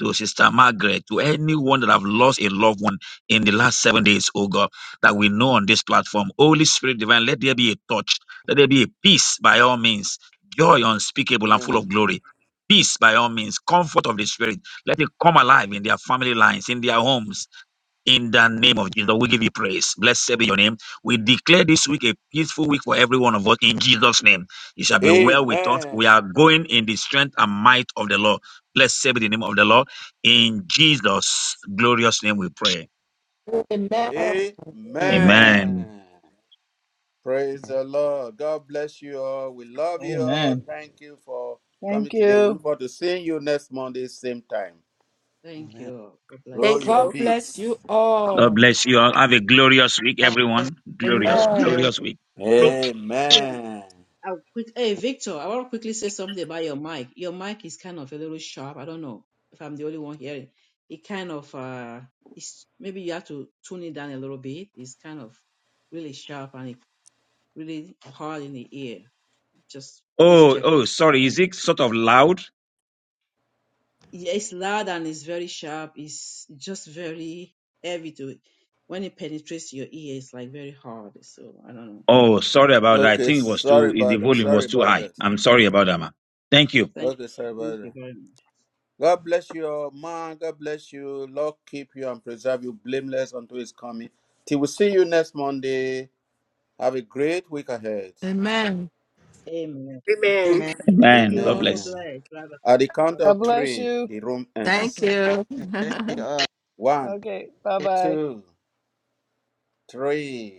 [SPEAKER 6] to Sister Margaret, to anyone that have lost a loved one in the last seven days, oh God, that we know on this platform. Holy Spirit divine, let there be a touch, let there be a peace by all means, joy unspeakable and full
[SPEAKER 1] Amen.
[SPEAKER 6] of glory. Peace by all means, comfort of the spirit. Let it come alive in their family lines, in their homes, in the name of Jesus. We give you praise. Blessed be your name. We declare this week a peaceful week for every one of us in Jesus' name. It shall be well with us. We
[SPEAKER 1] Amen.
[SPEAKER 6] are going in the strength and might of the Lord. Blessed be the name of the Lord. In Jesus' glorious name we pray.
[SPEAKER 2] Amen.
[SPEAKER 4] Amen.
[SPEAKER 6] Amen.
[SPEAKER 1] Amen. Praise the Lord. God bless you all. We love you all.
[SPEAKER 3] Amen.
[SPEAKER 1] Thank you for coming
[SPEAKER 3] Thank
[SPEAKER 1] today. We
[SPEAKER 3] you.
[SPEAKER 1] look forward to seeing you next Monday, same time.
[SPEAKER 2] Thank you. God
[SPEAKER 1] Go
[SPEAKER 2] bless.
[SPEAKER 7] Thank
[SPEAKER 1] in
[SPEAKER 5] God
[SPEAKER 2] Baba.
[SPEAKER 7] you.
[SPEAKER 5] bless
[SPEAKER 1] peace.
[SPEAKER 5] you
[SPEAKER 6] God
[SPEAKER 5] all.
[SPEAKER 6] bless you all. Have a glorious week, everyone. Glorious,
[SPEAKER 5] Amen.
[SPEAKER 4] Thursday, everything,
[SPEAKER 6] glorious week.
[SPEAKER 7] Thank
[SPEAKER 2] Yeah,
[SPEAKER 1] Amen.
[SPEAKER 2] I'll quick, hey, Victor, I want to quickly say something about your mic. Your mic is kind of a little sharp. I don't know if I'm the only one hearing. It kind of, uh, it's, maybe you have to tune it down a little bit. It's kind of really sharp and it really hard in the ear. Just please
[SPEAKER 6] Oh,
[SPEAKER 2] check it.
[SPEAKER 6] oh, sorry. Is
[SPEAKER 2] Thank you.
[SPEAKER 6] it sort of loud?
[SPEAKER 2] Yeah, it's loud and it's very sharp. It's just very heavy to, when it penetrates your ear, it's like very hard. So I don't know.
[SPEAKER 6] Oh, sorry about that. I
[SPEAKER 1] Okay,
[SPEAKER 6] think it was
[SPEAKER 1] sorry
[SPEAKER 6] too, the
[SPEAKER 1] about that.
[SPEAKER 6] volume
[SPEAKER 1] Sorry
[SPEAKER 6] was too
[SPEAKER 1] about
[SPEAKER 6] high.
[SPEAKER 1] that.
[SPEAKER 6] I'm sorry about that, man. Thank you.
[SPEAKER 2] Thank
[SPEAKER 1] Okay,
[SPEAKER 2] you.
[SPEAKER 1] sorry about
[SPEAKER 2] Thank you
[SPEAKER 1] that.
[SPEAKER 2] very much.
[SPEAKER 1] God bless you all, man. God bless you. Lord keep you and preserve you blameless until his coming. Till we see you next Monday. Have a great week ahead.
[SPEAKER 5] Amen.
[SPEAKER 2] Amen.
[SPEAKER 7] you.
[SPEAKER 2] Same
[SPEAKER 7] Amen.
[SPEAKER 2] to
[SPEAKER 4] man.
[SPEAKER 2] you. Thank
[SPEAKER 6] Amen.
[SPEAKER 2] you
[SPEAKER 6] God
[SPEAKER 2] all. God
[SPEAKER 1] Amen.
[SPEAKER 6] bless.
[SPEAKER 2] bless. Bye
[SPEAKER 1] At the count
[SPEAKER 3] God
[SPEAKER 1] of
[SPEAKER 2] bye.
[SPEAKER 3] bless
[SPEAKER 1] three,
[SPEAKER 3] you.
[SPEAKER 1] the room
[SPEAKER 5] Thank
[SPEAKER 1] ends.
[SPEAKER 3] (laughs)
[SPEAKER 5] you.
[SPEAKER 4] Thursday,
[SPEAKER 5] (laughs)
[SPEAKER 4] uh,
[SPEAKER 1] One.
[SPEAKER 3] Okay, bye bye.
[SPEAKER 1] two, three.